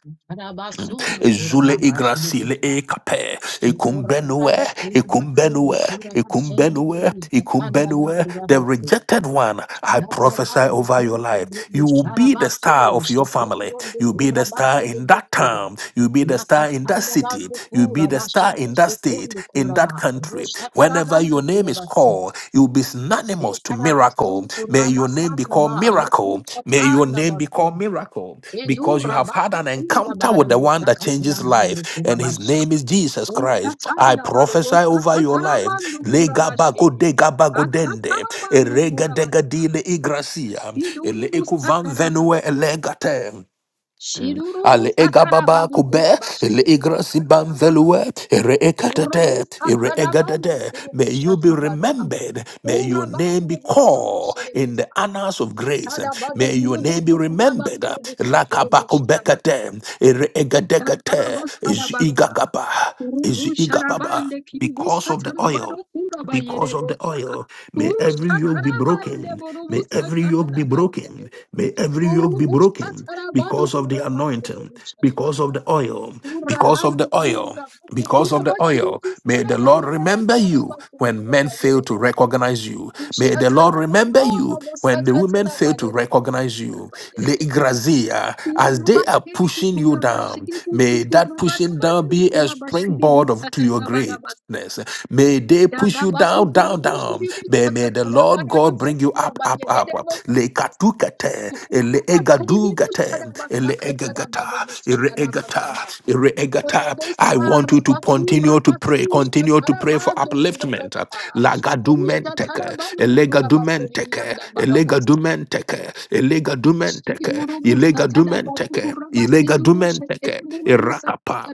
Speaker 1: Ezule igrasile e kape. Ekumbenue, ekumbenue, ekumbenue, ekumbenue. The rejected one, I prophesy over your life. You will be the star of your family. You'll be the star in that town. You'll be the star in that city.
Speaker 2: vangu
Speaker 1: You'll be
Speaker 2: kura
Speaker 1: the star
Speaker 2: vashinde
Speaker 1: in that state,
Speaker 2: zvetonde
Speaker 1: in
Speaker 2: kura ba
Speaker 1: that country.
Speaker 2: rosha
Speaker 1: Whenever
Speaker 2: taravandu
Speaker 1: your name
Speaker 2: kura
Speaker 1: is
Speaker 2: baste.
Speaker 1: called, miracle. You'll be synonymous to
Speaker 2: Ekarabasu
Speaker 1: miracle. May your name be
Speaker 2: kurabasanaba
Speaker 1: called miracle. May your name be
Speaker 2: rukuchatandabasu.
Speaker 1: called miracle
Speaker 2: Edu
Speaker 1: because you have had
Speaker 2: rabatu
Speaker 1: an encounter
Speaker 2: kundabaru
Speaker 1: with the one that changes
Speaker 2: busakatarabandu
Speaker 1: life, and his
Speaker 2: kurabasha.
Speaker 1: name is Jesus Christ. I
Speaker 2: Utatandaba
Speaker 1: prophesy over your life.
Speaker 2: rusakatarabandu kurabashi.
Speaker 1: Legabagodegabagodende,
Speaker 2: Atatarabandu kurabasa.
Speaker 1: eregadegadile igracia, ele-
Speaker 2: Shidurubu
Speaker 1: ekuvan venue
Speaker 2: satarabadu kurabasa.
Speaker 1: elegate.
Speaker 2: Shidurubu
Speaker 1: Ale egababa
Speaker 2: satarabadu
Speaker 1: kube,
Speaker 2: kurabashi
Speaker 1: ele
Speaker 2: rubu
Speaker 1: igrasibam
Speaker 2: sakataraba.
Speaker 1: velue, ere
Speaker 2: Urubu
Speaker 1: ekatete, ere
Speaker 2: satarabandu
Speaker 1: egadete. May you be
Speaker 2: kurukushatabasa.
Speaker 1: remembered. May your name
Speaker 2: Urabande
Speaker 1: be
Speaker 2: bukurubu
Speaker 1: called in the annals of grace.
Speaker 2: Tadabado
Speaker 1: May your name
Speaker 2: kurubusu
Speaker 1: be remembered.
Speaker 2: kurabatere busu turubushiraba.
Speaker 1: Lakabakubekate, ere egadegate,
Speaker 2: Tatarabas
Speaker 1: is
Speaker 2: tadabasa.
Speaker 1: igagaba, is
Speaker 2: Kurubu
Speaker 1: igababa.
Speaker 2: sharabande
Speaker 1: Because
Speaker 2: kiribusa
Speaker 1: of the
Speaker 2: tarabado
Speaker 1: oil
Speaker 2: kuraba
Speaker 1: because of the
Speaker 2: yerebosa.
Speaker 1: oil. May every
Speaker 2: Kurusha
Speaker 1: yoke be
Speaker 2: tarabande
Speaker 1: broken. May
Speaker 2: borubusa
Speaker 1: every yoke be
Speaker 2: kataraba
Speaker 1: broken.
Speaker 2: yerebosa.
Speaker 1: May every yoke be
Speaker 2: Kurubusha
Speaker 1: broken
Speaker 2: tarabado
Speaker 1: because of the
Speaker 2: kuraba
Speaker 1: anointing, because
Speaker 2: terebusharabasa.
Speaker 1: of the oil, because of
Speaker 2: Kurabande
Speaker 1: the oil.
Speaker 2: kurabasu
Speaker 1: Because of the
Speaker 2: kurabashiri
Speaker 1: oil, may the
Speaker 2: kusaraba
Speaker 1: Lord remember
Speaker 2: yerebosa
Speaker 1: you
Speaker 2: rabasu
Speaker 1: when
Speaker 2: kuraba
Speaker 1: men fail to
Speaker 2: yerebosa.
Speaker 1: recognize you. May
Speaker 2: Kusha
Speaker 1: the Lord remember
Speaker 2: tarabado
Speaker 1: you
Speaker 2: rabosa
Speaker 1: when the women
Speaker 2: kataraba
Speaker 1: fail to recognize you. Le
Speaker 2: yerebosa.
Speaker 1: igrazia, as they are
Speaker 2: Kurabate,
Speaker 1: pushing you down,
Speaker 2: kurabashiri, busu,
Speaker 1: may that pushing down
Speaker 2: kurabadabandu,
Speaker 1: be a
Speaker 2: kurabashiri,
Speaker 1: springboard of, to your grave
Speaker 2: busatalabarabas.
Speaker 1: darkness. May they push you
Speaker 2: Dadabasu,
Speaker 1: down, down,
Speaker 2: kurubushiri,
Speaker 1: down. May, may the Lord God
Speaker 2: busakatarabarabasu,
Speaker 1: bring you up, up, up. Le
Speaker 2: kurabayededeboshakas.
Speaker 1: katukate, ele
Speaker 2: Kurabatari,
Speaker 1: egadugate, ele egagata,
Speaker 2: busharabasakatarabadu,
Speaker 1: ere
Speaker 2: bushakarabasaba.
Speaker 1: egata, ere egata. I
Speaker 2: Kurabusa,
Speaker 1: want you to
Speaker 2: rabasu,
Speaker 1: continue to
Speaker 2: rabasu,
Speaker 1: pray, continue to pray for
Speaker 2: shatarabadu,
Speaker 1: upliftment.
Speaker 2: kurabasa.
Speaker 1: Lagadumenteke,
Speaker 2: Ushtatarabandu, kurabasiri, and the
Speaker 1: elegadumenteke,
Speaker 2: Barabos.
Speaker 1: elegadumenteke, elegadumenteke,
Speaker 2: Robo shada
Speaker 1: elegadumenteke, elegadumenteke, irakapa.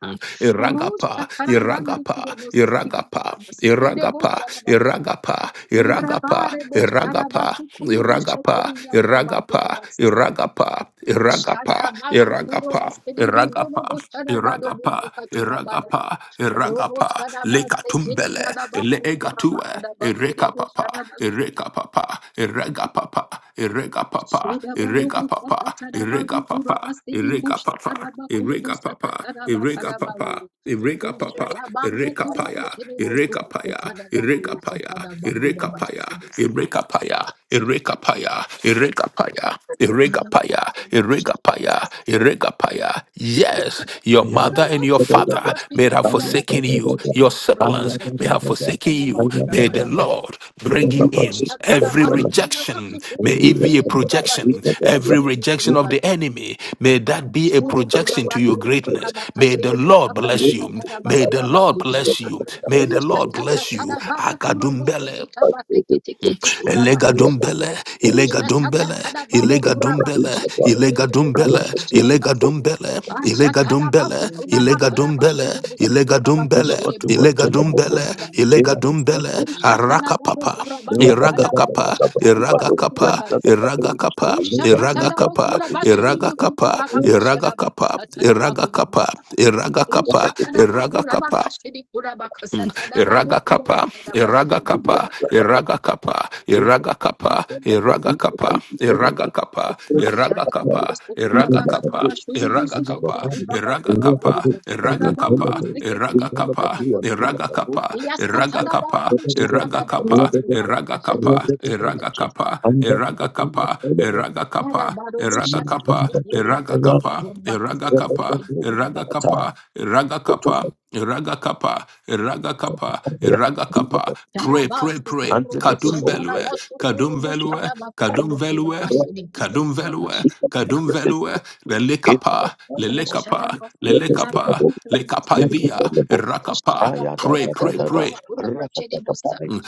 Speaker 1: Mm. Iragapa,
Speaker 2: ba
Speaker 1: Iragapa, Iragapa, Iragapa, Iragapa, Iragapa, Iragapa,
Speaker 2: se
Speaker 1: Iragapa,
Speaker 2: kiri
Speaker 1: Iragapa, Iragapa, Iragapa, Iragapa. Iragapa, Iragapa, Iragapa, Iragapa, Lekatumbele,
Speaker 2: yada ba kukura ba kada
Speaker 1: Leegatue,
Speaker 2: ba kiri bo
Speaker 1: Irekapapa,
Speaker 2: shada
Speaker 1: Irekapapa, papa, irega papa, irega papa,
Speaker 2: Kurabas
Speaker 1: irega papa, irega papa, irega papa, irega papa, irega papa. Ireka papa, ireka paya, ireka paya, ireka paya, ireka paya, ireka paya, ireka paya, ireka paya, ireka paya, ireka paya, ireka paya. Yes. Yes, your
Speaker 5: Ayat,
Speaker 1: mother and your father may have forsaken you. Your siblings may have forsaken you. May the Lord bring you in. Every rejection, may it be a
Speaker 5: Ayat,
Speaker 1: projection. Every rejection of the enemy, may that be a
Speaker 2: Smude
Speaker 1: projection
Speaker 2: kuraba
Speaker 1: to your
Speaker 2: kere
Speaker 1: greatness.
Speaker 2: kuraba
Speaker 1: May the
Speaker 2: kaşere mutta
Speaker 1: Lord
Speaker 2: kata
Speaker 1: bless you.
Speaker 2: kata raba
Speaker 1: May the
Speaker 2: kuraba
Speaker 1: Lord
Speaker 2: kuşa.
Speaker 1: bless you. May the
Speaker 2: Uşa
Speaker 1: Lord
Speaker 2: tata
Speaker 1: bless you.
Speaker 2: tara bado kuraba
Speaker 1: Akadumbele.
Speaker 2: kuta bate kiti kiti kuraba
Speaker 1: Elega
Speaker 2: kuşa.
Speaker 1: dumbele, ilega
Speaker 2: Uşa tata
Speaker 1: dumbele,
Speaker 2: tara bado
Speaker 5: Thank
Speaker 1: ilega
Speaker 2: kuraba
Speaker 1: dumbele,
Speaker 2: kuşe kiti
Speaker 1: ilega
Speaker 2: kuraba
Speaker 1: dumbele,
Speaker 2: kaşere
Speaker 1: ilega
Speaker 2: bas.
Speaker 1: dumbele,
Speaker 2: Aşa
Speaker 1: ilega
Speaker 2: tara su
Speaker 1: dumbele,
Speaker 2: kuraba
Speaker 1: ilega
Speaker 2: karaba
Speaker 1: dumbele,
Speaker 2: şuru busu
Speaker 1: ilega
Speaker 2: kuraba
Speaker 1: dumbele,
Speaker 2: kaşere busa
Speaker 1: ilega
Speaker 2: katara
Speaker 1: dumbele,
Speaker 2: bakara basa.
Speaker 1: ilega dumbele,
Speaker 2: Uşa tara
Speaker 1: araka
Speaker 2: bado
Speaker 1: papa,
Speaker 2: kuraba katara
Speaker 1: iraga
Speaker 2: basu
Speaker 1: kapa,
Speaker 2: şatara
Speaker 1: iraga
Speaker 2: su
Speaker 1: kapa,
Speaker 2: kuraba.
Speaker 1: iraga kapa, iraga
Speaker 2: Ushakatada
Speaker 1: kapa,
Speaker 2: bakura bashiri
Speaker 7: you.
Speaker 1: iraga kapa,
Speaker 2: butukura bakashada
Speaker 1: iraga kapa,
Speaker 2: basakatada
Speaker 1: iraga
Speaker 2: bakura
Speaker 1: kapa,
Speaker 2: basa.
Speaker 1: iraga kapa,
Speaker 2: Ushatada
Speaker 1: iraga
Speaker 2: bakura
Speaker 1: kapa,
Speaker 2: bakashiri kura bakasatada
Speaker 1: Iraga
Speaker 2: bakura
Speaker 1: kapa,
Speaker 2: bakada
Speaker 1: iraga
Speaker 2: bashiri busa
Speaker 1: kapa,
Speaker 2: basa.
Speaker 5: you.
Speaker 1: iraga kapa,
Speaker 5: Until
Speaker 1: iraga kapa, iraga kapa, iraga kapa, iraga
Speaker 2: Bashatada
Speaker 1: kapa,
Speaker 2: basukura
Speaker 1: iraga
Speaker 2: bakada
Speaker 1: kapa,
Speaker 2: bashiri
Speaker 1: iraga
Speaker 2: busu
Speaker 1: kapa,
Speaker 2: kutukura
Speaker 1: iraga
Speaker 2: bakura
Speaker 1: kapa,
Speaker 2: bakusakatada
Speaker 1: iraga
Speaker 2: bawu
Speaker 1: kapa,
Speaker 2: busa
Speaker 1: iraga
Speaker 2: ketidi
Speaker 1: kapa,
Speaker 2: busa tada
Speaker 1: iraga
Speaker 2: busa.
Speaker 1: kapa, iraga
Speaker 2: Yasatada baru
Speaker 1: kapa, iraga
Speaker 2: ushatada
Speaker 1: kapa,
Speaker 2: basikura
Speaker 1: iraga
Speaker 2: bakashiri
Speaker 1: kapa,
Speaker 2: busa
Speaker 1: iraga
Speaker 2: bakatada
Speaker 1: kapa,
Speaker 2: basa.
Speaker 1: iraga kapa, iraga kapa,
Speaker 2: Mara baru
Speaker 1: Iraga
Speaker 2: bushada
Speaker 1: kapa,
Speaker 2: basikura
Speaker 1: iraga
Speaker 2: bakashiri
Speaker 1: kapa,
Speaker 2: kura
Speaker 1: iraga kapa,
Speaker 2: bakasikutikiri kura
Speaker 1: iraga
Speaker 2: bakusada.
Speaker 1: kapa, iraga kapa, Ragakapa, Ragakapa, Ragakapa. Pray, pray,
Speaker 2: Tarabasu
Speaker 1: pray.
Speaker 5: the
Speaker 2: kurubusha,
Speaker 1: Kadum velue,
Speaker 2: tarabasu
Speaker 1: Kadum
Speaker 2: kurubusha,
Speaker 1: velue,
Speaker 2: rabatundu
Speaker 1: Kadum velue.
Speaker 2: kurabashi, rebusu
Speaker 1: Kadum velue,
Speaker 2: kurabashi,
Speaker 1: kadum
Speaker 2: kurabasi.
Speaker 1: velue, lelekapa,
Speaker 5: people
Speaker 1: lelekapa,
Speaker 2: Kurasharabasu
Speaker 5: Rakata
Speaker 1: lelekapa,
Speaker 2: kurabuki, kurabasi,
Speaker 1: lekapa via,
Speaker 2: kitikwani,
Speaker 1: rakapa,
Speaker 2: kusharabasu
Speaker 1: pray, pray,
Speaker 2: sakatarabasu
Speaker 1: pray,
Speaker 2: kurabashi, rebusa.
Speaker 1: Mm.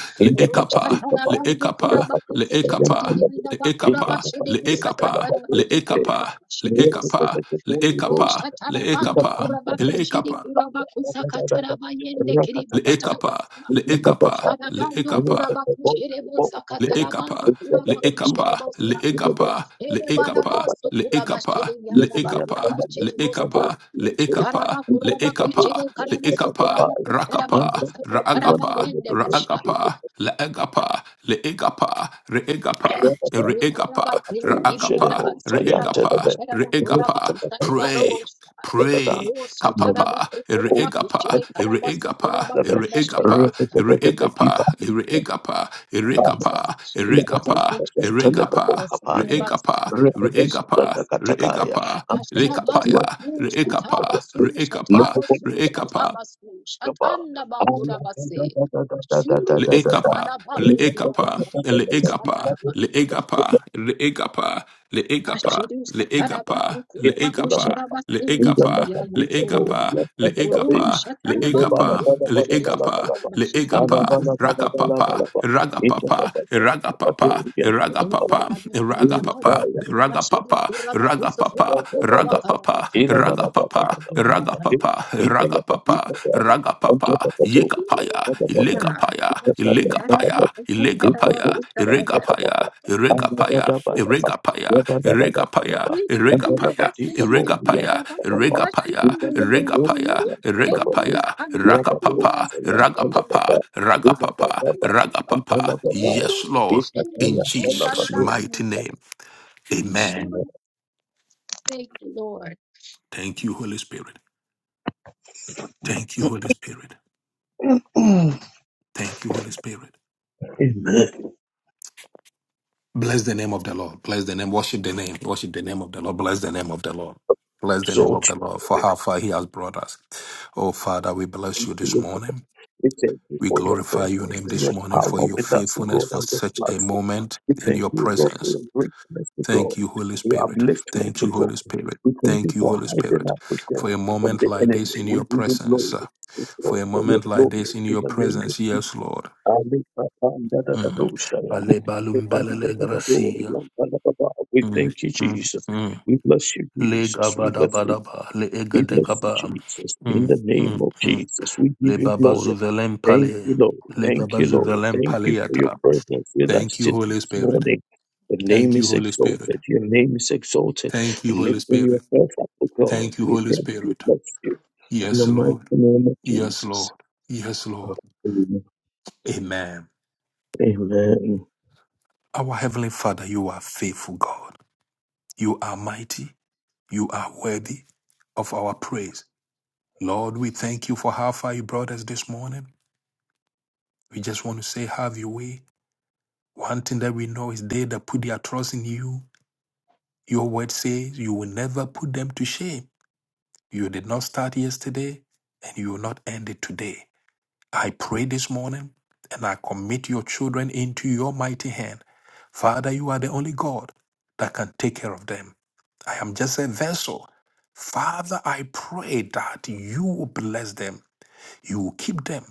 Speaker 2: Rusha
Speaker 1: leekapa,
Speaker 2: tarabandu
Speaker 1: leekapa,
Speaker 2: kurabaku, seketiri,
Speaker 1: leekapa,
Speaker 2: yandaba
Speaker 1: leekapa,
Speaker 2: kurabashi, rebusa,
Speaker 1: leekapa,
Speaker 2: katarabandu
Speaker 1: leekapa,
Speaker 2: kurabakashi, rebusa.
Speaker 1: leekapa,
Speaker 2: Rusha
Speaker 1: leekapa,
Speaker 2: tarabandu
Speaker 1: leekapa,
Speaker 2: kurabaki, shiri
Speaker 1: leekapa.
Speaker 2: kurabaku, sakatarabayende,
Speaker 1: Le'ekapa,
Speaker 2: kiribusharabasa.
Speaker 1: le'ekapa,
Speaker 2: Shadabando
Speaker 1: le'ekapa,
Speaker 2: kurabaku sherebosa katarabando
Speaker 1: le'ekapa,
Speaker 2: kurabaku
Speaker 1: le'ekapa,
Speaker 2: sherebosa.
Speaker 1: le'ekapa,
Speaker 2: Elemana
Speaker 1: le'ekapa,
Speaker 2: basu
Speaker 1: le'ekapa,
Speaker 2: kurabashiri
Speaker 5: Repete
Speaker 2: yanda
Speaker 1: le'ekapa,
Speaker 2: kurabashirebosa.
Speaker 1: le'ekapa, le'ekapa,
Speaker 2: Sharabaku rabaku
Speaker 1: le'ekapa,
Speaker 2: shere karabasu
Speaker 1: le'ekapa,
Speaker 2: kurabaku
Speaker 1: rakapa,
Speaker 2: sherabaku sakataraba
Speaker 1: ra'agapa,
Speaker 2: yendebusha.
Speaker 1: ra'agapa, la'agapa, le'egapa, re'egapa, re'egapa,
Speaker 2: Kurabakindi kiri
Speaker 1: ra'akapa,
Speaker 2: yadabasu
Speaker 1: re'egapa,
Speaker 2: kurabaku sherabaku
Speaker 1: re'egapa.
Speaker 2: rabaku
Speaker 1: Pray,
Speaker 2: sarabarobosha.
Speaker 1: Pray.
Speaker 2: Rosa
Speaker 1: Kapapa.
Speaker 2: tarabasu kurabaku
Speaker 1: Ereegapa.
Speaker 2: shere karabasu
Speaker 1: Ereegapa. Ereegapa.
Speaker 2: kurabakarabashirebosa.
Speaker 1: Ereegapa. Ereegapa.
Speaker 2: Jesus,
Speaker 1: Erekapa.
Speaker 2: Jesus,
Speaker 1: Eregapa.
Speaker 2: Jesus,
Speaker 1: Eregapa.
Speaker 2: Rabakasa, Tabasu,
Speaker 1: Reegapa,
Speaker 2: Rabakasa,
Speaker 1: reegapa, reegapa, rekapaya,
Speaker 2: Tabasu,
Speaker 1: reekapa,
Speaker 2: Tabasu,
Speaker 1: reekapa,
Speaker 2: Tabasu,
Speaker 1: reekapa,
Speaker 2: Tabasu,
Speaker 5: Thank
Speaker 2: Shatanda Bakurabase, Shuru
Speaker 1: Le'ekapa,
Speaker 2: Satarabandu
Speaker 1: le'ekapa,
Speaker 2: Kurabakashi,
Speaker 1: le'egapa,
Speaker 2: Sataraba,
Speaker 1: le'egapa, le'egapa, le'egapa,
Speaker 2: Ashiru Satarabandu
Speaker 1: le'egapa, le'egapa,
Speaker 2: Kurabakusharabasindiki
Speaker 1: le'egapa,
Speaker 2: Yamasundaba,
Speaker 1: le'egapa,
Speaker 2: Uru
Speaker 1: le'egapa,
Speaker 2: Shatarabandu
Speaker 1: le'egapa,
Speaker 2: Kurabashiri
Speaker 1: le'egapa,
Speaker 2: Sikirabashiri
Speaker 1: le'egapa,
Speaker 2: Mukus.
Speaker 1: rakapapa, ragapapa, ragapapa, ragapapa, ragapapa, ragapapa, ragapapa, ragapapa, Ragapapa, ragapapa, ragapapa, ragapapa, yekapaya, ilegapaya,
Speaker 5: you.
Speaker 1: ilegapaya,
Speaker 5: Exalt
Speaker 1: ilegapaya, iregapaya,
Speaker 5: you.
Speaker 1: iregapaya, iregapaya, iregapaya, iregapaya, iregapaya, iregapaya, iregapaya, iregapaya, rakapapa, ragapapa, ragapapa, ragapapa. Yes,
Speaker 2: Rundum
Speaker 1: Lord,
Speaker 2: and
Speaker 1: in
Speaker 2: Lindum
Speaker 1: Jesus' mighty
Speaker 2: Landum.
Speaker 1: name. Amen.
Speaker 2: Thank you, Lord.
Speaker 1: Thank you, Holy Spirit. Thank you, Holy Spirit. Thank you, Holy Spirit. Bless the name of the Lord. Bless the name. Worship the name. Worship the name of the Lord. Bless the name of the Lord. Bless the name of the Lord for how far He has brought us. Oh, Father, we bless you this morning.
Speaker 5: We thank you
Speaker 1: We
Speaker 5: for your
Speaker 1: glorify your
Speaker 5: presence
Speaker 1: name
Speaker 5: and
Speaker 1: this
Speaker 5: your
Speaker 1: morning
Speaker 5: power
Speaker 1: for your
Speaker 5: with us, O
Speaker 1: faithfulness
Speaker 5: God, on
Speaker 1: for
Speaker 5: this
Speaker 1: such a
Speaker 5: platform.
Speaker 1: moment
Speaker 5: We
Speaker 1: in
Speaker 5: thank
Speaker 1: your
Speaker 5: you, God, for your
Speaker 1: presence.
Speaker 5: greatness, to God, for
Speaker 1: Thank you, Holy
Speaker 5: your
Speaker 1: Spirit.
Speaker 5: upliftment,
Speaker 1: Thank
Speaker 5: to
Speaker 1: you,
Speaker 5: God.
Speaker 1: Holy Spirit.
Speaker 5: We thank you
Speaker 1: Thank you,
Speaker 5: for
Speaker 1: Holy
Speaker 5: hiding
Speaker 1: Spirit,
Speaker 5: us, to God,
Speaker 1: for a
Speaker 5: from
Speaker 1: moment
Speaker 5: the
Speaker 1: like
Speaker 5: enemy.
Speaker 1: this in
Speaker 5: We
Speaker 1: your
Speaker 5: give you
Speaker 1: presence.
Speaker 5: glory, O God,
Speaker 1: For a
Speaker 5: for your
Speaker 1: moment like this
Speaker 5: glory
Speaker 1: in
Speaker 5: in
Speaker 1: your
Speaker 5: the name of
Speaker 1: presence, yes,
Speaker 5: Jesus.
Speaker 1: Lord.
Speaker 5: Ali Patan Dada
Speaker 1: Mm.
Speaker 5: Doshaya.
Speaker 1: Alebalumbelele gracia.
Speaker 5: We
Speaker 1: Mm,
Speaker 5: thank you,
Speaker 1: mm,
Speaker 5: Jesus.
Speaker 1: mm.
Speaker 5: We bless you,
Speaker 1: Le
Speaker 5: Jesus. We bless you.
Speaker 1: gabadabadaba, le
Speaker 5: We bless you,
Speaker 1: egadegaba.
Speaker 5: Jesus. In
Speaker 1: Mm,
Speaker 5: the name
Speaker 1: mm,
Speaker 5: of
Speaker 1: mm.
Speaker 5: Jesus, we
Speaker 1: Le
Speaker 5: give you
Speaker 1: baba
Speaker 5: glory.
Speaker 1: zuvelem
Speaker 5: Thank
Speaker 1: pale,
Speaker 5: you, Lord.
Speaker 1: le
Speaker 5: Thank
Speaker 1: baba
Speaker 5: you, Lord.
Speaker 1: zuvelem
Speaker 5: Thank you for your
Speaker 1: paleata.
Speaker 5: presence with us
Speaker 1: Thank you,
Speaker 5: this
Speaker 1: Holy Spirit.
Speaker 5: morning. Your name
Speaker 1: Thank you,
Speaker 5: is
Speaker 1: Holy Spirit.
Speaker 5: exalted. Your name is exalted.
Speaker 1: Thank you, Holy
Speaker 5: Lifting
Speaker 1: Spirit.
Speaker 5: yourself up, O God.
Speaker 1: Thank you,
Speaker 5: We
Speaker 1: Holy
Speaker 5: thank you.
Speaker 1: Spirit.
Speaker 5: Bless you. In the
Speaker 1: Yes,
Speaker 5: mighty
Speaker 1: Lord.
Speaker 5: name of
Speaker 1: Yes,
Speaker 5: Jesus.
Speaker 1: Lord. Yes, Lord. Amen.
Speaker 5: Amen.
Speaker 1: Our Heavenly Father, you are faithful, God. You are mighty. You are worthy of our praise. Lord, we thank you for how far you brought us this morning. We just want to say, have your way. One thing that we know is they that put their trust in you. Your word says you will never put them to shame. You did not start yesterday and you will not end it today. I pray this morning and I commit your children into your mighty hand. Father, you are the only God that can take care of them. I am just a vessel. Father, I pray that you will bless them. You will keep them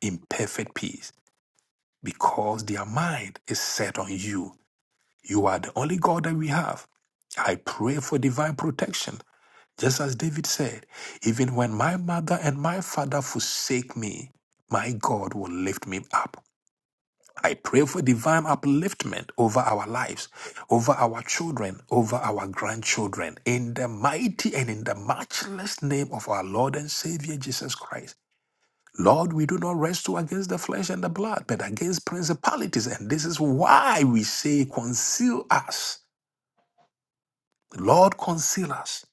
Speaker 1: in perfect peace because their mind is set on you. You are the only God that we have. I pray for divine protection. Just as David said, even when my mother and my father forsake me, my God will lift me up. I pray for divine upliftment over our lives, over our children, over our grandchildren, in the mighty and in the matchless name of our Lord and Savior Jesus Christ. Lord, we do not wrestle against the flesh and the blood, but against principalities. And this is why we say, conceal us. Lord, conceal us.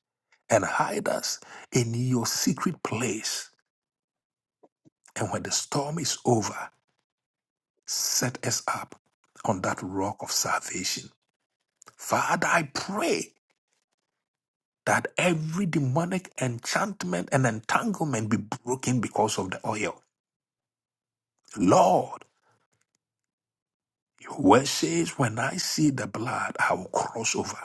Speaker 1: and hide us in your secret place. And when the storm is over, set us up on that rock of salvation. Father, I pray that every demonic enchantment and entanglement be broken because of the oil. Lord, your word says, when I see the blood, I will cross over.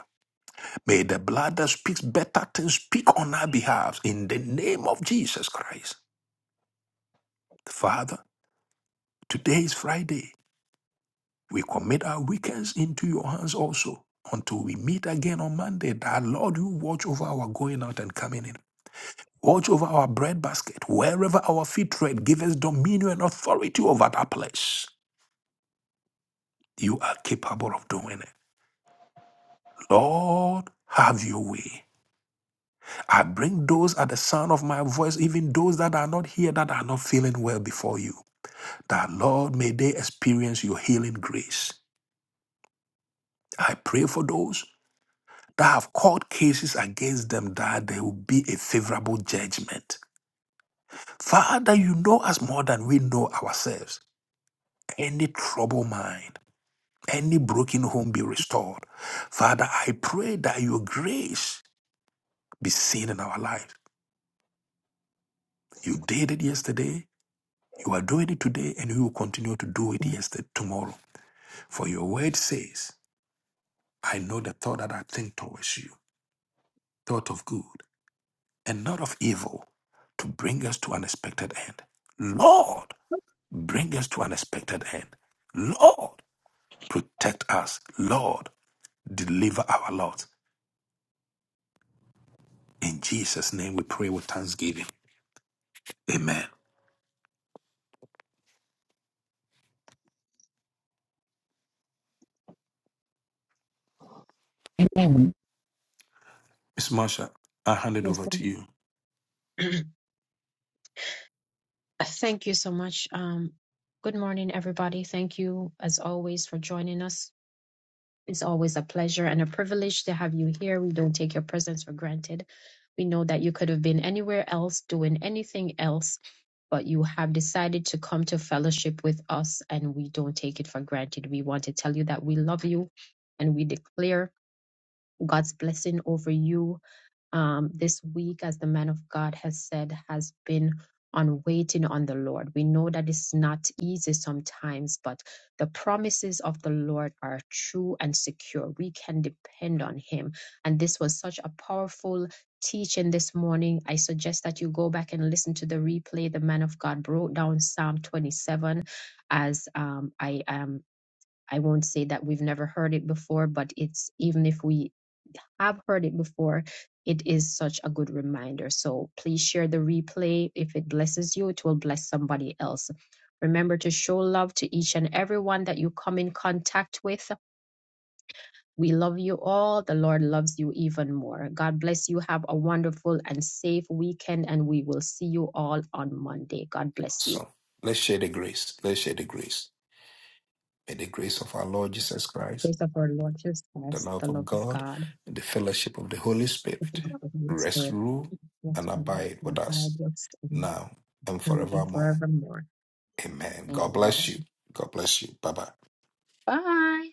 Speaker 1: May the blood that speaks better things speak on our behalf in the name of Jesus Christ. Father, today is Friday. We commit our weekends into your hands also. Until we meet again on Monday, that Lord, you watch over our going out and coming in. Watch over our bread basket. Wherever our feet tread, give us dominion and authority over that place. You are capable of doing it. Lord, have your way. I bring those at the sound of my voice, even those that you, darling grace, that is them that there will be a favorable judgment. Father, you know us more than we know ourselves. Any trouble mind. any broken home be restored. Father, I pray that your grace be seen in our lives. You did it yesterday, you are doing it today, and you will continue to do it yesterday tomorrow. For your word says, I know the thought that I think towards you, thought of good and not of evil, to bring us to an expected end. Lord, bring us to an expected end. Lord, protect us. Lord, deliver our lot. In Jesus' name we pray with thanksgiving. Amen.
Speaker 8: name
Speaker 1: Miss Marsha, I hand it
Speaker 2: Yes,
Speaker 1: over to you.
Speaker 2: sir. Thank you so much. Um, good morning, everybody. Thank you, as always, for joining us. It's always a pleasure and a privilege to have you here. We don't take your presence for granted. We know that you could have been anywhere else doing anything else, but you have decided to come to fellowship with us, and we don't take it for granted. We want to tell you that we love you and we declare God's blessing over you um, this week, as the man of God has said, has been on waiting on the Lord. We know that it's not easy sometimes, but the promises of the Lord are true and secure. We can depend on Him. And this was such a powerful teaching this morning. I suggest that you go back and listen to the replay. The man of God broke down Psalm 27 as um, I am. I won't say that we've never heard it before, but it's even if we I've heard it before. It is such a good reminder. So please share the replay. If it blesses you, it will bless somebody else. Remember to show love to each and everyone that you come in contact with. We love you all. The Lord loves you even more. God bless you. Have a wonderful and safe weekend, and we will see you all on Monday. God bless you.
Speaker 1: So let's share the grace. Let's share the grace. May the grace of our Lord Jesus Christ,
Speaker 2: Praise of our Lord Jesus
Speaker 1: the
Speaker 2: Christ, the
Speaker 1: love of
Speaker 2: love of
Speaker 1: God,
Speaker 2: God,
Speaker 1: and the fellowship of the Holy
Speaker 2: the
Speaker 1: Spirit
Speaker 2: love of the Holy
Speaker 1: rest,
Speaker 2: Spirit,
Speaker 1: rule,
Speaker 2: bless
Speaker 1: and
Speaker 2: you,
Speaker 1: abide
Speaker 2: my
Speaker 1: with
Speaker 2: God,
Speaker 1: us
Speaker 2: bless
Speaker 1: now and
Speaker 2: and
Speaker 1: forevermore.
Speaker 2: forevermore.
Speaker 1: Amen. God bless you.
Speaker 2: Amen.
Speaker 1: God bless you. Bye bye.
Speaker 2: Bye.